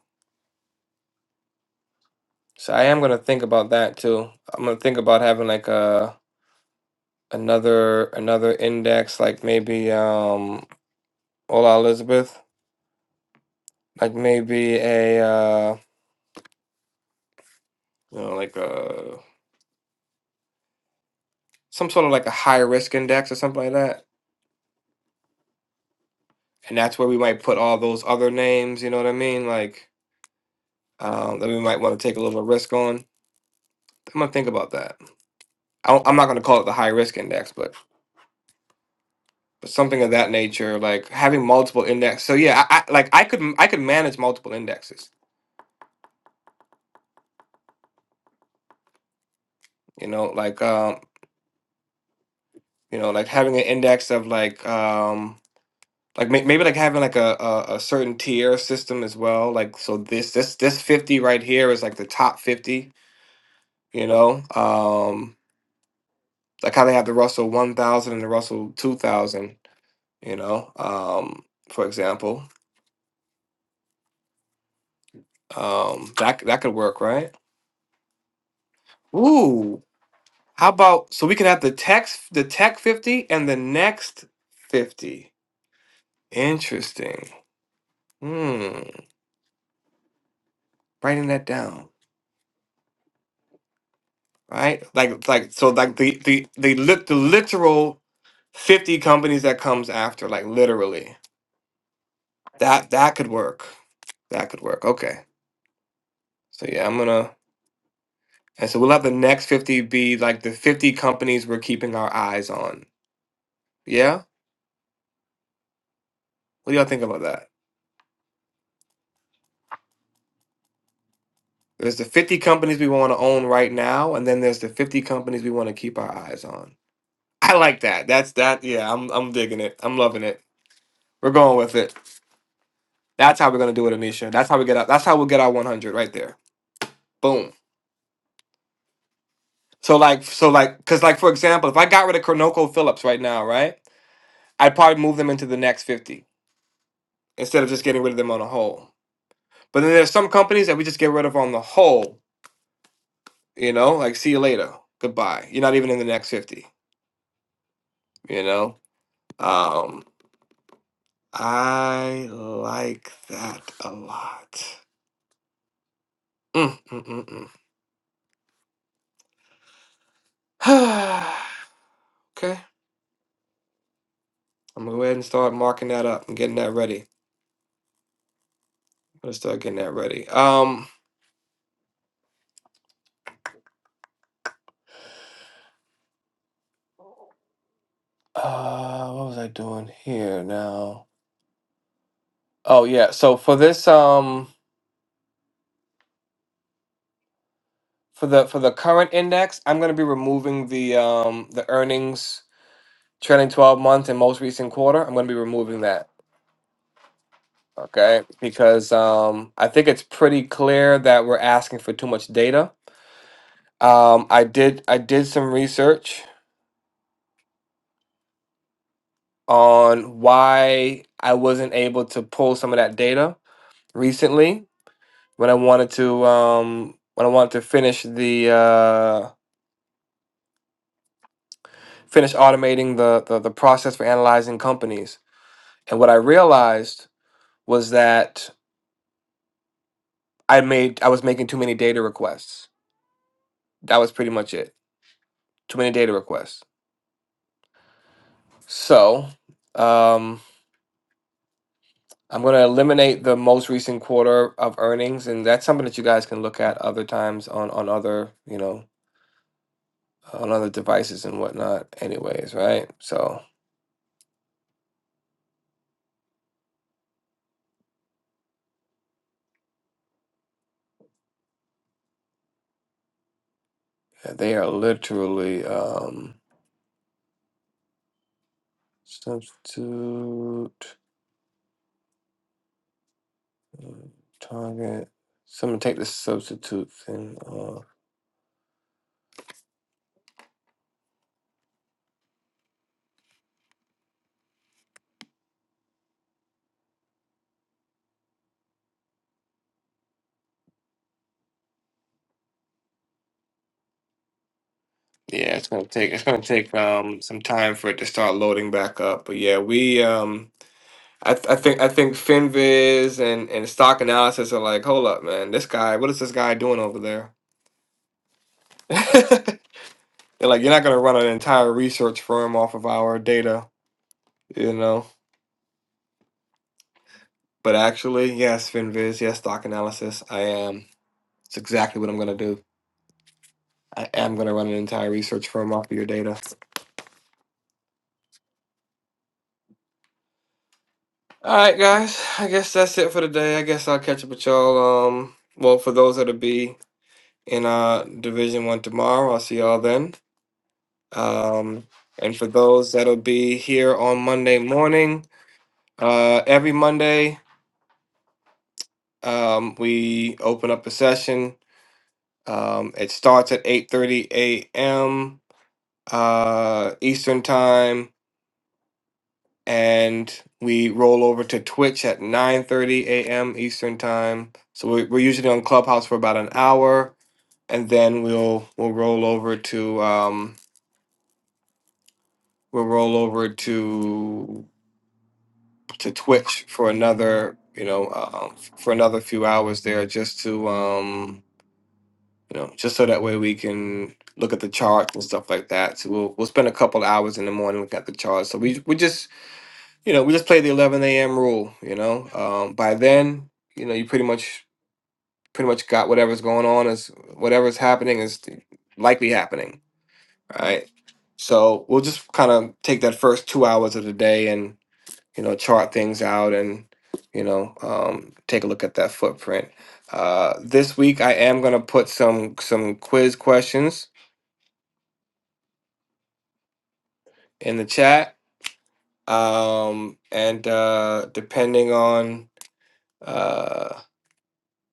[SPEAKER 1] So I am gonna think about that too. I'm gonna think about having like a another another index, like maybe um Ola Elizabeth, like maybe a uh you know like a some sort of like a high risk index or something like that. And that's where we might put all those other names. You know what I mean? Like um, that we might want to take a little bit of risk on. I'm gonna think about that. I don't- I'm not gonna call it the high risk index, but something of that nature, like having multiple index. So yeah, I, I like I could I could manage multiple indexes. You know, like um, you know, like having an index of like um, like may, maybe like having like a, a a certain tier system as well. Like so, this this this fifty right here is like the top fifty. You know, um, like how they have the Russell one thousand and the Russell two thousand. You know, um, for example, um, that that could work, right? Ooh, How about so we can have the text the tech 50 and the next 50. Interesting. Hmm. Writing that down. Right? Like like so like the the the, lit, the literal 50 companies that comes after like literally. That that could work. That could work. Okay. So yeah, I'm gonna and so we'll have the next 50 be like the 50 companies we're keeping our eyes on. Yeah? What do y'all think about that? There's the 50 companies we want to own right now, and then there's the 50 companies we want to keep our eyes on. I like that. That's that. Yeah, I'm I'm digging it. I'm loving it. We're going with it. That's how we're gonna do it, Anisha. That's how we get out. That's how we'll get our 100 right there. Boom. So like, so like, cause like for example, if I got rid of Cornoco Phillips right now, right, I'd probably move them into the next 50 instead of just getting rid of them on a whole. But then there's some companies that we just get rid of on the whole. You know, like see you later, goodbye. You're not even in the next 50. You know. Um, I like that a lot. Mm, mm, mm, mm. okay, I'm gonna go ahead and start marking that up and getting that ready. I'm gonna start getting that ready. Um, uh, what was I doing here now? Oh yeah, so for this um for the for the current index, I'm gonna be removing the um the earnings trailing 12 month and most recent quarter. I'm gonna be removing that. Okay, because um I think it's pretty clear that we're asking for too much data Um, I did I did some research on why I wasn't able to pull some of that data recently when I wanted to um, when I wanted to finish the uh, finish automating the, the the process for analyzing companies. And what I realized was that I made I was making too many data requests. That was pretty much it. Too many data requests. So, um, I'm going to eliminate the most recent quarter of earnings, and that's something that you guys can look at other times on on other you know on other devices and whatnot. Anyways, right? So yeah, they are literally um, substitute mm, target. So I'm gonna take the substitute thing off. Yeah, it's gonna take it's gonna take um some time for it to start loading back up. But yeah, we um I, th- I think I think Finviz and and stock analysis are like, hold up, man, this guy, what is this guy doing over there? They're like, you're not gonna run an entire research firm off of our data, you know. But actually, yes, Finviz, yes, stock analysis, I am. It's exactly what I'm gonna do. I am gonna run an entire research firm off of your data. All right, guys, I guess that's it for today. I guess I'll catch up with y'all. Um, well, for those that'll be in uh Division One tomorrow, I'll see y'all then. Um, and for those that'll be here on Monday morning, uh, every Monday um, we open up a session. Um, it starts at 8:30 a.m. Uh, Eastern time, and we roll over to Twitch at 9:30 a.m. Eastern time. So we're, we're usually on Clubhouse for about an hour, and then we'll we'll roll over to um, we'll roll over to to Twitch for another, you know, uh, um, for another few hours there, just to, um, you know, just so that way we can look at the charts and stuff like that. So we'll we'll spend a couple of hours in the morning looking at the charts. So we we just, you know, we just play the 11 a.m. rule. You know, um, by then, you know, you pretty much pretty much got whatever's going on is whatever's happening is likely happening, right? So we'll just kind of take that first two hours of the day and. you know chart things out and you know um, take a look at that footprint uh, this week i am going to put some some quiz questions in the chat um, and uh, depending on uh,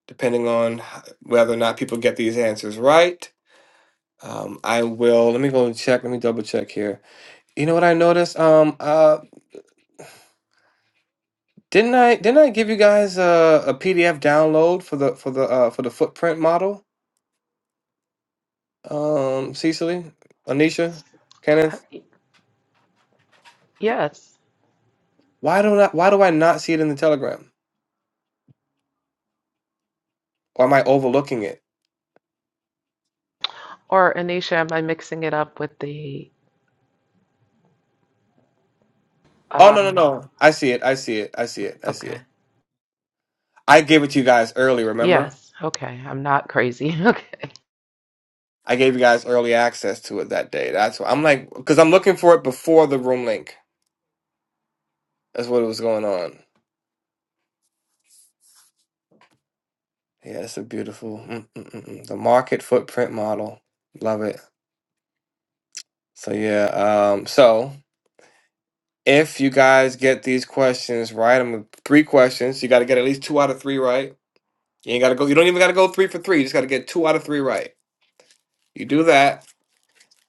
[SPEAKER 1] depending on h- whether or not people get these answers right um, i will let me go and check let me double check here you know what i noticed um, uh, didn't i didn't i give you guys a, a pdf download for the for the uh, for the footprint model um, Cecily, Anisha,
[SPEAKER 2] Uh,
[SPEAKER 1] Kenneth.
[SPEAKER 2] y- Yes.
[SPEAKER 1] Why don't I? Why do I not see it in the Telegram? Or am I overlooking it?
[SPEAKER 2] Or Anisha, am I mixing it up with the?
[SPEAKER 1] Oh no no
[SPEAKER 2] Um,
[SPEAKER 1] no! I see it. I see it. I see it. I see
[SPEAKER 2] okay.
[SPEAKER 1] it. I gave it to you guys early. Remember?
[SPEAKER 2] Yes. Okay. I'm not crazy. Okay.
[SPEAKER 1] I gave you guys early access to it that day. That's why I'm like, because I'm looking for it before the room link. That's what was going on. Yeah, it's a beautiful mm, mm, mm, mm. the market footprint model. Love it. So yeah. Um. So if you guys get these questions right, I'm three questions. You got to get at least two out of three right You ain't gotta go. You don't even gotta go three for three. You just gotta get two out of three right. You do that,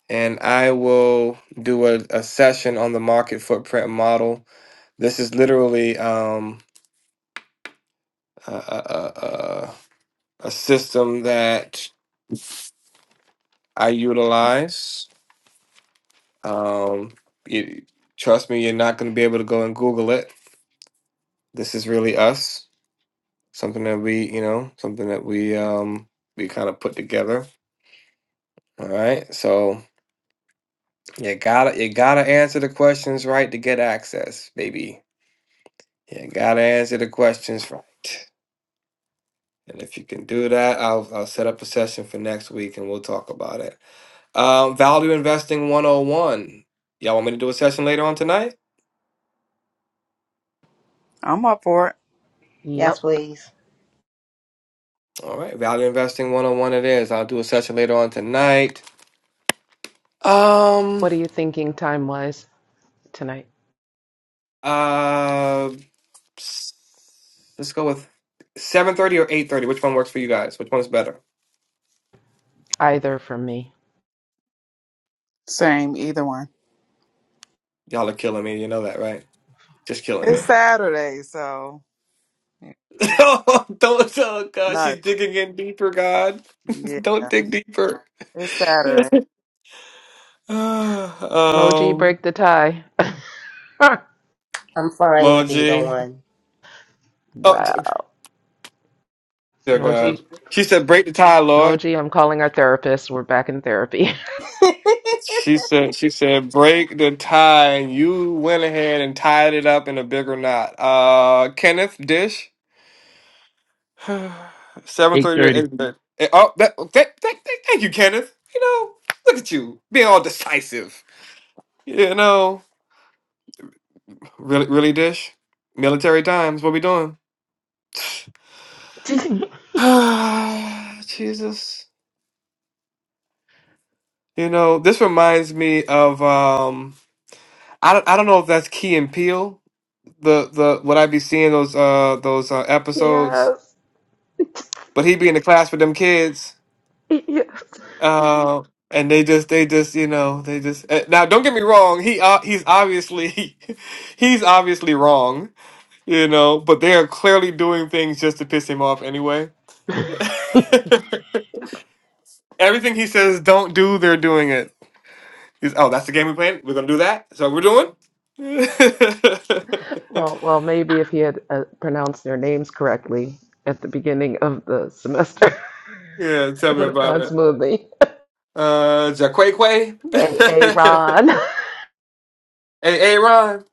[SPEAKER 1] and I will do a, a session on the market footprint model. This is literally um, a, a, a, a a system that I utilize. Um, you, trust me, you're not gonna be able to go and Google it. This is really us. Something that we, you know, something that we um, we kind of put together. All right, so. You gotta you gotta answer the questions right to get access, baby. You gotta answer the questions right. And if you can do that, I'll I'll set up a session for next week and we'll talk about it. Um, value investing 101. Y'all want me to do a session later on tonight?
[SPEAKER 9] i'm up for it
[SPEAKER 6] Yes,
[SPEAKER 2] Yep.
[SPEAKER 6] please.
[SPEAKER 1] All right, value investing 101 it is. I'll do a session later on tonight.
[SPEAKER 2] What
[SPEAKER 1] Um
[SPEAKER 2] are you thinking time wise tonight?
[SPEAKER 1] uh s- let's go with 7:30 or 8:30. Which one works for you guys? Which one's better?
[SPEAKER 2] Either for me.
[SPEAKER 9] same either one
[SPEAKER 1] Y'all are killing me, you know that, right? Just killing
[SPEAKER 9] it's
[SPEAKER 1] me.
[SPEAKER 9] saturday so yeah,
[SPEAKER 1] No, don't tell God.
[SPEAKER 9] not
[SPEAKER 1] She's digging in deeper, God.
[SPEAKER 9] yeah
[SPEAKER 1] Don't dig deeper.
[SPEAKER 9] it's saturday
[SPEAKER 1] um,
[SPEAKER 2] Moji, break the tie.
[SPEAKER 6] I'm fine with either
[SPEAKER 1] Moji.
[SPEAKER 6] one.
[SPEAKER 1] Oh, t-
[SPEAKER 2] wow.
[SPEAKER 1] dear
[SPEAKER 2] Moji,
[SPEAKER 1] God. She said, break the tie, Lord.
[SPEAKER 2] Moji, I'm calling our therapist. We're back in therapy.
[SPEAKER 1] She said, she said, break the tie. And you went ahead and tied it up in a bigger knot. Uh, Kenneth Dish. 730 to
[SPEAKER 3] 8.30.
[SPEAKER 1] 8:30. Eh, Oh, that, that, that- thank you, Kenneth. You know, look at you being all decisive. You know. Really, really, Dish? Military times. What we doing? Ah, Jesus. You know, this reminds me of um. I don't, I don't know if that's Key and Peele. The the what I be seeing those uh those uh, episodes,
[SPEAKER 2] yes.
[SPEAKER 1] but he be in the class with them kids.
[SPEAKER 2] Yes.
[SPEAKER 1] Uh, and they just they just you know they just eh, now don't get me wrong. He uh, he's obviously he's obviously wrong. You know, but they are clearly doing things just to piss him off anyway. Everything he says don't do, they're doing it. He's, oh, that's the game we playing? We're gonna do that? So we're doing?
[SPEAKER 2] Well, well, maybe if he had uh, pronounced their names correctly at the beginning of the semester,
[SPEAKER 1] yeah, tell
[SPEAKER 2] it
[SPEAKER 1] me
[SPEAKER 2] would have
[SPEAKER 1] about
[SPEAKER 2] gone
[SPEAKER 1] it.
[SPEAKER 2] smoothly.
[SPEAKER 1] Uh Jaqueque.
[SPEAKER 2] Hey, hey, Ron.
[SPEAKER 1] hey hey, Ron.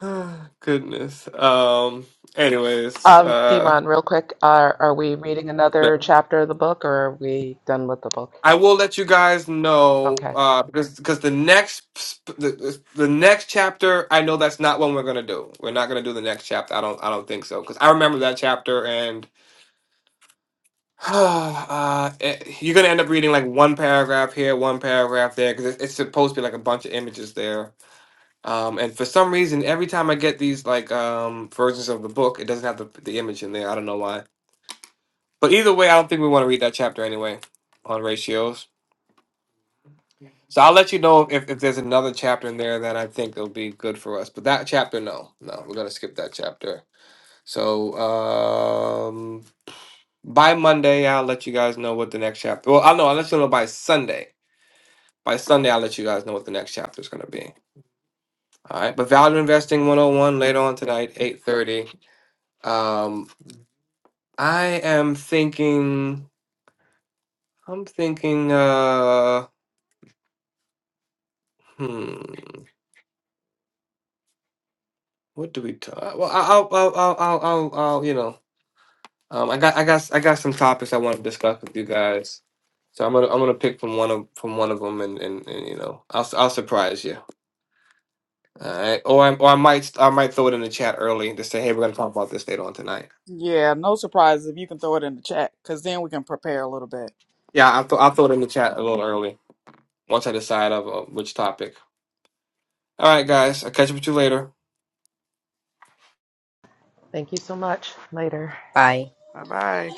[SPEAKER 1] Goodness. Um anyways,
[SPEAKER 2] Um, D.
[SPEAKER 1] uh
[SPEAKER 2] Ron, real quick, are are we reading another chapter of the book, or are we done with the book?
[SPEAKER 1] I will let you guys know
[SPEAKER 2] Okay.
[SPEAKER 1] uh because because the next sp- the, the next chapter I know that's not one we're gonna do. We're not gonna do the next chapter. I don't I don't think so because I remember that chapter and. uh, it- you're gonna end up reading like one paragraph here, one paragraph there, because it's supposed to be like a bunch of images there. Um, and for some reason, every time I get these like um versions of the book, it doesn't have the, the image in there. I don't know why. But either way, I don't think we want to read that chapter anyway on ratios. So I'll let you know if, if there's another chapter in there that I think will be good for us. But that chapter, no, no, we're gonna skip that chapter. So um, by Monday, I'll let you guys know what the next chapter. Well, I'll know. I'll let you know by Sunday By Sunday, I'll let you guys know what the next chapter is going to be. All right. But Value Investing 101 later on tonight, 8.30. Um, I am thinking, I'm thinking, uh, hmm, what do we talk? Well, I'll, I'll, I'll, I'll, I'll, I'll you know, um, I got, I got, I got some topics I want to discuss with you guys. So I'm gonna, I'm gonna pick from one of, from one of them, and, and, and you know, I'll, s- I'll surprise you. All right. Or I, or I might, I might throw it in the chat early to say, hey, we're gonna talk about this later on tonight.
[SPEAKER 9] yeah no surprises if you can throw it in the chat because then we can prepare a little bit
[SPEAKER 1] Yeah, I thought I throw it in the chat a little early once I decide of uh, which topic. All right, guys, I'll catch up with you later.
[SPEAKER 2] Thank you so much. Later.
[SPEAKER 6] bye
[SPEAKER 9] bye bye